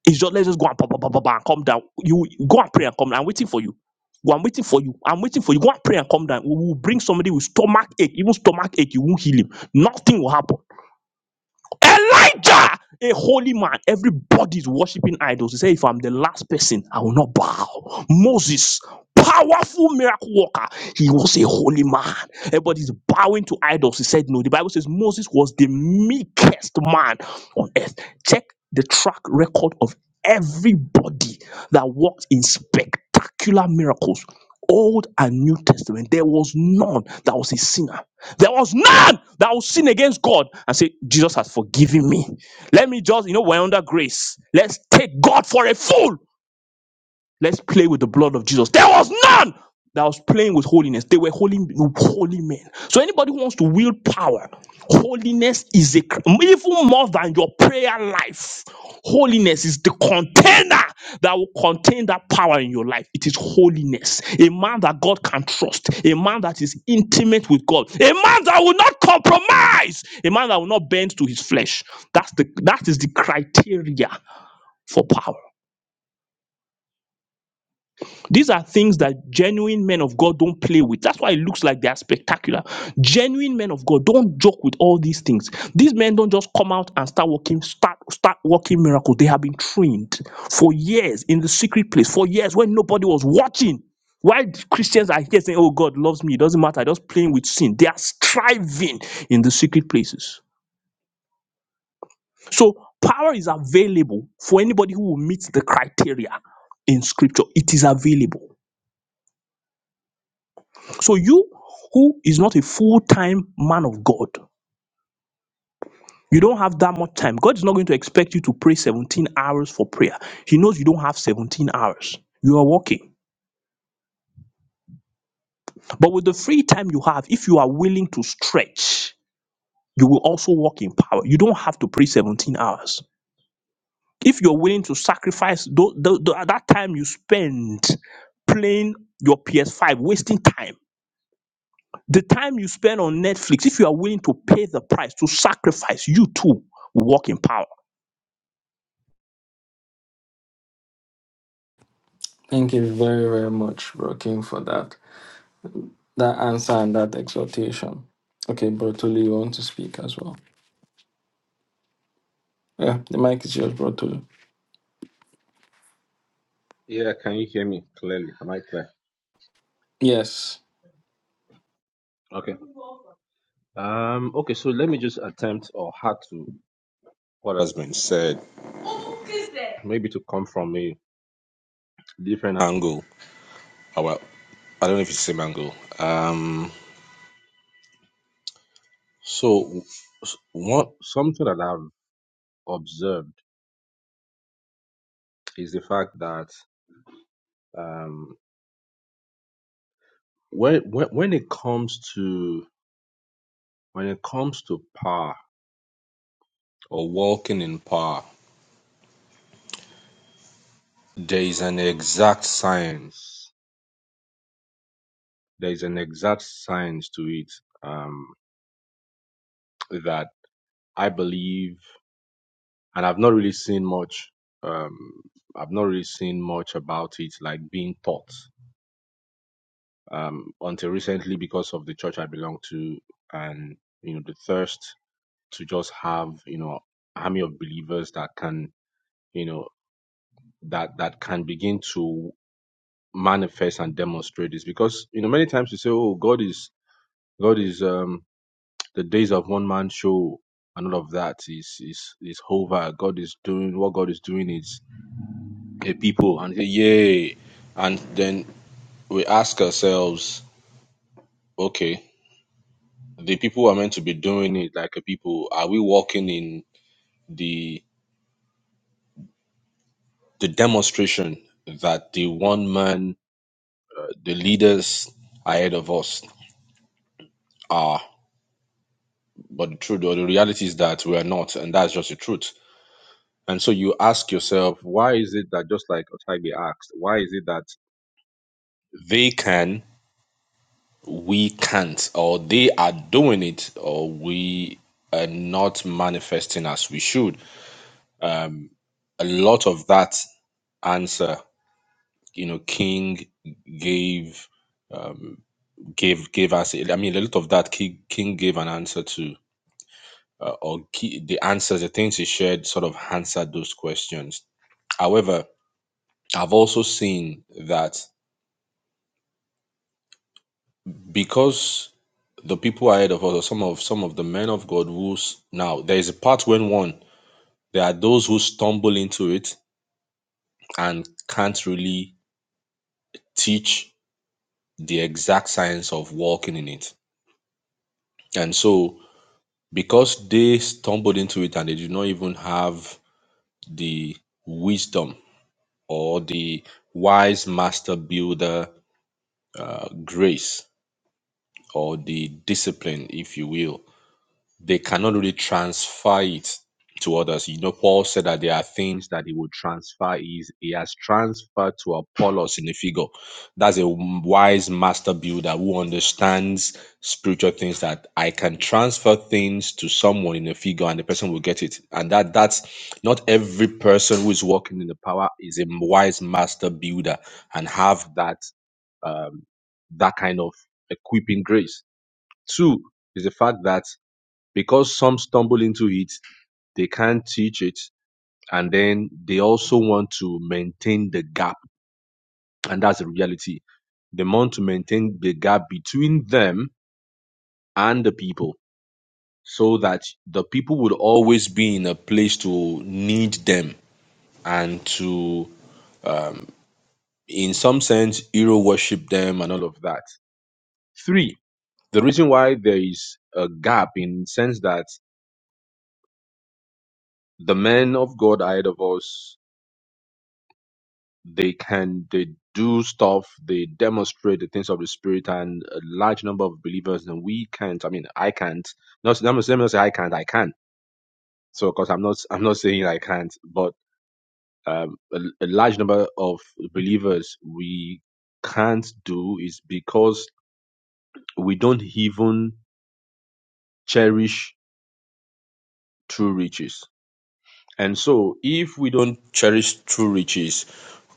[SPEAKER 4] It's just let's just go and, pa pa pa pa pa and come down. You go and pray and come down. I'm waiting for you. Well, I'm waiting for you. I'm waiting for you. Go and pray and come down. We will bring somebody with stomach ache, even stomach ache. You won't heal him. Nothing will happen. Elijah, a holy man, everybody is worshiping idols. He said, If I'm the last person, I will not bow. Moses, powerful miracle worker, he was a holy man. Everybody's bowing to idols. He said, No. The Bible says Moses was the meekest man on earth. Check the track record of everybody that worked in spectacular miracles. Old and New Testament, there was none that was a sinner. There was none that will sin against God and say, Jesus has forgiven me. Let me just, you know, we're under grace. Let's take God for a fool Let's play with the blood of Jesus. There was none that was playing with holiness. They were holy, holy men. So anybody who wants to wield power, holiness is a even more than your prayer life. Holiness is the container that will contain that power in your life. It is holiness. A man that God can trust, a man that is intimate with God, a man that will not compromise, a man that will not bend to his flesh. That's the that is the criteria for power. These are things that genuine men of God don't play with. That's why it looks like they are spectacular. Genuine men of God don't joke with all these things. These men don't just come out and start working, start start working miracles. They have been trained for years in the secret place, for years when nobody was watching. Why Christians are here saying, "Oh, God loves me," it doesn't matter. Just playing with sin. They are striving in the secret places. So power is available for anybody who will meet the criteria in Scripture. It is available. So you who is not a full-time man of God, you don't have that much time. God is not going to expect you to pray 17 hours for prayer. He knows you don't have 17 hours. You are working. But with the free time you have, if you are willing to stretch, you will also walk in power. You don't have to pray 17 hours. If you're willing to sacrifice tho- tho- tho- that time you spend playing your PS5, wasting time The time you spend on Netflix, if you are willing to pay the price, to sacrifice, you too will walk in power.
[SPEAKER 1] Thank you very, very much, Bro King, for that that answer and that exhortation. Okay, Bro Tolu, you want to speak as well? Yeah, the mic is yours, Bro Tolu.
[SPEAKER 5] Yeah, can you hear me clearly? Am I clear?
[SPEAKER 1] Yes.
[SPEAKER 5] Okay. Um, okay, so let me just attempt or add to what has been said. Maybe to come from a different angle. Oh, well, I don't know if it's the same angle. Um, so s- what something that I've observed is the fact that um, when when when it comes to when it comes to power or walking in power, there is an exact science there is an exact science to it um, that I believe, and I've not really seen much. Um, I've not really seen much about it, like being taught um, until recently because of the church I belong to, and you know the thirst to just have you know army of believers that can you know that that can begin to manifest and demonstrate this because you know many times you say oh God is God is um the days of one man show and all of that is is is over. God is doing what God is doing is a people and say, yay. And then we ask ourselves, okay, the people who are meant to be doing it like a people, are we walking in the the demonstration that the one man, the leaders ahead of us are? But the truth or the reality is that we are not, and that's just the truth. And so you ask yourself, why is it that just like Otage asked, why is it that They can, we can't, or they are doing it, or we are not manifesting as we should. Um, a lot of that answer, you know, King gave um, gave gave us. I mean, a lot of that King, King gave an answer to, uh, or key, the answers, the things he shared, sort of answered those questions. However, I've also seen that. because the people ahead of us, or some of some of the men of God who's now there is a part when one there are those who stumble into it and can't really teach the exact science of walking in it. And so because they stumbled into it and they did not even have the wisdom or the wise master builder uh, grace or the discipline, if you will, they cannot really transfer it to others. You know, Paul said that there are things that he would transfer. He's, he has transferred to Apollos in a figure. That's a wise master builder who understands spiritual things that I can transfer things to someone in a figure and the person will get it. And that that's not every person who is walking in the power is a wise master builder and have that um, that kind of equipping grace. Two is the fact that because some stumble into it, they can't teach it, and then they also want to maintain the gap, and that's the reality. They want to maintain the gap between them and the people, so that the people would always be in a place to need them and to, um, in some sense, hero worship them and all of that. Three, the reason why there is a gap in the sense that the men of God ahead of us they can they do stuff they demonstrate the things of the spirit and a large number of believers and we can't i mean i can't not let me let me not say i can't i can so because i'm not i'm not saying i can't but um a, a large number of believers we can't do is because we don't even cherish true riches and so if we don't cherish true riches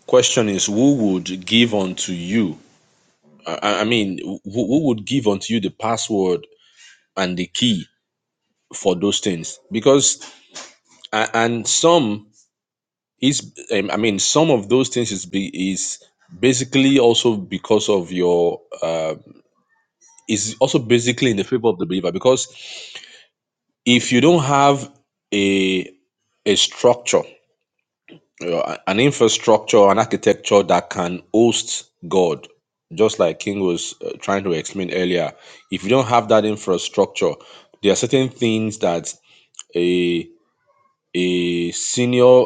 [SPEAKER 5] question is who would give unto you I, I mean, who, who would give unto you the password and the key for those things? Because a- and some is, um, I mean, some of those things is be, is basically also because of your uh, is also basically in the favor of the believer. Because if you don't have a a structure Yeah, an infrastructure, an architecture that can host God, just like King was uh, trying to explain earlier. If you don't have that infrastructure, there are certain things that a a senior,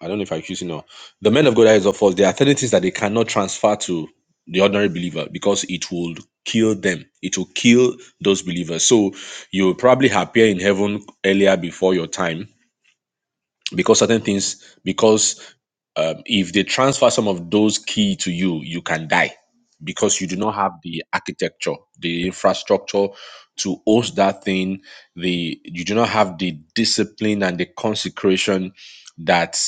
[SPEAKER 5] I don't know if I choose senior, the men of God that is of us, there are certain things that they cannot transfer to the ordinary believer because it will kill them. It will kill those believers. So you will probably appear in heaven earlier before your time because certain things because um, if they transfer some of those key to you, you can die because you do not have the architecture, the infrastructure to host that thing. The you do not have the discipline and the consecration that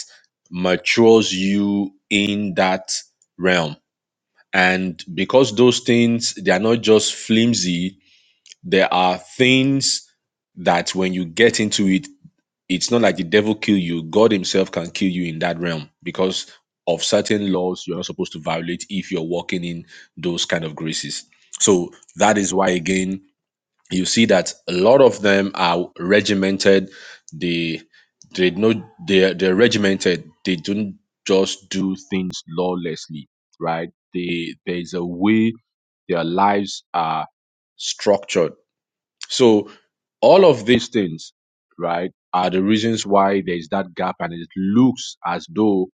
[SPEAKER 5] matures you in that realm. And because those things they are not just flimsy, there are things that when you get into it it's not like the devil kill you god himself can kill you in that realm because of certain laws you're not supposed to violate if you're walking in those kind of graces so that is why again you see that a lot of them are regimented they they know they're they're regimented they don't just do things lawlessly right they there's a way their lives are structured so all of these things, right, are the reasons why there's that gap, and it looks as though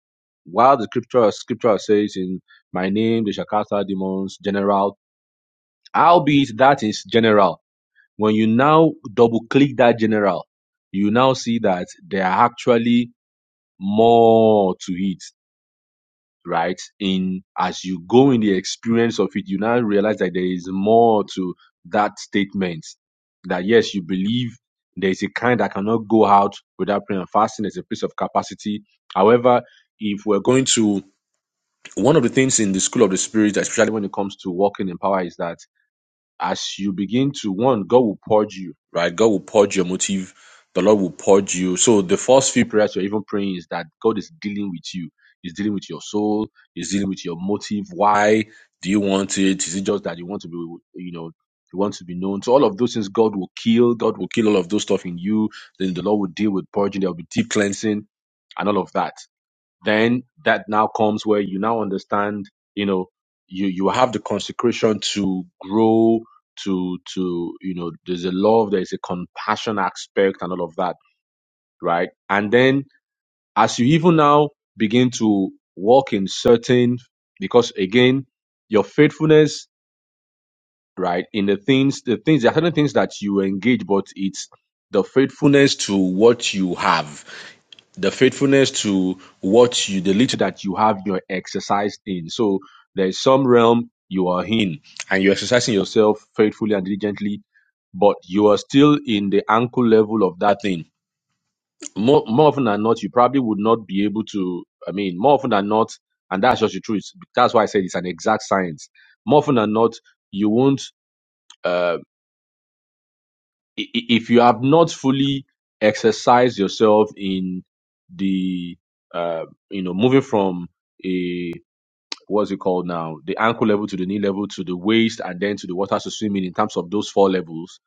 [SPEAKER 5] while the scripture scripture says in my name they shall cast out demons, general, albeit that is general. When you now double click that general, you now see that there are actually more to it right? In as you go in the experience of it, you now realize that there is more to that statement. That yes, you believe there is a kind that cannot go out without prayer and fasting. There's a place of capacity. However, if we're going to one of the things in the school of the spirit, especially when it comes to walking in power, is that as you begin to one, God will purge you, right? God will purge your motive. The Lord will purge you. So the first few prayers you're even praying is that God is dealing with you. He's dealing with your soul. He's dealing with your motive. Why do you want it? Is it just that you want to be, you know, you want to be known? So all of those things God will kill. God will kill all of those stuff in you. Then the Lord will deal with purging. There will be deep cleansing and all of that then that now comes where you now understand you know you you have the consecration to grow to to you know there's a love there's a compassion aspect and all of that right and then as you even now begin to walk in certain because again your faithfulness right in the things the things there are certain things that you engage but it's the faithfulness to what you have the faithfulness to what you the little that you have your exercised in so there is some realm you are in and you're exercising yourself faithfully and diligently but you are still in the ankle level of that thing more, more often than not you probably would not be able to i mean more often than not and that's just the truth that's why i said it's an exact science more often than not you won't uh, i- i- if you have not fully exercised yourself in the uh, you know moving from a what's it called now the ankle level to the knee level to the waist and then to the water to swim in in terms of those four levels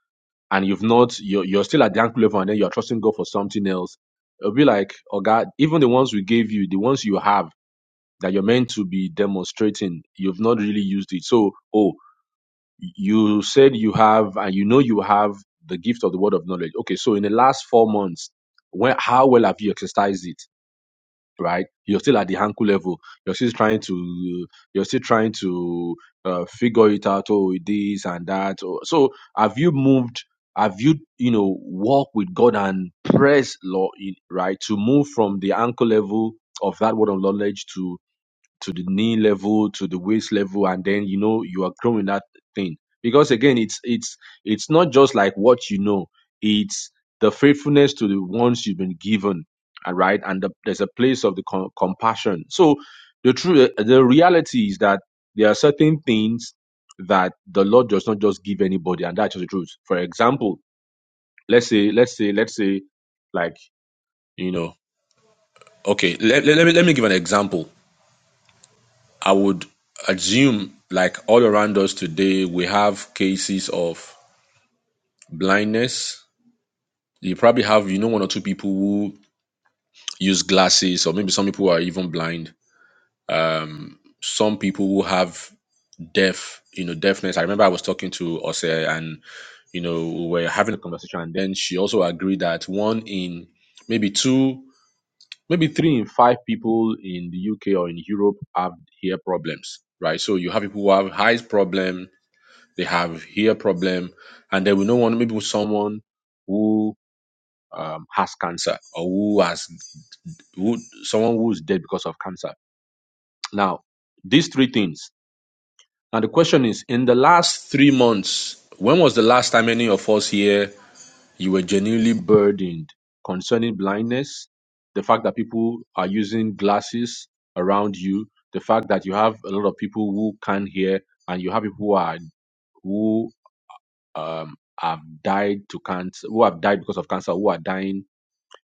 [SPEAKER 5] and you've not you're, you're still at the ankle level and then you're trusting god for something else it'll be like oh god even the ones we gave you the ones you have that you're meant to be demonstrating you've not really used it so oh you said you have and you know you have the gift of the word of knowledge okay so in the last four months when how well have you exercised it right you're still at the ankle level you're still trying to you're still trying to uh, figure it out oh this and that oh, so have you moved have you you know walk with god and press law right to move from the ankle level of that word of knowledge to to the knee level to the waist level and then you know you are growing that thing because again it's it's it's not just like what you know it's the faithfulness to the ones you've been given all right and the, there's a place of the com- compassion so the true the reality is that there are certain things that the lord does not just give anybody and that's the truth for example let's say let's say let's say like you know okay let, let, let me let me give an example I would assume, like all around us today, we have cases of blindness. You probably have, you know, one or two people who use glasses, or maybe some people who are even blind. Um, some people who have deaf, you know, deafness. I remember I was talking to Ose, and you know, we were having a conversation, and then she also agreed that one in maybe two, maybe three in five people in the UK or in Europe have ear problems, right? So you have people who have eyes problem, they have hair problem, and then we know one maybe someone who um, has cancer or who has who someone who is dead because of cancer. Now, these three things. Now the question is, in the last three months, when was the last time any of us here you were genuinely burdened concerning blindness, the fact that people are using glasses around you, the fact that you have a lot of people who can't hear, and you have people who are who um, have died to cancer, who have died because of cancer, who are dying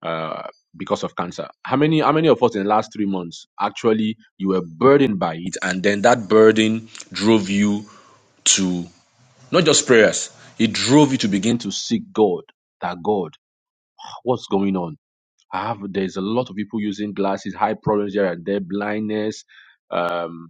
[SPEAKER 5] uh, because of cancer. How many, how many of us in the last three months actually you were burdened by it, and then that burden drove you to not just prayers, it drove you to begin to seek God. That God, what's going on? I have there's a lot of people using glasses, high problems here and there, blindness. um,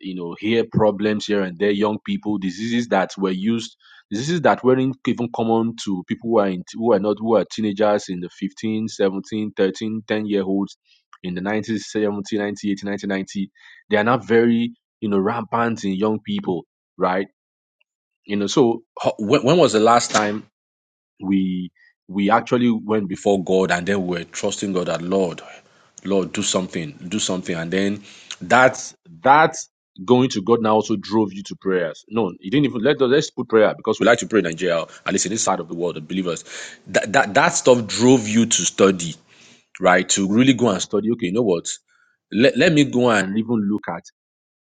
[SPEAKER 5] you know, hear problems here and there, young people, diseases that were used, diseases that weren't even common to people who are in, who are not, who are teenagers in the 15, 17, 13, 10 year olds in the 90s, 70, ninety, eighty, ninety, ninety. They are not very, you know, rampant in young people, right? You know, so ho- when, when was the last time we we actually went before God and then we were trusting God that Lord, Lord, do something, do something. And then that that going to God now also drove you to prayers. No, you didn't even let let's put prayer because we like to pray in Nigeria, at least in this side of the world, the believers. That that that stuff drove you to study, right? To really go and study. Okay, you know what? Let, let me go and even look at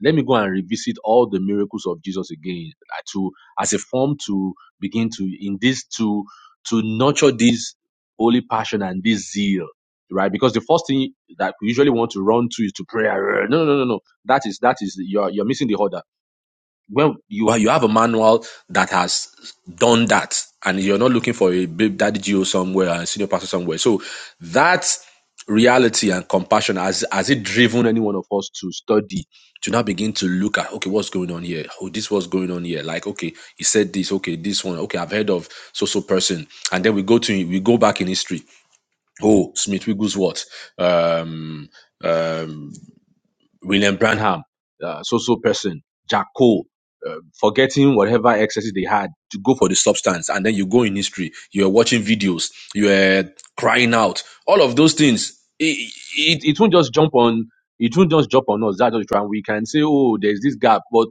[SPEAKER 5] let me go and revisit all the miracles of Jesus again uh, to as a form to begin to in this to to nurture this holy passion and this zeal right because the first thing that we usually want to run to is to prayer. no no no no no. that is that is you're you're missing the order well you are, you have a manual that has done that and you're not looking for a big daddy geo somewhere a senior pastor somewhere so that reality and compassion has has it driven any one of us to study to now begin to look at okay what's going on here oh this was going on here like okay he said this okay this one okay i've heard of so so person and then we go to we go back in history oh smith wigglesworth um um William Branham, uh, so-so person, Jack Cole, uh, forgetting whatever excesses they had to go for the substance. And then you go in history, you're watching videos, you're crying out, all of those things. It, it, it won't just jump on, it won't just jump on us. That's just trying. We can say, oh, there's this gap, but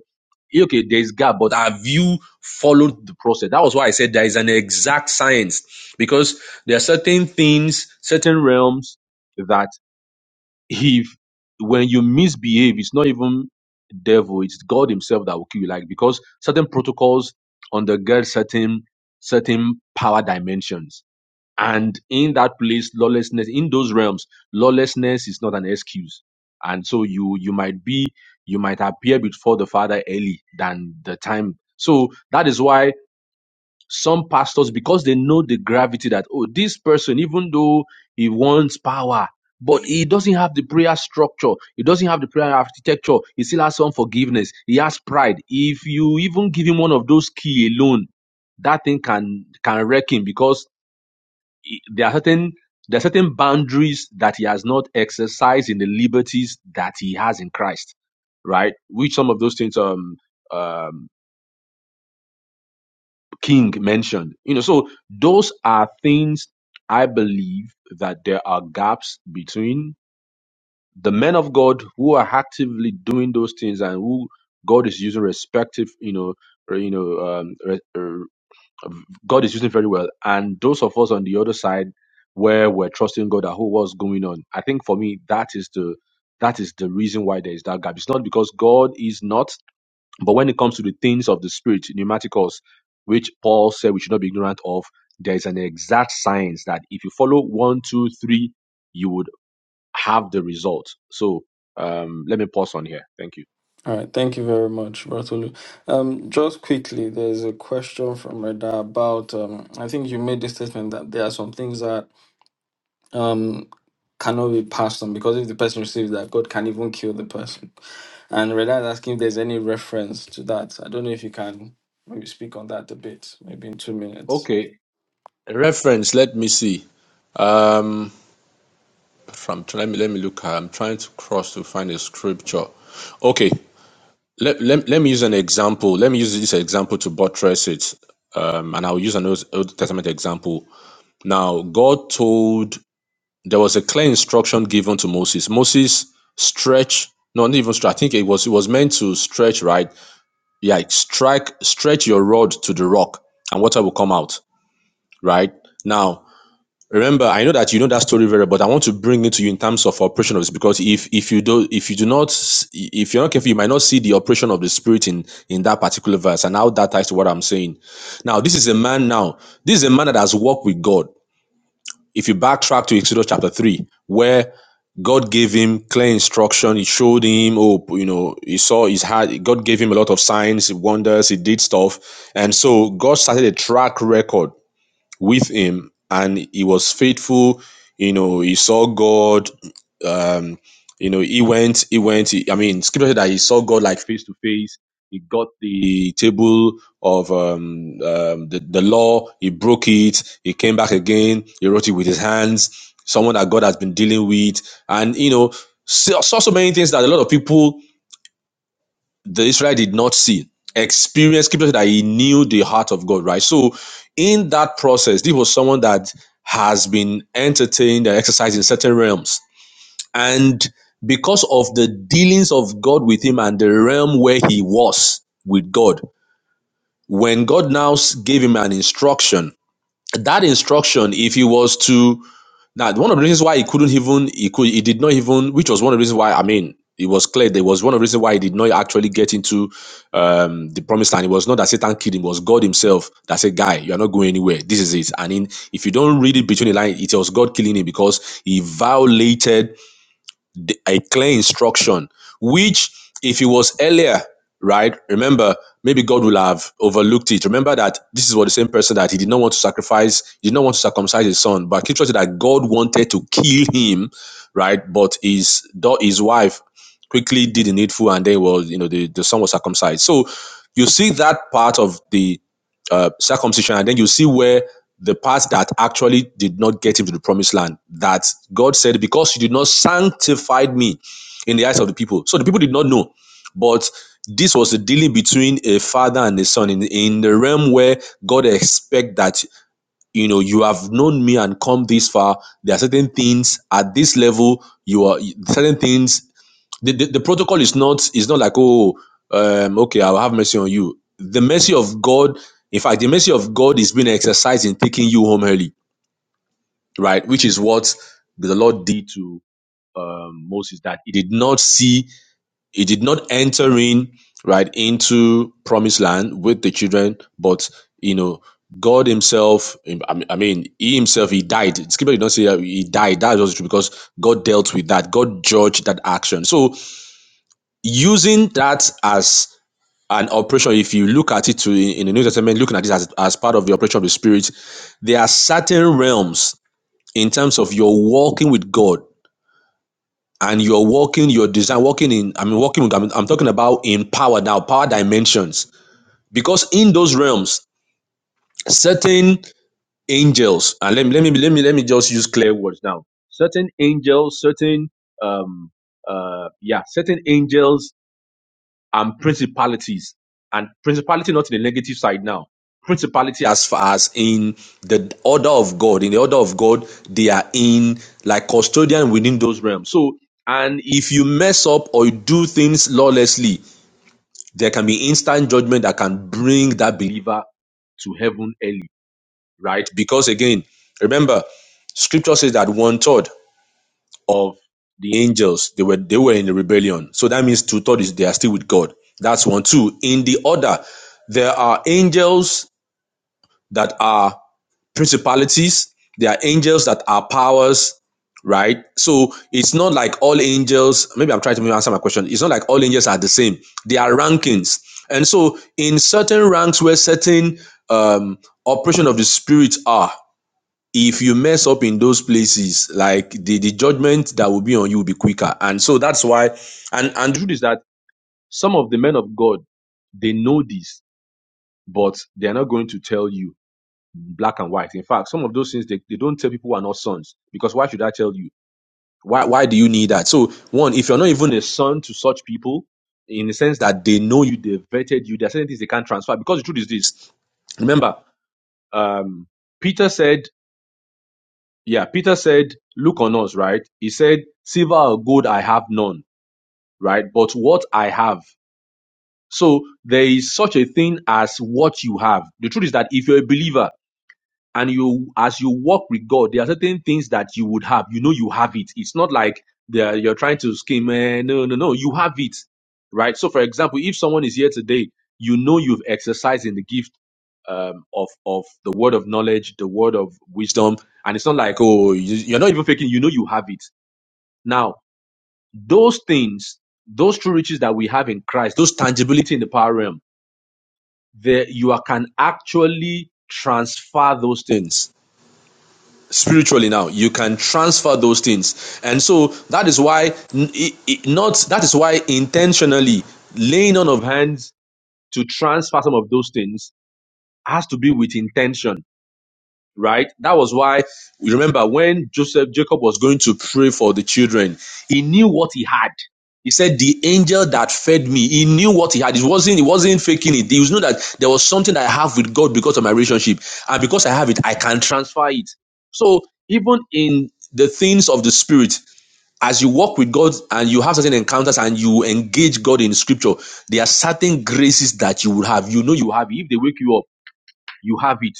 [SPEAKER 5] yeah, okay, there's gap, but have you followed the process? That was why I said there is an exact science because there are certain things, certain realms that if when you misbehave, it's not even devil, it's God Himself that will kill you. Like because certain protocols undergird certain certain power dimensions. And in that place, lawlessness, in those realms, lawlessness is not an excuse. And so you you might be you might appear before the Father early than the time. So that is why some pastors because they know the gravity that oh this person even though he wants power but he doesn't have the prayer structure he doesn't have the prayer architecture he still has some forgiveness he has pride if you even give him one of those key alone that thing can can wreck him because he- there are certain there are certain boundaries that he has not exercised in the liberties that he has in christ right which some of those things um um King mentioned. You know, so those are things I believe that there are gaps between the men of God who are actively doing those things and who God is using respective, you know, or, you know, um, re- er, God is using very well, and those of us on the other side where we're trusting God at who what's going on. I think for me that is the that is the reason why there is that gap. It's not because God is not. But when it comes to the things of the spirit, pneumaticals, which Paul said we should not be ignorant of, there is an exact science that if you follow one, two, three, you would have the result. So um, let me pause on here. Thank you.
[SPEAKER 1] All right, thank you very much, Bartolu. Um, just quickly, there's a question from Reda about. Um, I think you made the statement that there are some things that um, cannot be passed on because if the person receives that, God can even kill the person. And Reda is asking if there's any reference to that. I don't know if you can maybe speak on that a bit, maybe in two minutes.
[SPEAKER 5] Okay. Reference, let me see. Um from let me let me look I'm trying to cross to find a scripture. Okay. Let, let, let me use an example. Let me use this example to buttress it. Um, and I'll use an Old Old Testament example. Now, God told there was a clear instruction given to Moses. Moses stretch, no, not even stretch. I think it was it was meant to stretch, right? Yeah, strike, stretch your rod to the rock, and water will come out, right? Now, remember, I know that you know that story very, well, but I want to bring it to you in terms of operation of this because if if you do if you do not if you're not careful, you might not see the operation of the spirit in in that particular verse, and how that ties to what I'm saying. Now, this is a man. Now, this is a man that has walked with God. If you backtrack to Exodus chapter three, where God gave him clear instruction. He showed him hope. You know, he saw his heart. God gave him a lot of signs, wonders. He did stuff. And so God started a track record with him and he was faithful. You know, he saw God um, you know, he went, he went. He, I mean, scripture said that he saw God like face to face. He got the table of um, um, the, the law. He broke it. He came back again. He wrote it with his hands. Someone that God has been dealing with, and you know, saw, saw so many things that a lot of people the Israel did not see. Experience scripture said that he knew the heart of God, right? So, in that process, this was someone that has been entertained and exercised in certain realms and because of the dealings of God with him and the realm where he was with God, when God now s- gave him an instruction, that instruction, if he was to now, one of the reasons why he couldn't even he could he did not even, which was one of the reasons why I mean it was clear there was one of the reasons why he did not actually get into um the promised land. It was not that Satan killed him, it was God Himself that said, Guy, you're not going anywhere. This is it. And in if you don't read it between the lines, it was God killing him because he violated the- a clear instruction, which if it was earlier, right? Remember, maybe God will have overlooked it. Remember that this is what the same person that he did not want to sacrifice, he did not want to circumcise his son, but scripture said that God wanted to kill him, right? But his da- his wife quickly did the needful and then was, you know, the, the son was circumcised. So you see that part of the uh, circumcision, and then you see where the part that actually did not get him to the promised land, that God said, because you did not sanctify me in the eyes of the people. So the people did not know. But this was the dealing between a father and a son in, in the realm where God expect that, you know, you have known me and come this far. There are certain things at this level, you are certain things the, the, the protocol is not is not like oh um, okay i'll have mercy on you the mercy of god in fact the mercy of god is being exercised in taking you home early right which is what the lord did to um, moses that he did not see he did not enter in right into promised land with the children but you know god himself i mean I mean, he himself he died scripture did not say that he died that was true because god dealt with that god judged that action so using that as an operation, if you look at it to, in the New Testament, looking at this as, as part of the operation of the Spirit, there are certain realms in terms of your walking with God and your walking, your design, walking in, I mean, walking with, I mean, I'm talking about in power now, power dimensions. Because in those realms, certain angels, and let me, let me, let me, let me just use clear words now. Certain angels, certain, um, uh, yeah, certain angels and principalities. And principality not in the negative side now. Principality as far as in the order of God. In the order of God, they are in like custodian within those realms. So and if you mess up or you do things lawlessly, there can be instant judgment that can bring that believer to heaven early, right? Because again, remember, scripture says that one third of the angels, they were they were in rebellion. So that means two thirds they are still with God. That's one. Two. In the order, there are angels that are principalities. There are angels that are powers. Right. So it's not like all angels. Maybe I'm trying to answer my question. It's not like all angels are the same. They are rankings. And so in certain ranks where certain um, operation of the spirit are, if you mess up in those places, like the, the judgment that will be on you will be quicker. And so that's why, and, and the truth is that some of the men of God, they know this, but they're not going to tell you black and white. In fact, some of those things, they, they don't tell people who are not sons, because why should I tell you? Why, why do you need that? So one, if you're not even a son to such people, in the sense that they know you, they've vetted you, there are certain things they can't transfer, because the truth is this, remember, um, Peter said, yeah, Peter said, Look on us, right? He said, Silver or gold I have none, right? But what I have. So there is such a thing as what you have. The truth is that if you're a believer and you, as you walk with God, there are certain things that you would have. You know, you have it. It's not like they are- you're trying to scheme. Eh, no, no, no. You have it, right? So, for example, if someone is here today, you know you've exercised in the gift um, of of the word of knowledge, the word of wisdom, and it's not like oh you, you're not even faking. You know you have it. Now those things, those true riches that we have in Christ, those tangibility in the power realm, there you are, can actually transfer those things spiritually now you can transfer those things and so that is why n- i- i- not that is why intentionally laying on of hands to transfer some of those things has to be with intention right? That was why you remember when Joseph Jacob was going to pray for the children, he knew what he had. He said, "The angel that fed me, he knew what he had. It wasn't, he wasn't faking it. He knew that there was something I have with God because of my relationship, and because I have it, I can transfer it. So even in the things of the spirit." As you walk with God and you have certain encounters and you engage God in scripture, there are certain graces that you will have. You know you have If they wake you up, you have it.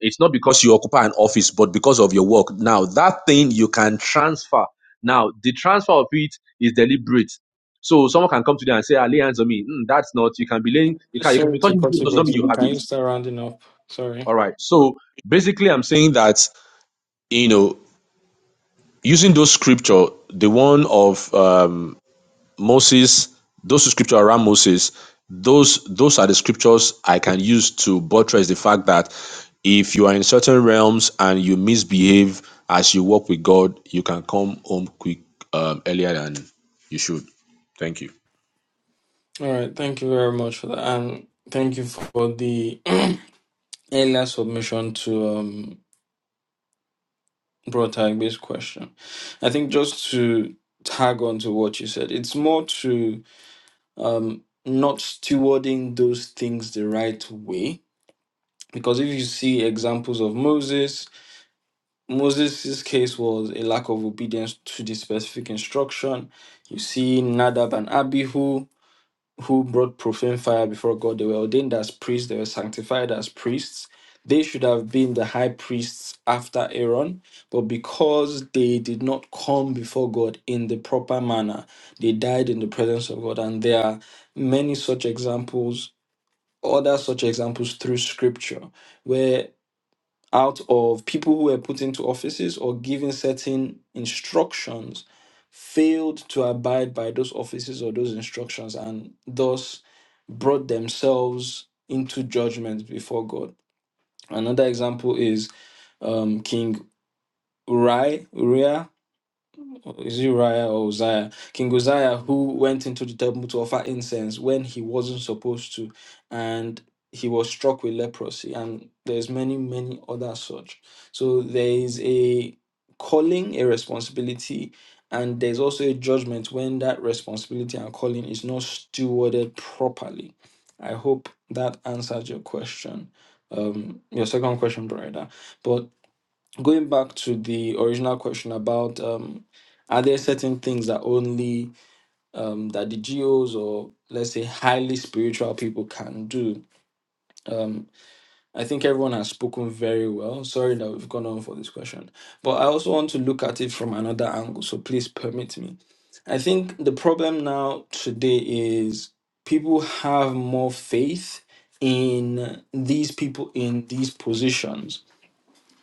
[SPEAKER 5] It's not because you occupy an office, but because of your work. Now, that thing you can transfer. Now, the transfer of it is deliberate. So someone can come to them and say, "Ah, lay hands on me. Mm, that's not, you can be laying, you can, you can
[SPEAKER 1] Sorry
[SPEAKER 5] be
[SPEAKER 1] to
[SPEAKER 5] touching
[SPEAKER 1] cut
[SPEAKER 5] people,
[SPEAKER 1] you,
[SPEAKER 5] does not mean you
[SPEAKER 1] Bartolu.
[SPEAKER 5] have
[SPEAKER 1] Can you
[SPEAKER 5] it.
[SPEAKER 1] start rounding up? Sorry.
[SPEAKER 5] All right. So basically, I'm saying that, you know, using those scripture, the one of, um, Moses, those scriptures around Moses, those those are the scriptures I can use to buttress the fact that if you are in certain realms and you misbehave as you walk with God, you can come home quick um, earlier than you should. Thank you.
[SPEAKER 1] All right, thank you very much for that, and thank you for the earlier submission to. um. brought up this question. I think just to tag on to what you said, it's more to um, not stewarding those things the right way. Because if you see examples of Moses, Moses' case was a lack of obedience to the specific instruction. You see Nadab and Abihu, who brought profane fire before God. They were ordained as priests, they were sanctified as priests. They should have been the high priests after Aaron, but because they did not come before God in the proper manner, they died in the presence of God. And there are many such examples, other such examples through scripture, out of people who were put into offices or given certain instructions failed to abide by those offices or those instructions and thus brought themselves into judgment before God. Another example is um, King Uri, is it Uriah or Uzziah? King Uzziah, who went into the temple to offer incense when he wasn't supposed to, and he was struck with leprosy, and there's many, many other such. So there is a calling, a responsibility, and there's also a judgment when that responsibility and calling is not stewarded properly. I hope that answered your question. Um, your second question, brother. But going back to the original question about um, are there certain things that only um, that the geos or let's say highly spiritual people can do um, i think everyone has spoken very well sorry that we've gone on for this question but i also want to look at it from another angle so please permit me i think the problem now today is people have more faith in these people in these positions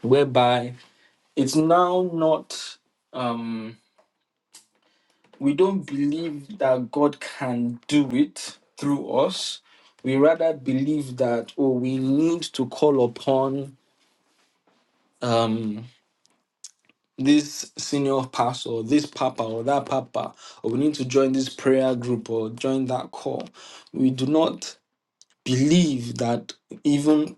[SPEAKER 1] whereby it's now not um we don't believe that god can do it through us we rather believe that oh we need to call upon um this senior pastor or this papa or that papa or we need to join this prayer group or join that call we do not believe that even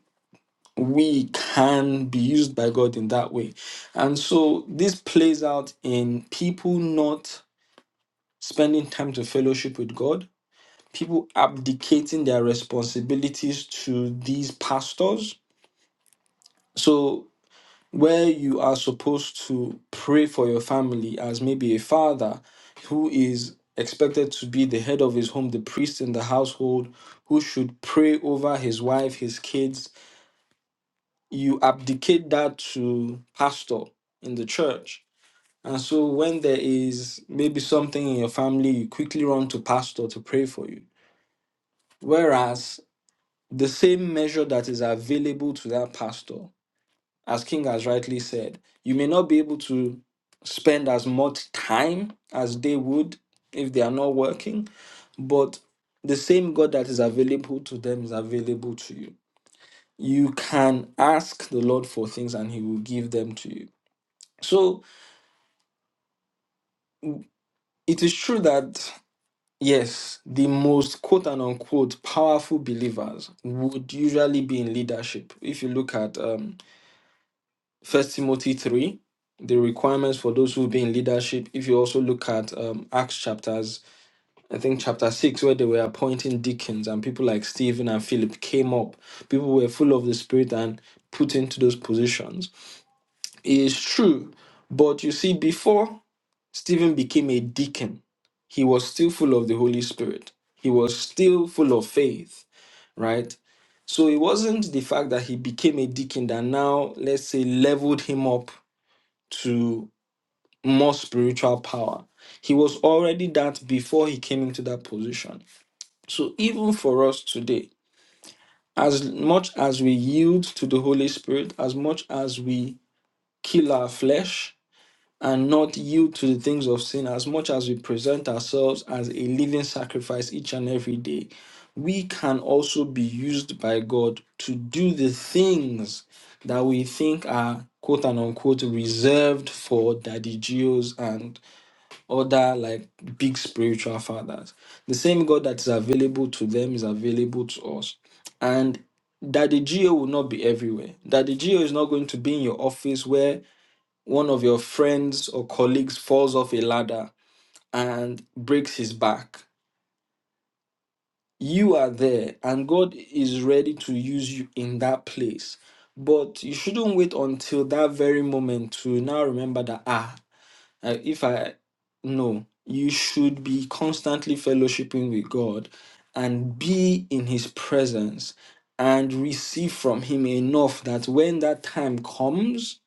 [SPEAKER 1] we can be used by god in that way and so this plays out in people not spending time to fellowship with God, people abdicating their responsibilities to these pastors. So, where you are supposed to pray for your family as maybe a father who is expected to be the head of his home, the priest in the household, who should pray over his wife, his kids, you abdicate that to pastor in the church. And so, when there is maybe something in your family, you quickly run to pastor to pray for you Whereas the same measure that is available to that pastor, as King has rightly said, you may not be able to spend as much time as they would if they are not working, but the same God that is available to them is available to you. You can ask the Lord for things and He will give them to you. So it is true that, yes, the most quote and unquote powerful believers would usually be in leadership. If you look at um, First Timothy 3, the requirements for those who be in leadership. If you also look at um, Acts chapters, I think chapter 6, where they were appointing deacons and people like Stephen and Philip came up. People were full of the Spirit and put into those positions. It is true. But you see, before Stephen became a deacon, he was still full of the Holy Spirit. He was still full of faith, right? So it wasn't the fact that he became a deacon that now, let's say, leveled him up to. more spiritual power. He was already that before he came into that position. So even for us today, as much as we yield to the Holy Spirit, as much as we kill our flesh and not yield to the things of sin, as much as we present ourselves as a living sacrifice each and every day, we can also be used by God to do the things that we think are quote and unquote reserved for Daddy Geos and other like big spiritual fathers. The same God that is available to them is available to us. And Daddy Geo will not be everywhere. Daddy Geo is not going to be in your office where one of your friends or colleagues falls off a ladder and breaks his back. You are there, and God is ready to use you in that place. But you shouldn't wait until that very moment to now remember that, ah, uh, if I no, you should be constantly fellowshipping with God and be in his presence and receive from him enough that when that time comes,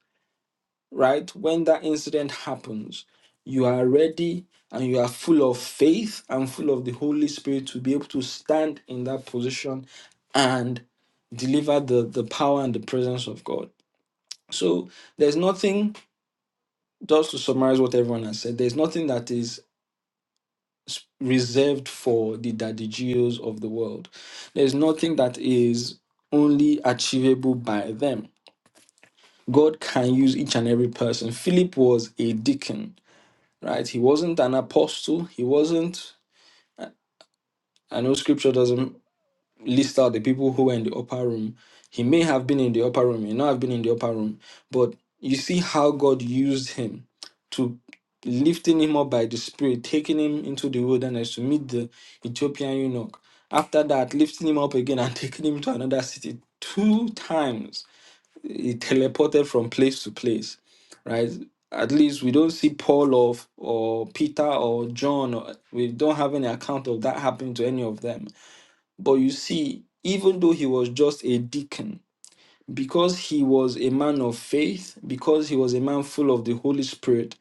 [SPEAKER 1] right, when that incident happens, you are ready and you are full of faith and full of the Holy Spirit to be able to stand in that position and deliver the, the power and the presence of God. So there's nothing, just to summarize what everyone has said, there's nothing that is reserved for the daddy geos of the world. There's nothing that is only achievable by them. God can use each and every person. Philip was a deacon, right? He wasn't an apostle. He wasn't. I know scripture doesn't list out the people who were in the upper room. He may have been in the upper room, he may not have been in the upper room, but you see how God used him to lifting him up by the Spirit, taking him into the wilderness to meet the Ethiopian eunuch. After that, lifting him up again and taking him to another city. Two times he teleported from place to place, right? At least we don't see Paul of or Peter or John. Or, we don't have any account of that happening to any of them but you see, even though he was just a deacon, because he was a man of faith, because he was a man full of the Holy Spirit,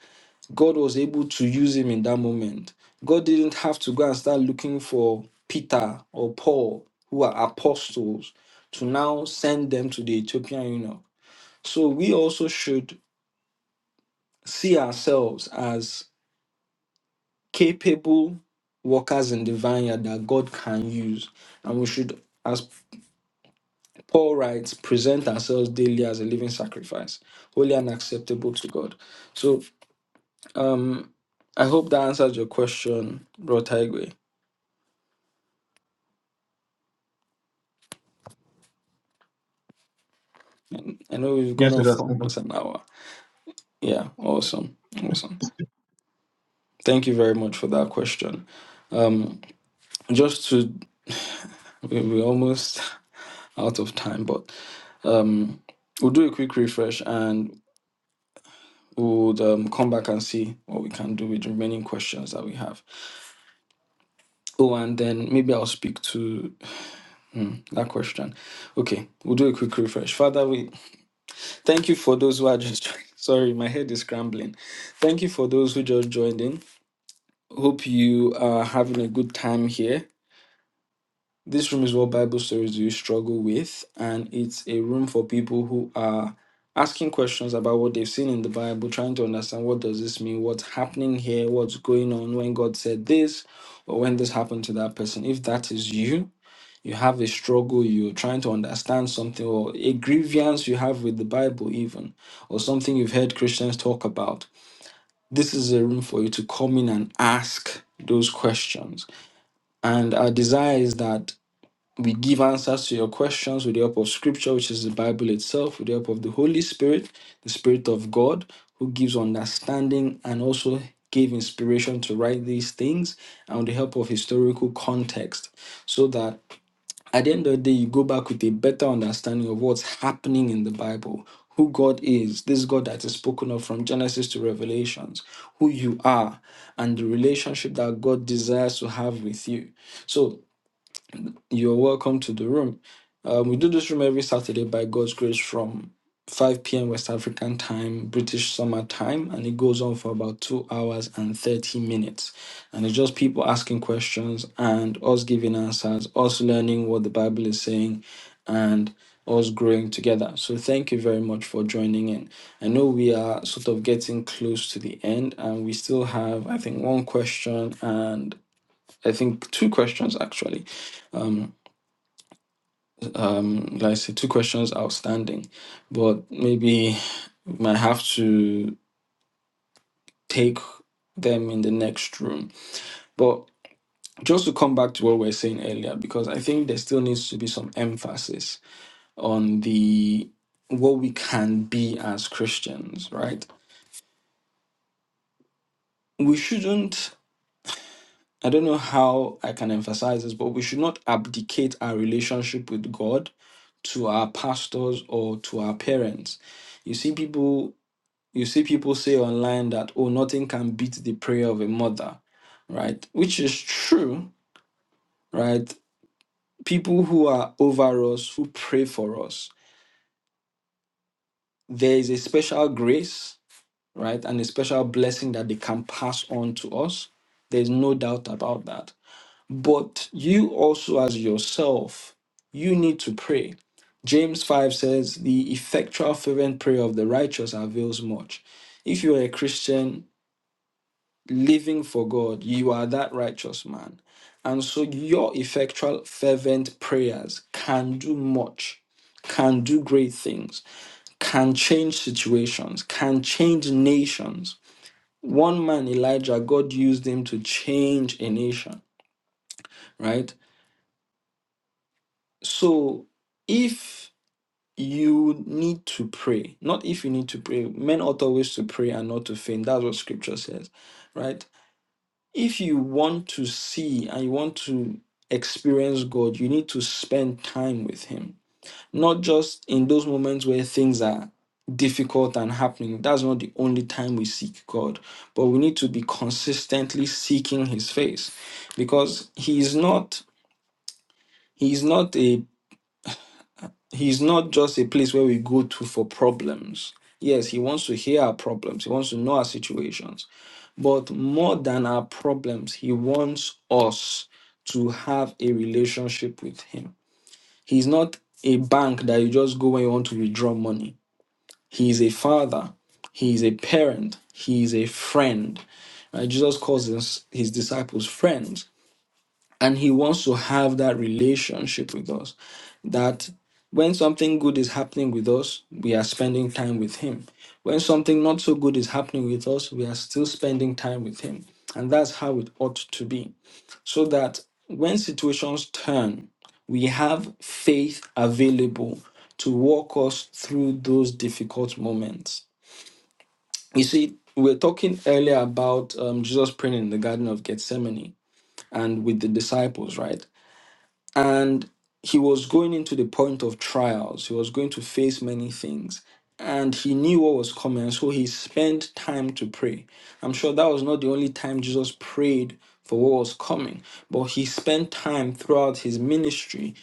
[SPEAKER 1] God was able to use him in that moment. God didn't have to go and start looking for Peter or Paul, who are apostles, to now send them to the Ethiopian eunuch. So we also should see ourselves as capable workers in the vineyard that God can use. And we should, as Paul writes, present ourselves daily as a living sacrifice, holy and acceptable to God. So um, I hope that answers your question, Bro Taigwe. And I know we've gone
[SPEAKER 3] Yes, it
[SPEAKER 1] off
[SPEAKER 3] does.
[SPEAKER 1] for almost an hour. Yeah, awesome. Awesome. Thank you very much for that question. Um, just to, we- we're almost out of time, but um, we'll do a quick refresh and we'll um, come back and see what we can do with the remaining questions that we have. Oh, and then maybe I'll speak to Mm, that question. Okay, we'll do a quick refresh. Father, we thank you for those who are just joining. Sorry, my head is scrambling. Thank you for those who just joined in. Hope you are having a good time here. This room is what Bible stories do you struggle with, and it's a room for people who are asking questions about what they've seen in the Bible, trying to understand what does this mean, what's happening here, what's going on, when God said this, or when this happened to that person. If that is you, you have a struggle, you're trying to understand something, or a grievance you have with the Bible, even, or something you've heard Christians talk about, this is a room for you to come in and ask those questions. And our desire is that we give answers to your questions with the help of Scripture, which is the Bible itself, with the help of the Holy Spirit, the Spirit of God, who gives understanding and also gave inspiration to write these things, and with the help of historical context, so that at the end of the day, you go back with a better understanding of what's happening in the Bible, who God is, this God that is spoken of from Genesis to Revelations, who you are, and the relationship that God desires to have with you. So you're welcome to the room. Um, we do this room every Saturday by God's grace from 5 p.m. West African time, British summer time, and it goes on for about two hours and 30 minutes. And it's just people asking questions and us giving answers, us learning what the Bible is saying, and us growing together. So thank you very much for joining in. I know we are sort of getting close to the end, and we still have, I think, one question and I think two questions actually Um, um, like I said, two questions outstanding, but maybe we might have to take them in the next room. But just to come back to what we were saying earlier, because I think there still needs to be some emphasis on the what we can be as Christians, right? We shouldn't. I don't know how I can emphasize this, but we should not abdicate our relationship with God to our pastors or to our parents. You see, people You see people say online that, oh, nothing can beat the prayer of a mother, right? Which is true, right? People who are over us, who pray for us, there is a special grace, right? And a special blessing that they can pass on to us. There's no doubt about that. But you also, as yourself, you need to pray. James 5 says, The effectual, fervent prayer of the righteous avails much. If you're a Christian, living for God, you are that righteous man. And so your effectual, fervent prayers can do much, can do great things, can change situations, can change nations. One man, Elijah, God used him to change a nation, right? So if you need to pray, not if you need to pray, men ought always to pray and not to faint. That's what scripture says, right? if you want to see and you want to experience God, you need to spend time with Him, not just in those moments where things are difficult and happening. That's not the only time we seek God, but we need to be consistently seeking His face because He is not, He is not a He is not just a place where we go to for problems. Yes, he wants to hear our problems. He wants to know our situations. But more than our problems, He wants us to have a relationship with Him. He's not a bank that you just go when you want to withdraw money. He is a father, He is a parent, He is a friend. Uh, Jesus calls his, his disciples friends and he wants to have that relationship with us that when something good is happening with us we are spending time with him when something not so good is happening with us we are still spending time with him and that's how it ought to be so that when situations turn we have faith available to walk us through those difficult moments you see, we were talking earlier about um, Jesus praying in the Garden of Gethsemane and with the disciples, right? and he was going into the point of trials he was going to face many things and he knew what was coming so he spent time to pray i'm sure that was not the only time jesus prayed for what was coming but he spent time throughout his ministry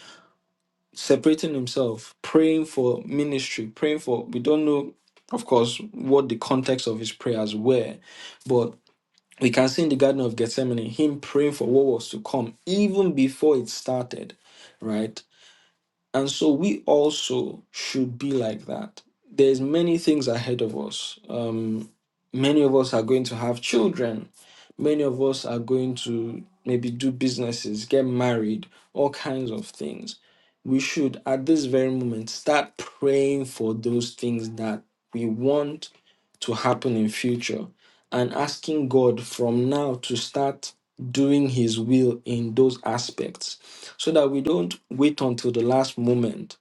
[SPEAKER 1] separating himself praying for ministry praying for we don't know of course what the context of his prayers were but we can see in the garden of gethsemane him praying for what was to come even before it started right and so we also should be like that. There's many things ahead of us. Um, many of us are going to have children. Many of us are going to maybe do businesses, get married, all kinds of things. We should, at this very moment, start praying for those things that we want to happen in future and asking God from now to start doing his will in those aspects so that we don't wait until the last moment.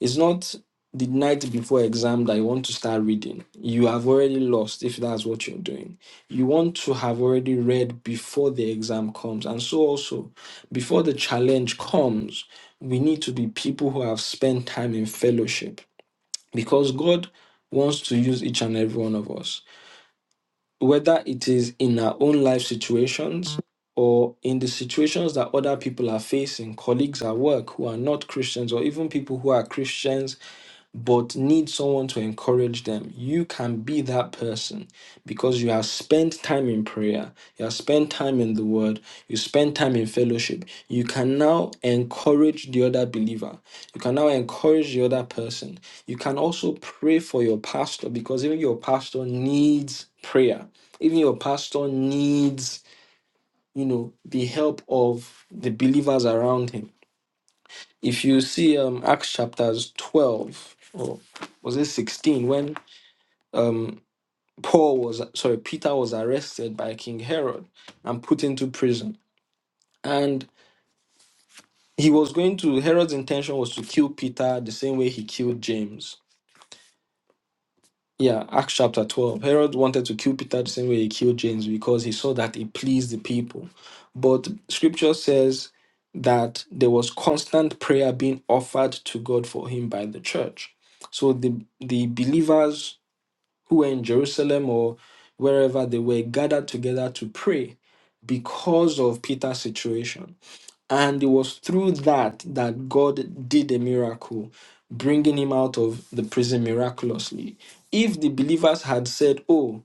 [SPEAKER 1] It's not the night before exam that you want to start reading. You have already lost if that's what you're doing. You want to have already read before the exam comes. And so, also, before the challenge comes, we need to be people who have spent time in fellowship because God wants to use each and every one of us whether it is in our own life situations or in the situations that other people are facing, colleagues at work who are not Christians, or even people who are Christians but need someone to encourage them. You can be that person because you have spent time in prayer, you have spent time in the word, you spend time in fellowship. You can now encourage the other believer, you can now encourage the other person. You can also pray for your pastor because even your pastor needs prayer, even your pastor needs, you know, the help of the believers around him if you see um acts chapters 12 or was it 16 when um paul was sorry peter was arrested by king herod and put into prison and he was going to herod's intention was to kill peter the same way he killed james Yeah, Acts chapter 12. Herod wanted to kill Peter the same way he killed James because he saw that it pleased the people. But scripture says that there was constant prayer being offered to God for him by the church. So the, the believers who were in Jerusalem or wherever they were gathered together to pray because of Peter's situation. And it was through that that God did a miracle, bringing him out of the prison miraculously. If the believers had said, "Oh,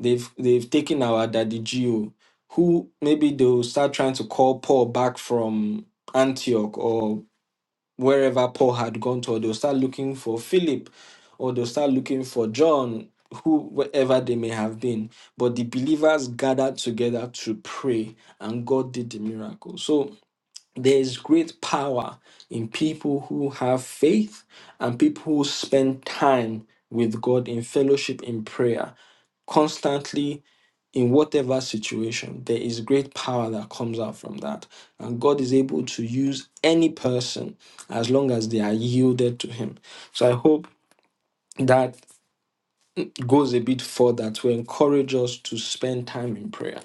[SPEAKER 1] they've they've taken our daddy Gio," who maybe they'll start trying to call Paul back from Antioch or wherever Paul had gone to, or they'll start looking for Philip, or they'll start looking for John, whoever they may have been. But the believers gathered together to pray, and God did the miracle. So there is great power in people who have faith and people who spend time with God in fellowship in prayer constantly in whatever situation there is great power that comes out from that and God is able to use any person as long as they are yielded to him so i hope that goes a bit further to encourage us to spend time in prayer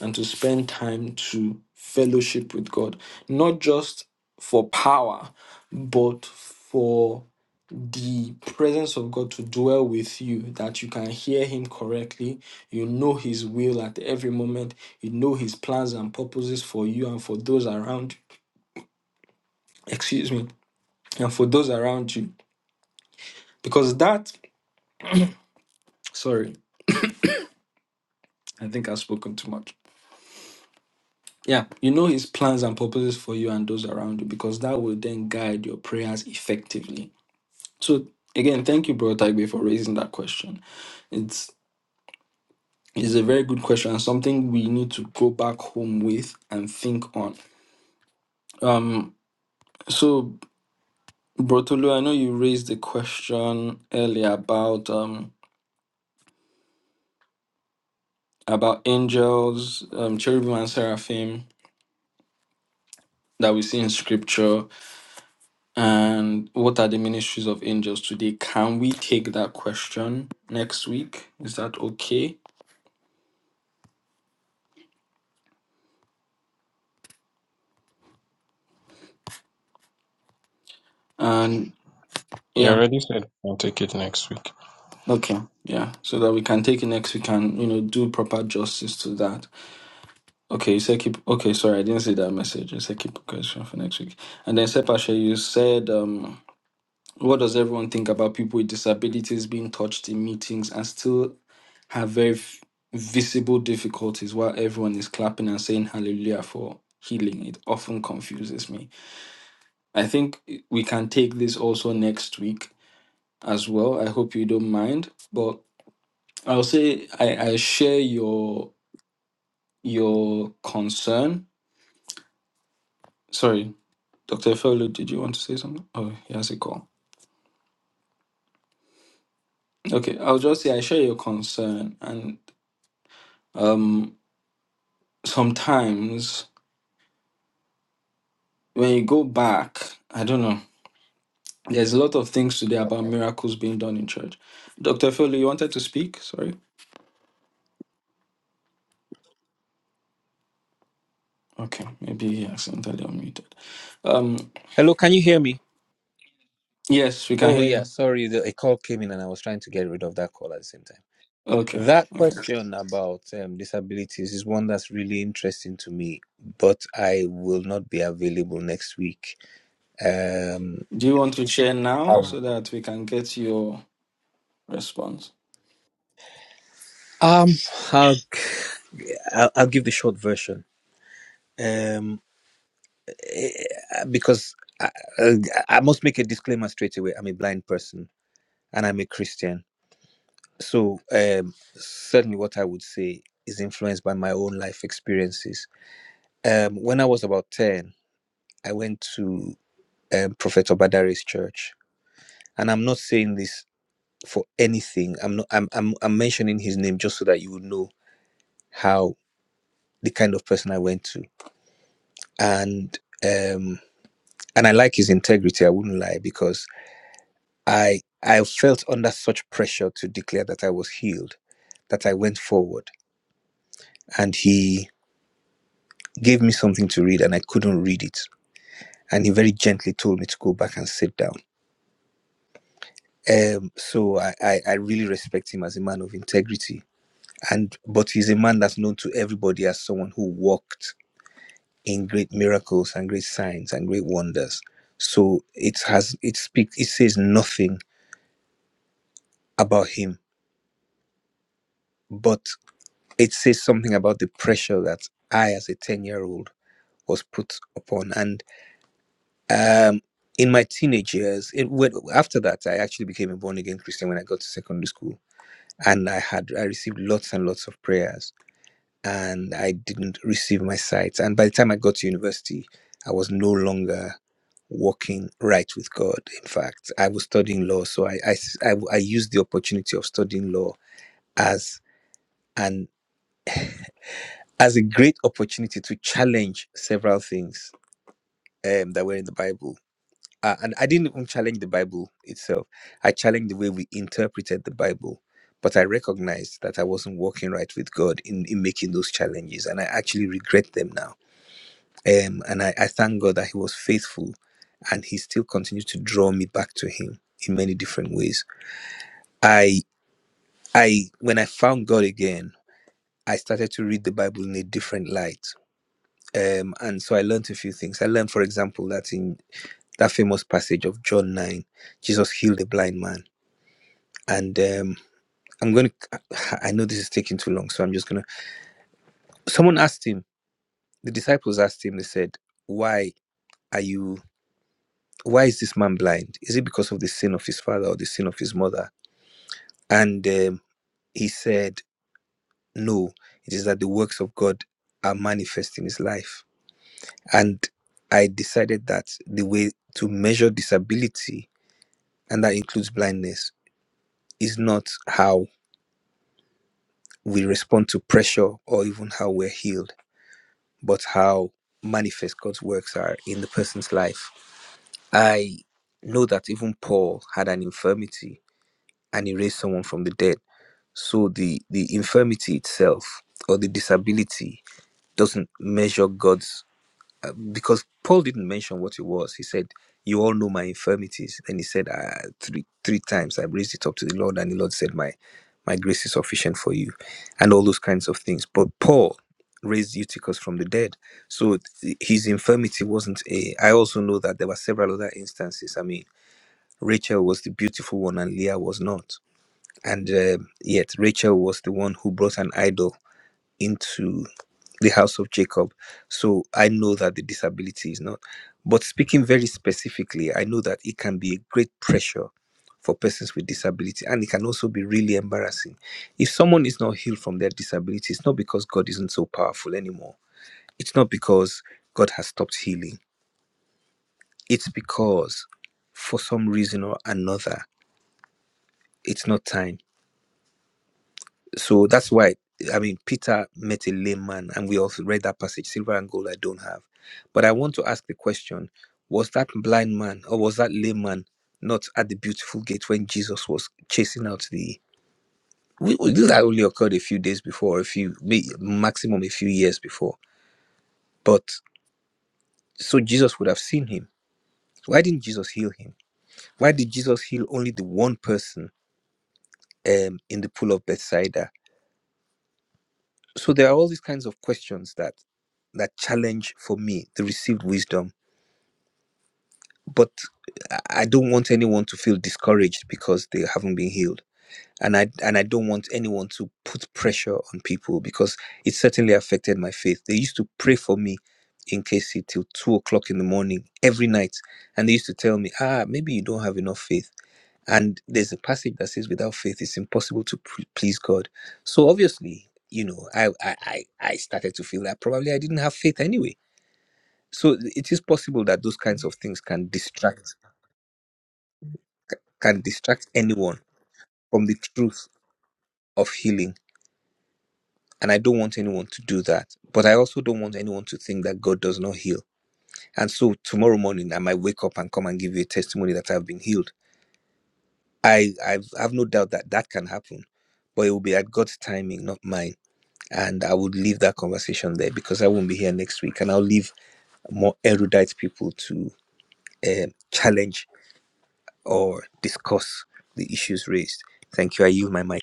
[SPEAKER 1] and to spend time to fellowship with God, not just for power, but for the presence of God to dwell with you, that you can hear Him correctly, you know His will at every moment, you know His plans and purposes for you and for those around you. Excuse me, and for those around you. Because that, sorry, I think I've spoken too much Yeah, you know his plans and purposes for you and those around you because that will then guide your prayers effectively. So again, thank you, Bro Tagbe, for raising that question. It's it's a very good question and something we need to go back home with and think on. Um so Bro Tolu, I know you raised the question earlier about um about angels, um cherubim and seraphim that we see in scripture And what are the ministries of angels today? Can we take that question next week? Is that okay? And
[SPEAKER 4] You
[SPEAKER 1] yeah,
[SPEAKER 4] already said you can take it next week.
[SPEAKER 1] okay, yeah, so that we can take it next week and you know do proper justice to that. Okay, you said keep. Okay, sorry, I didn't see that message. You said keep a question for next week. And then Sepashe, you said um, what does everyone think about people with disabilities being touched in meetings and still have very f- visible difficulties while everyone is clapping and saying hallelujah for healing. It often confuses me. I think we can take this also next week as well. I hope you don't mind, but I'll say I, I share your your concern. Sorry, Dr. Fellow, did you want to say something? Oh, he has a call. Okay, I'll just say I share your concern and um sometimes when you go back, I don't know There's a lot of things today about miracles being done in church. Dr. Fowler, you wanted to speak? Sorry. Okay. Maybe he accidentally unmuted. Um,
[SPEAKER 2] Hello, can you hear me?
[SPEAKER 1] yes, we can
[SPEAKER 2] Oh
[SPEAKER 1] hear
[SPEAKER 2] yeah,
[SPEAKER 1] you.
[SPEAKER 2] sorry, the, a call came in and I was trying to get rid of that call at the same time.
[SPEAKER 1] Okay.
[SPEAKER 2] That
[SPEAKER 1] Okay.
[SPEAKER 2] question about um, disabilities is one that's really interesting to me, but I will not be available next week. Um,
[SPEAKER 1] Do you want to share now
[SPEAKER 2] i
[SPEAKER 1] so that we can get your response?
[SPEAKER 2] um, I'll, I'll, I'll give the short version. Um, eh, because I, I, I must make a disclaimer straight away. I'm a blind person and I'm a Christian, so um, certainly what I would say is influenced by my own life experiences. Um, when I was about ten, I went to um, Prophet Obadare's church and i'm not saying this for anything i'm not i'm i'm, I'm mentioning his name just so that you would know how the kind of person i went to and um and i like his integrity i wouldn't lie because i i felt under such pressure to declare that i was healed that i went forward and he gave me something to read and i couldn't read it and he very gently told me to go back and sit down um so i i, I really respect him as a man of integrity and but he's a man that's known to everybody as someone who walked in great miracles and great signs and great wonders so it has it speaks it says nothing about him but it says something about the pressure that i as a 10 year old was put upon and um in my teenage years it went, after that i actually became a born again christian when i got to secondary school and i had i received lots and lots of prayers and I didn't receive my sight. And by the time I got to university, I was no longer walking right with God. In fact, I was studying law, so I I I I used the opportunity of studying law as an as a great opportunity to challenge several things um, that were in the Bible. Uh, and I didn't even challenge the Bible itself. I challenged the way we interpreted the Bible. But I recognized that I wasn't walking right with God in, in making those challenges. And I actually regret them now Um, and I, I thank God that He was faithful and He still continued to draw me back to Him in many different ways. I I when I found God again, I started to read the Bible in a different light. Um, and so I learned a few things. I learned, for example, that in that famous passage of John 9, Jesus healed a blind man. And um, I'm going to, I know this is taking too long, so I'm just going to. Someone asked him, the disciples asked him, they said, Why are you why is this man blind? Is it because of the sin of his father or the sin of his mother? And um, he said, No, it is that the works of God are manifest in his life. And I decided that the way to measure disability, and that includes blindness, is not how we respond to pressure or even how we're healed, but how manifest God's works are in the person's life. I know that even Paul had an infirmity and he raised someone from the dead So the the infirmity itself or the disability doesn't measure God's uh, because Paul didn't mention what it was. He said, "You all know my infirmities," and he said, uh, three three times I raised it up to the Lord, and the Lord said, "My my grace is sufficient for you," and all those kinds of things. But Paul raised Eutychus from the dead, so th- his infirmity wasn't a. I also know that there were several other instances. I mean, Rachel was the beautiful one, and Leah was not and um yet, Rachel was the one who brought an idol into the house of Jacob. So I know that the disability is not. But speaking very specifically, I know that it can be a great pressure for persons with disability and it can also be really embarrassing. If someone is not healed from their disability, it's not because God isn't so powerful anymore, it's not because God has stopped healing, it's because for some reason or another, it's not time So that's why, I mean, Peter met a lame man, and we also read that passage silver and gold I don't have. But I want to ask the question was that blind man or was that lame man not at the beautiful gate when Jesus was chasing out the. We, we- this had only occurred a few days before, a few, may- maximum a few years before. But so Jesus would have seen him. Why didn't Jesus heal him? Why did Jesus heal only the one person um, in the pool of Bethsaida? So there are all these kinds of questions that. that challenge for me the received wisdom but i I don't want anyone to feel discouraged because they haven't been healed and i and i don't want anyone to put pressure on people because it certainly affected my faith they used to pray for me in KC till two o'clock in the morning every night and they used to tell me ah maybe you don't have enough faith and there's a passage that says without faith it's impossible to pr- please god so obviously you know I, I i I started to feel that probably i didn't have faith anyway so it is possible that those kinds of things can distract can distract anyone from the truth of healing and i don't want anyone to do that but i also don't want anyone to think that god does not heal and so tomorrow morning i might wake up and come and give you a testimony that i've been healed i I've, i have no doubt that that can happen but it will be at god's timing not mine and i would leave that conversation there because i won't be here next week and i'll leave more erudite people to um challenge or discuss the issues raised. Thank you. I yield my mic.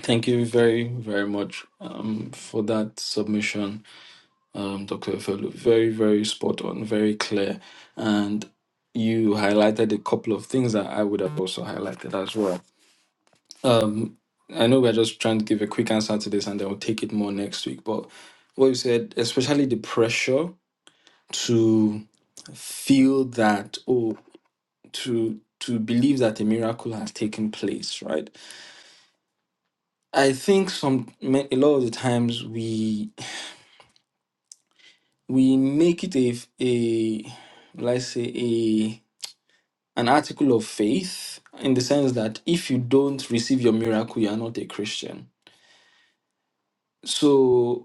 [SPEAKER 1] Thank you very, very much um, for that submission, um, Dr. Fowler. Very, very spot on, very clear. And you highlighted a couple of things that I would have also highlighted as well. Um, I know we're just trying to give a quick answer to this and then we'll take it more next week. But what you said, especially the pressure to feel that oh to to believe that a miracle has taken place, right? I think some ma- a lot of the times we we make it a a let's say a an article of faith in the sense that if you don't receive your miracle, you are not a Christian. So.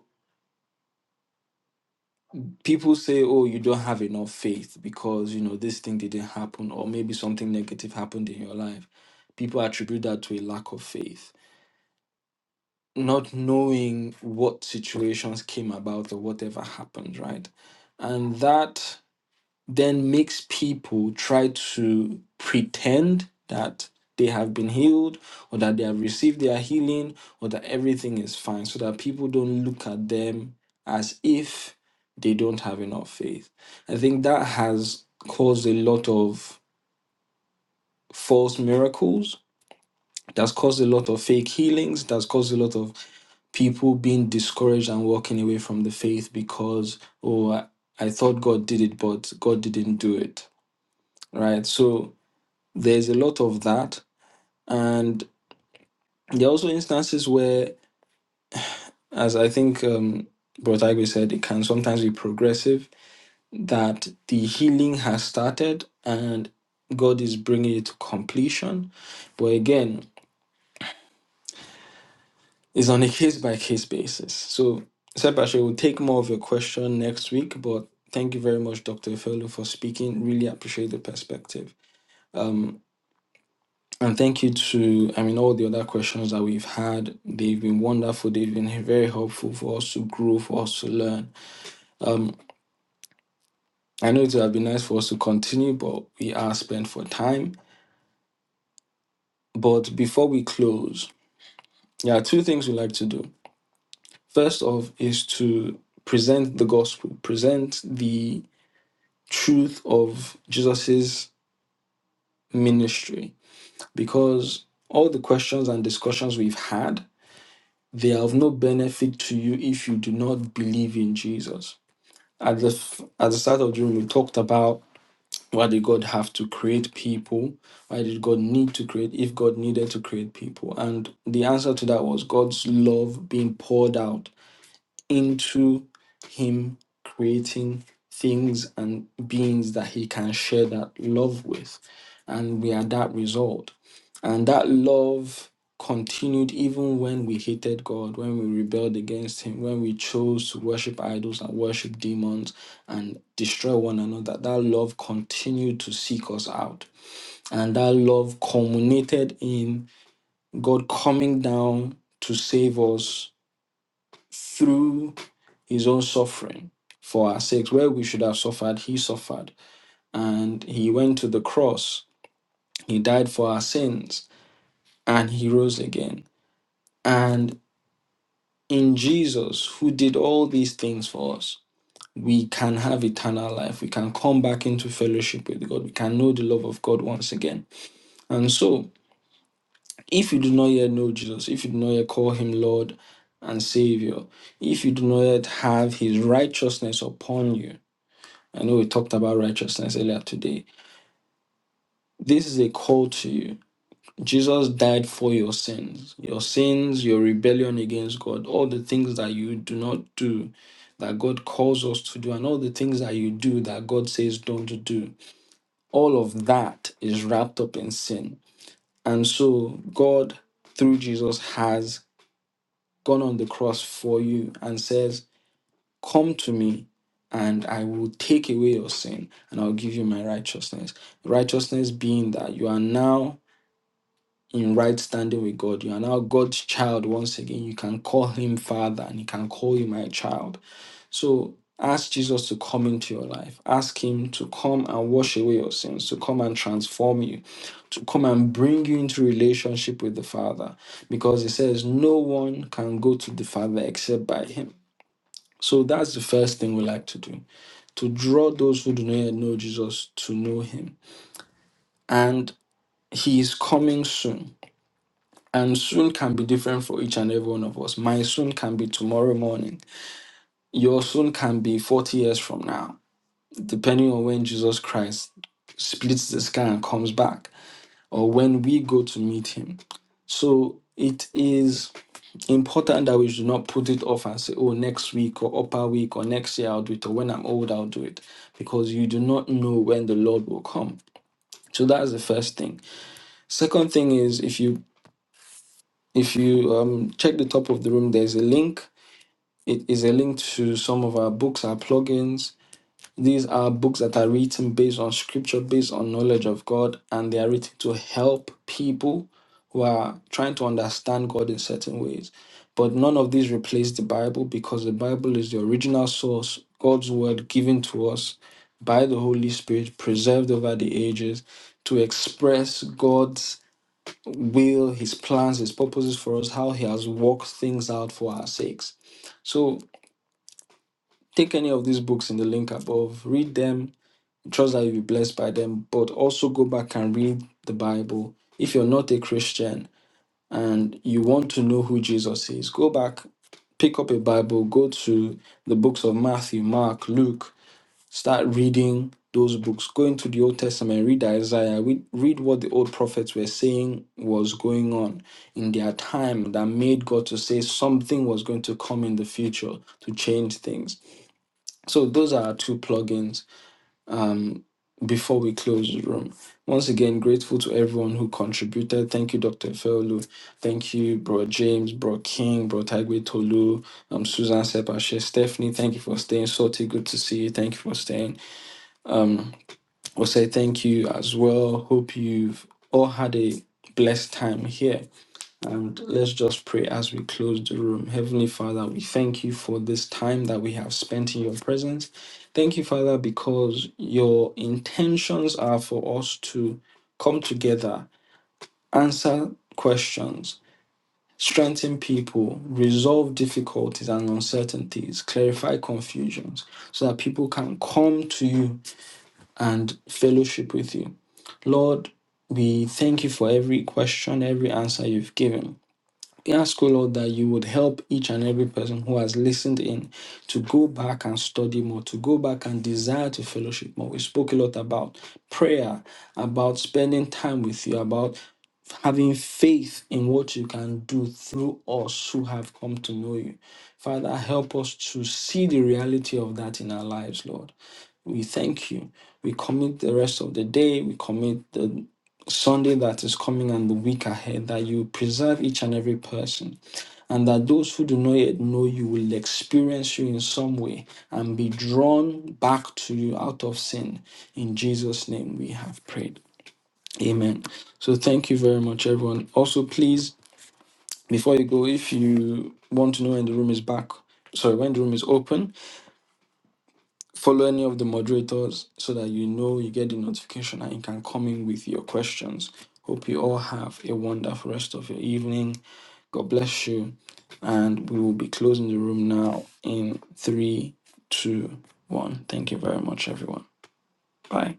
[SPEAKER 1] people say, "Oh, you don't have enough faith because you know this thing didn't happen, or maybe something negative happened in your life." People attribute that to a lack of faith, not knowing what situations came about or whatever happened, right? And that then makes people try to pretend that they have been healed or that they have received their healing or that everything is fine so that people don't look at them as if they don't have enough faith. I think that has caused a lot of false miracles. That's caused a lot of fake healings. That's caused a lot of people being discouraged and walking away from the faith because, oh, I I thought God did it, but God didn't do it. Right. So, there's a lot of that. And there are also instances where, as I think um, Brotagwe said, it can sometimes be progressive, that the healing has started and God is bringing it to completion. But again, it's on a case by case basis. So, Sebastian, we'll take more of your question next week, but thank you very much, Dr. Efelo, for speaking. Really appreciate the perspective. Um, And thank you to, I mean, all the other questions that we've had. They've been wonderful. They've been very helpful for us to grow, for us to learn. Um, I know it would have been nice for us to continue, but we are spent for time. But before we close, there are two things we like to do. First off is to present the gospel, present the truth of Jesus's ministry, because all the questions and discussions we've had They are of no benefit to you if you do not believe in Jesus. At the f- at the start of the room, we talked about why did God have to create people? Why did God need to create if God needed to create people? And the answer to that was God's love being poured out into him creating things and beings that he can share that love with. And we are that result. And that love continued even when we hated God, when we rebelled against him, when we chose to worship idols and worship demons and destroy one another. That love continued to seek us out. And that love culminated in God coming down to save us through his own suffering for our sakes. Where we should have suffered, he suffered. And he went to the cross, he died for our sins, and he rose again. And in Jesus, who did all these things for us, we can have eternal life. We can come back into fellowship with God. We can know the love of God once again. And so, if you do not yet know Jesus, if you do not yet call him Lord and Savior, if you do not yet have his righteousness upon you, I know we talked about righteousness earlier today. This is a call to you. Jesus died for your sins, your sins, your rebellion against God, all the things that you do not do that God calls us to do, and all the things that you do that God says don't do. All of that is wrapped up in sin. And so, God, through Jesus, has gone on the cross for you and says, Come to me, and I will take away your sin, and I'll give you my righteousness. Righteousness being that you are now in right standing with God. You are now God's child once again. You can call him Father, and he can call you my child. So ask Jesus to come into your life. Ask him to come and wash away your sins, to come and transform you, to come and bring you into relationship with the Father. Because he says, No one can go to the Father except by him. So that's the first thing we like to do to draw those who do not yet know Jesus to know him. And he is coming soon. And soon can be different for each and every one of us. My soon can be tomorrow morning. Your soon can be 40 years from now, depending on when Jesus Christ splits the sky and comes back, or when we go to meet him. So it is important that we do not put it off and say, oh, next week or upper week or next year I'll do it, or when I'm old I'll do it, because you do not know when the Lord will come. So that's the first thing. Second thing is if you if you um, check the top of the room, there's a link. It is a link to some of our books, our plugins. These are books that are written based on scripture, based on knowledge of God, and they are written to help people who are trying to understand God in certain ways. But none of these replace the Bible because the Bible is the original source, God's word given to us by the Holy Spirit, preserved over the ages to express God's will, his plans, his purposes for us, how he has worked things out for our sakes. So take any of these books in the link above, read them, trust that you'll be blessed by them, but also go back and read the Bible. If you're not a Christian and you want to know who Jesus is, go back, pick up a Bible, go to the books of Matthew, Mark, Luke, Start reading those books. Go into the Old Testament, read Isaiah, read, read what the old prophets were saying was going on in their time that made God to say something was going to come in the future to change things. So, those are our two plugins um, before we close the room. Once again, grateful to everyone who contributed. Thank you, Dr. Feolu. Thank you, Bro James, Bro King, Bro Tagwe Tolu, um, Susan Sepashe, Stephanie. Thank you for staying. Soti, good to see you. Thank you for staying will say thank you as well. Hope you've all had a blessed time here. And let's just pray as we close the room. Heavenly Father, we thank you for this time that we have spent in your presence. Thank you, Father, because your intentions are for us to come together, answer questions, strengthen people, resolve difficulties and uncertainties, clarify confusions, so that people can come to you and fellowship with you. Lord, we thank you for every question, every answer you've given. We ask, O Lord, that you would help each and every person who has listened in to go back and study more, to go back and desire to fellowship more. We spoke a lot about prayer, about spending time with you, about having faith in what you can do through us who have come to know you. Father, help us to see the reality of that in our lives, Lord. We thank you. We commit the rest of the day. We commit the Sunday that is coming and the week ahead that you preserve each and every person. And that those who do not yet know you will experience you in some way and be drawn back to you out of sin. In Jesus' name we have prayed. Amen. So thank you very much, everyone. Also, please, before you go, if you want to know when the room is back, sorry, when the room is open, follow any of the moderators so that you know you get the notification and you can come in with your questions. Hope you all have a wonderful rest of your evening. God bless you. And we will be closing the room now in three, two, one. Thank you very much, everyone. Bye.